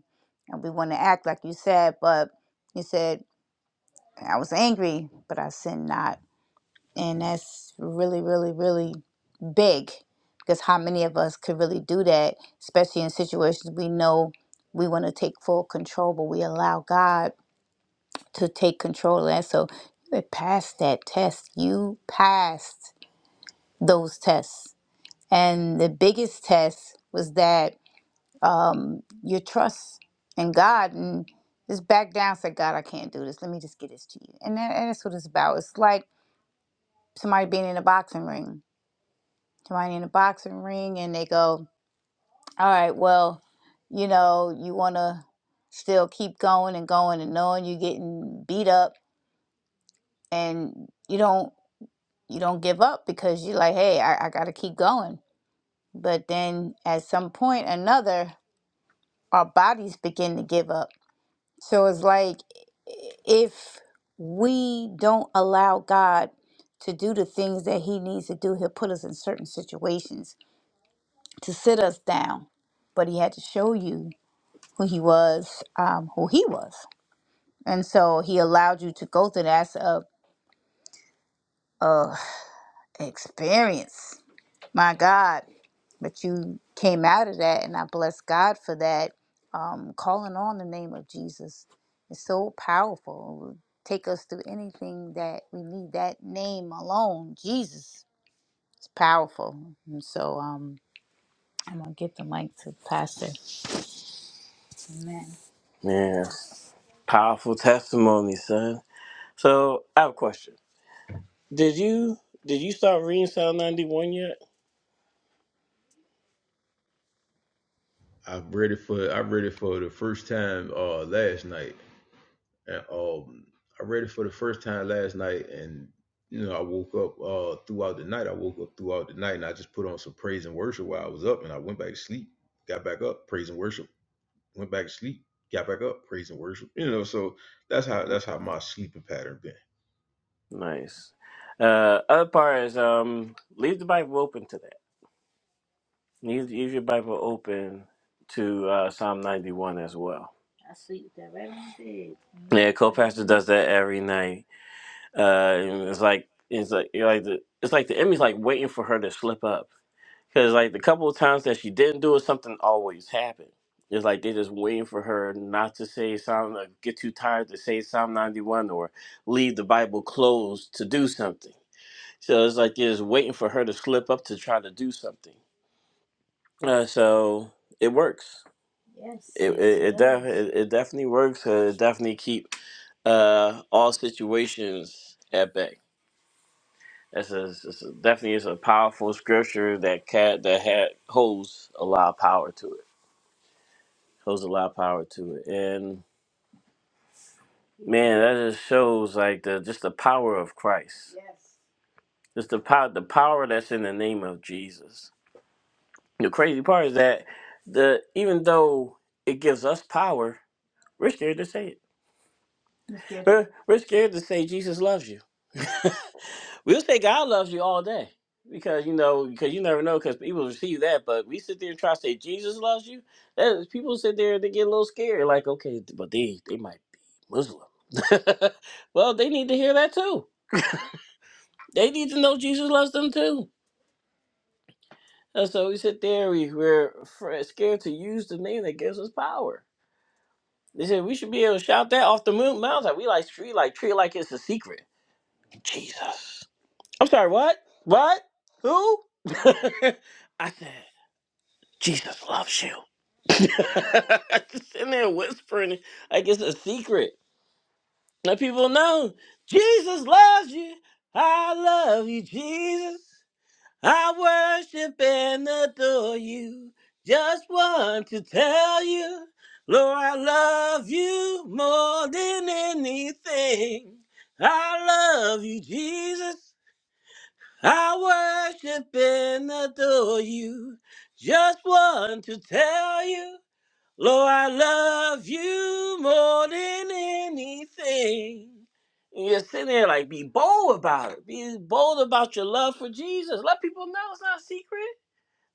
[SPEAKER 1] and we want to act like you said but you said i was angry but i sin not and that's really really really big because how many of us could really do that especially in situations we know we want to take full control but we allow god to take control of that so you had passed that test you passed those tests and the biggest test was that um, your trust in God and just back down. Say, God, I can't do this. Let me just get this to you. And, that, and that's what it's about. It's like somebody being in a boxing ring. Somebody in a boxing ring, and they go, "All right, well, you know, you want to still keep going and going, and knowing you're getting beat up, and you don't you don't give up because you're like, hey, I, I got to keep going. But then at some point, or another, our bodies begin to give up So it's like if we don't allow God to do the things that He needs to do, He'll put us in certain situations to sit us down. But He had to show you who He was, um, who He was. And so He allowed you to go through that as a, a experience. My God. but you came out of that and i bless god for that um, calling on the name of jesus is so powerful it will take us through anything that we need that name alone jesus is powerful and so um, i'm gonna give the mic to pastor amen Man, powerful testimony, son. So I have a question. Did you did you start reading Psalm ninety one yet?
[SPEAKER 6] I read it for I read it for the first time uh last night. And um I read it for the first time last night and you know, I woke up uh throughout the night. I woke up throughout the night and I just put on some praise and worship while I was up and I went back to sleep, got back up, praise and worship, went back to sleep, got back up, praise and worship. You know, so that's how that's how my sleeping pattern been.
[SPEAKER 1] Nice. Uh, other part is um, leave the Bible open today. Leave, leave your Bible open to uh, Psalm 91 as well. Yeah, co-pastor does that every night. Uh, and it's like it's like you're like the it's like the enemy's like waiting for her to slip up because like the couple of times that she didn't do it, something always happened. It's like they're just waiting for her not to say Psalm, like, get too tired to say Psalm 91 or leave the Bible closed to do something. So it's like they're just waiting for her to slip up to try to do something. Uh, so it works It it, it, def- it it definitely works. Uh, it definitely keep uh all situations at bay. That's a, it's a- definitely is a powerful scripture that cat that had holds a lot of power to it. Holds a lot of power to it, and man, that just shows like the just the power of Christ. Just the power the power that's in the name of Jesus. The crazy part is that the even though it gives us power, we're scared to say it. We're, we're scared to say Jesus loves you We'll say God loves you all day because you know because you never know because people receive that. But we sit there and try to say Jesus loves you. That people sit there and they get a little scared, like okay, but they they might be Muslim. well, they need to hear that too. They need to know Jesus loves them too. And so we sit there, we, we're fr- scared to use the name that gives us power. They said we should be able to shout that off the moon mountain. We like treat like treat it like it's a secret. Jesus. I'm sorry. What? What? Who? I said. Jesus loves you. I Just sitting there whispering, like it's a secret. Let people know Jesus loves you. I love you, Jesus. I worship and adore you. Just want to tell you, Lord, I love you more than anything. I love you, Jesus. I worship and adore you. Just want to tell you. Lord, I love you more than anything. And You're sitting there like, be bold about it. Be bold about your love for Jesus. Let people know it's not a secret.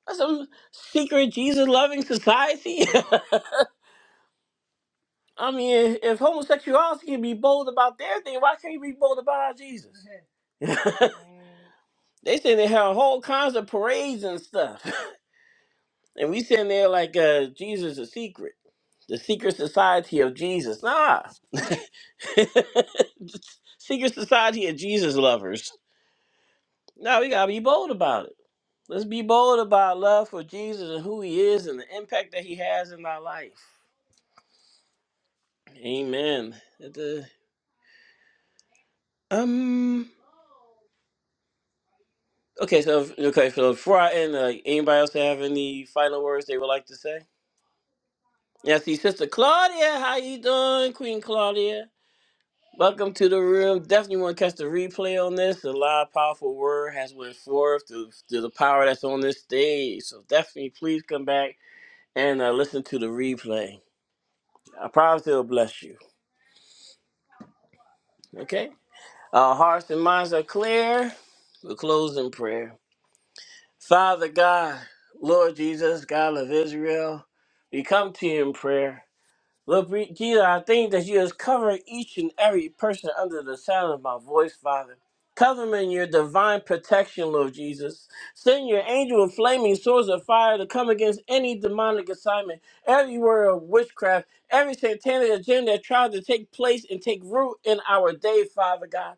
[SPEAKER 1] That's some secret Jesus loving society. I mean, if homosexuality can be bold about their thing, why can't you be bold about our Jesus? they say they have whole kinds of parades and stuff. and we sitting there like uh, Jesus is a secret. The secret society of Jesus. Nah. Secret society of Jesus lovers. No, we gotta be bold about it. Let's be bold about love for Jesus and who He is and the impact that He has in our life. Amen. At the- um. Okay, so okay, so before I end, uh, anybody else have any final words they would like to say? Yeah, I see, Sister Claudia, how you doing, Queen Claudia? Welcome to the room. Definitely want to catch the replay on this. A lot of powerful word has went forth to, to the power that's on this stage. So definitely please come back and uh, listen to the replay. I promise it'll bless you. Okay? Our hearts and minds are clear. We'll close in prayer. Father God, Lord Jesus, God of Israel, we come to you in prayer. Lord Jesus, I thank that you is covering each and every person under the sound of my voice, Father. Cover them in your divine protection, Lord Jesus. Send your angel with flaming swords of fire to come against any demonic assignment, every word of witchcraft, every satanic agenda that tried to take place and take root in our day, Father God.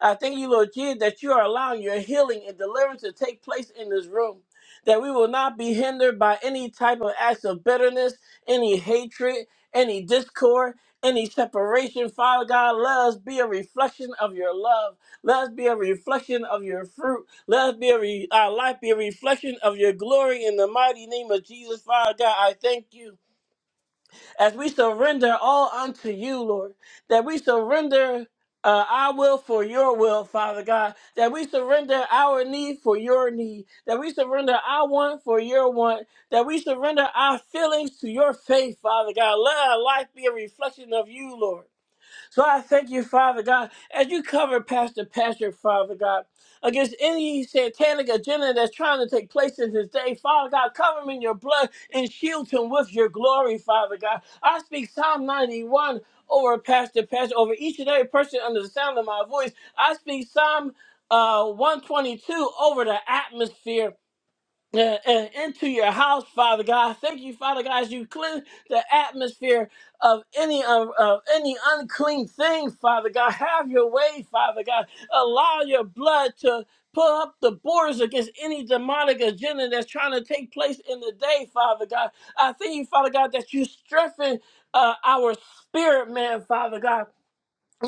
[SPEAKER 1] I thank you, Lord Jesus, that you are allowing your healing and deliverance to take place in this room. That we will not be hindered by any type of acts of bitterness, any hatred, any discord, any separation. Father God, let us be a reflection of your love. Let us be a reflection of your fruit. Let us be a re- our life be a reflection of your glory in the mighty name of Jesus. Father God, I thank you as we surrender all unto you, Lord, that we surrender uh, our will for your will, Father God, that we surrender our need for your need, that we surrender our want for your want, that we surrender our feelings to your faith, Father God. Let our life be a reflection of you, Lord. So I thank you, Father God, as you cover Pastor Patrick, Father God, against any satanic agenda that's trying to take place in his day. Father God, cover him in your blood and shield him with your glory, Father God. I speak Psalm 91 over Pastor Patrick, over each and every person under the sound of my voice. I speak Psalm uh, 122 over the atmosphere uh, uh, into your house, Father God. Thank you, Father God, as you cleanse the atmosphere of any of, of any unclean thing, Father God. Have your way, Father God. Allow your blood to pull up the borders against any demonic agenda that's trying to take place in the day, Father God. I thank you, Father God, that you strengthen uh, our spirit, man, Father God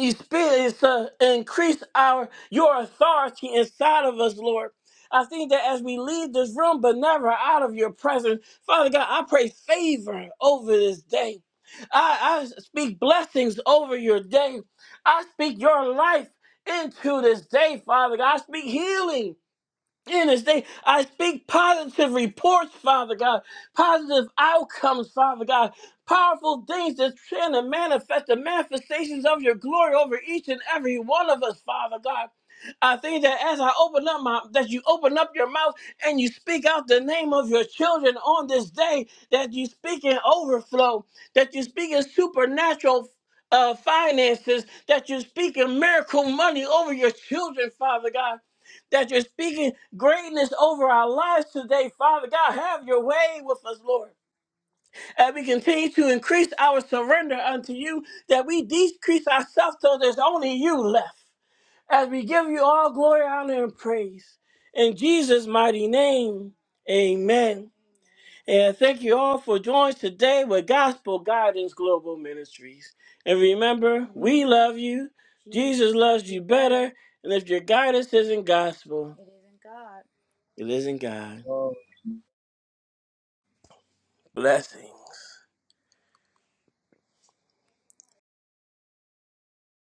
[SPEAKER 1] you spirit is to increase our your authority inside of us, Lord. I think that as we leave this room, but never out of your presence, Father God, I pray favor over this day. I, I speak blessings over your day. I speak your life into this day, Father God. I speak healing in this day. I speak positive reports, Father God, positive outcomes, Father God, powerful things that's trying to manifest the manifestations of your glory over each and every one of us, Father God. I think that as I open up my that you open up your mouth and you speak out the name of your children on this day, that you speak in overflow, that you speak in supernatural uh, finances, that you speak in miracle money over your children, Father God that you're speaking greatness over our lives today, Father God. Have your way with us, Lord. And we continue to increase our surrender unto you, that we decrease ourselves till there's only you left. As we give you all glory, honor, and praise. In Jesus' mighty name, amen. And thank you all for joining us today with Gospel Guidance Global Ministries. And remember, we love you. Jesus loves you better. And if your guidance isn't gospel, it isn't God.
[SPEAKER 5] amen
[SPEAKER 1] Blessings.